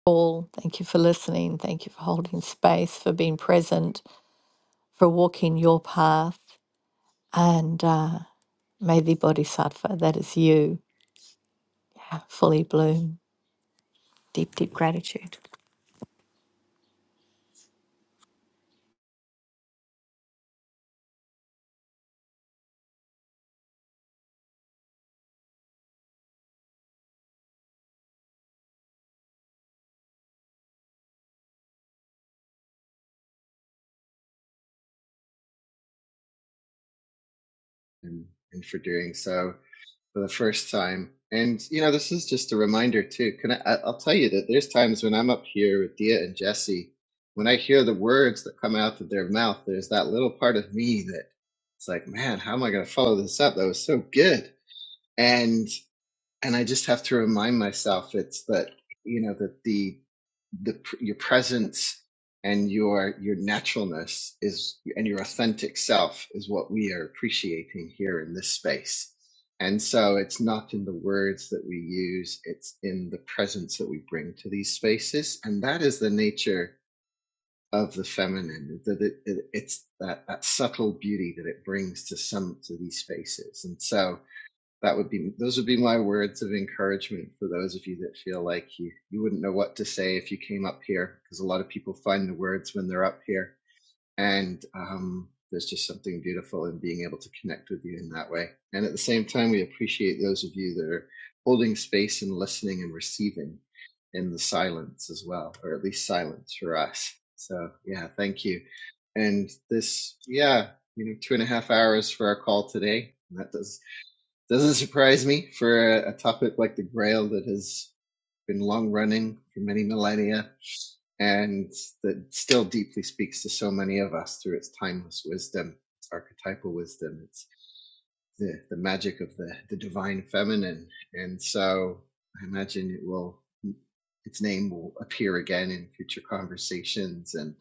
S2: all thank you for listening, thank you for holding space, for being present, for walking your path and uh may the bodhisattva that is you yeah, fully bloom. Deep, deep gratitude.
S3: And, and for doing so. for the first time. And you know, this is just a reminder too. Can I? I- will tell you that there's times when I'm up here with Dia and Jesse, when I hear the words that come out of their mouth, there's that little part of me that it's like, man, how am I going to follow this up? That was so good. and and I just have to remind myself it's that you know that the the your presence and your your naturalness is and your authentic self is what we are appreciating here in this space. And so it's not in the words that we use, it's in the presence that we bring to these spaces. And that is the nature of the feminine, that it, it, it's that, that subtle beauty that it brings to some to these spaces. And so that would be those would be my words of encouragement for those of you that feel like you you wouldn't know what to say if you came up here because a lot of people find the words when they're up here and um there's just something beautiful in being able to connect with you in that way and at the same time we appreciate those of you that are holding space and listening and receiving in the silence as well or at least silence for us so yeah thank you and this yeah you know two and a half hours for our call today and that does doesn't surprise me for a, a topic like the Grail that has been long running for many millennia and that still deeply speaks to so many of us through its timeless wisdom, its archetypal wisdom, its the, the magic of the, the divine feminine. And so I imagine it will, its name will appear again in future conversations. and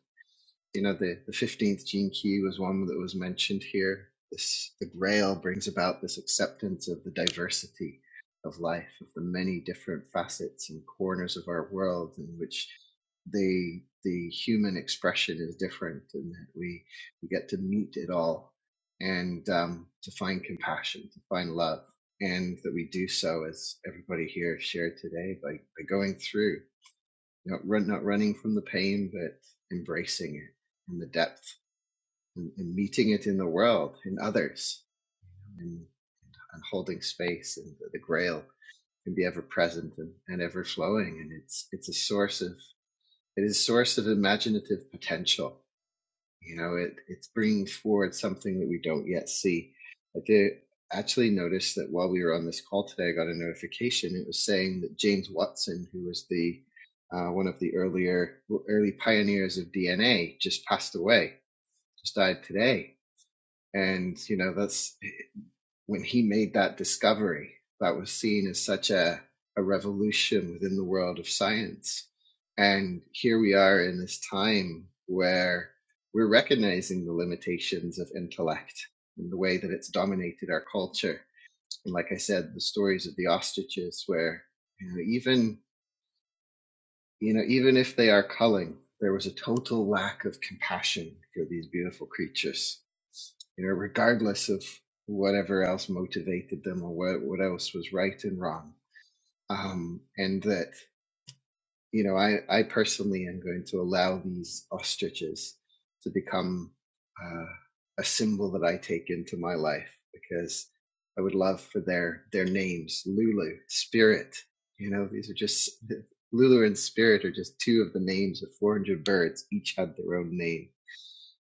S3: you know the the 15th gene key was one that was mentioned here this the grail brings about this acceptance of the diversity of life of the many different facets and corners of our world in which the the human expression is different and that we we get to meet it all and um, to find compassion to find love and that we do so as everybody here shared today by, by going through not, run, not running from the pain, but embracing it in the depth and, and meeting it in the world, in others, and, and holding space. And the, the grail can be ever present and, and ever flowing. And it's, it's a source of, it is a source of imaginative potential you know, it, it's bringing forward something that we don't yet see. I did actually notice that while we were on this call today, I got a notification. It was saying that James Watson, who was the uh, one of the earlier early pioneers of DNA, just passed away, just died today. And you know, that's when he made that discovery that was seen as such a, a revolution within the world of science. And here we are in this time where we're recognizing the limitations of intellect and the way that it's dominated our culture. And like I said, the stories of the ostriches, where you know, even you know, even if they are culling, there was a total lack of compassion for these beautiful creatures. You know, regardless of whatever else motivated them or what, what else was right and wrong. Um, and that you know, I, I personally am going to allow these ostriches to become uh, a symbol that I take into my life because I would love for their their names, Lulu, Spirit. You know, these are just Lulu and Spirit are just two of the names of 400 birds. Each had their own name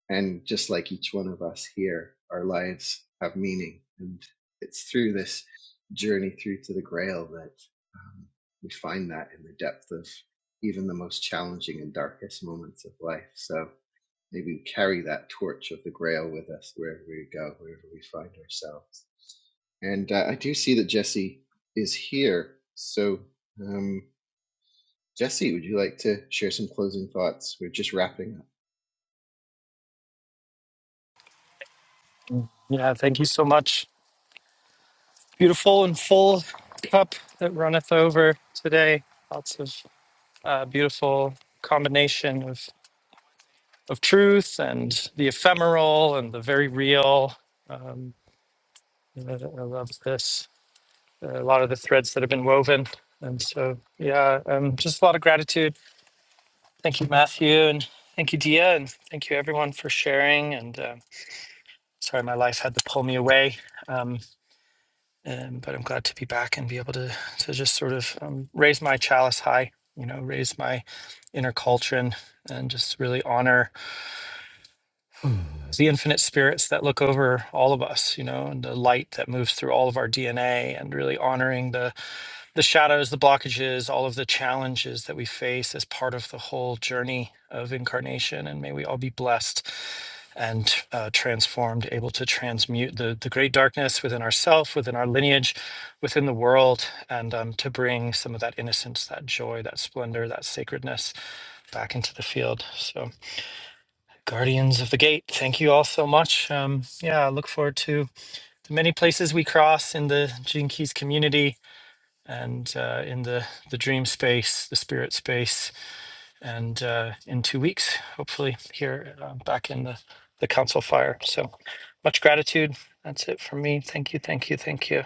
S3: and just like each one of us here, our lives have meaning. And it's through this journey through to the grail that um, we find that in the depth of even the most challenging and darkest moments of life. So maybe we carry that torch of the grail with us wherever we go, wherever we find ourselves. And uh, I do see that Jesse is here. So, um, Jesse, would you like to share some closing thoughts? We're just wrapping up.
S1: Yeah, thank you so much. Beautiful and full cup that runneth over today. Lots of uh, beautiful combination of, of truth and the ephemeral and the very real. Um, I I love this. A lot of the threads that have been woven. And so, yeah, um, just a lot of gratitude Thank you, Matthew, and thank you, Dia, and thank you everyone for sharing. And uh, sorry, my life had to pull me away, um, um, but I'm glad to be back and be able to to just sort of um, raise my chalice high, you know, raise my inner culture and, and just really honor It's the infinite spirits that look over all of us, you know, and the light that moves through all of our DNA and really honoring the the shadows, the blockages, all of the challenges that we face as part of the whole journey of incarnation. And may we all be blessed and uh, transformed, able to transmute the, the great darkness within ourself, within our lineage, within the world, and um, to bring some of that innocence, that joy, that splendor, that sacredness back into the field. So Guardians of the Gate, thank you all so much. Um, yeah, I look forward to the many places we cross in the Gene Keys community and uh, in the, the dream space, the spirit space, and uh, in two weeks, hopefully, here uh, back in the, the council fire. So much gratitude. That's it from me. Thank you, thank you, thank you.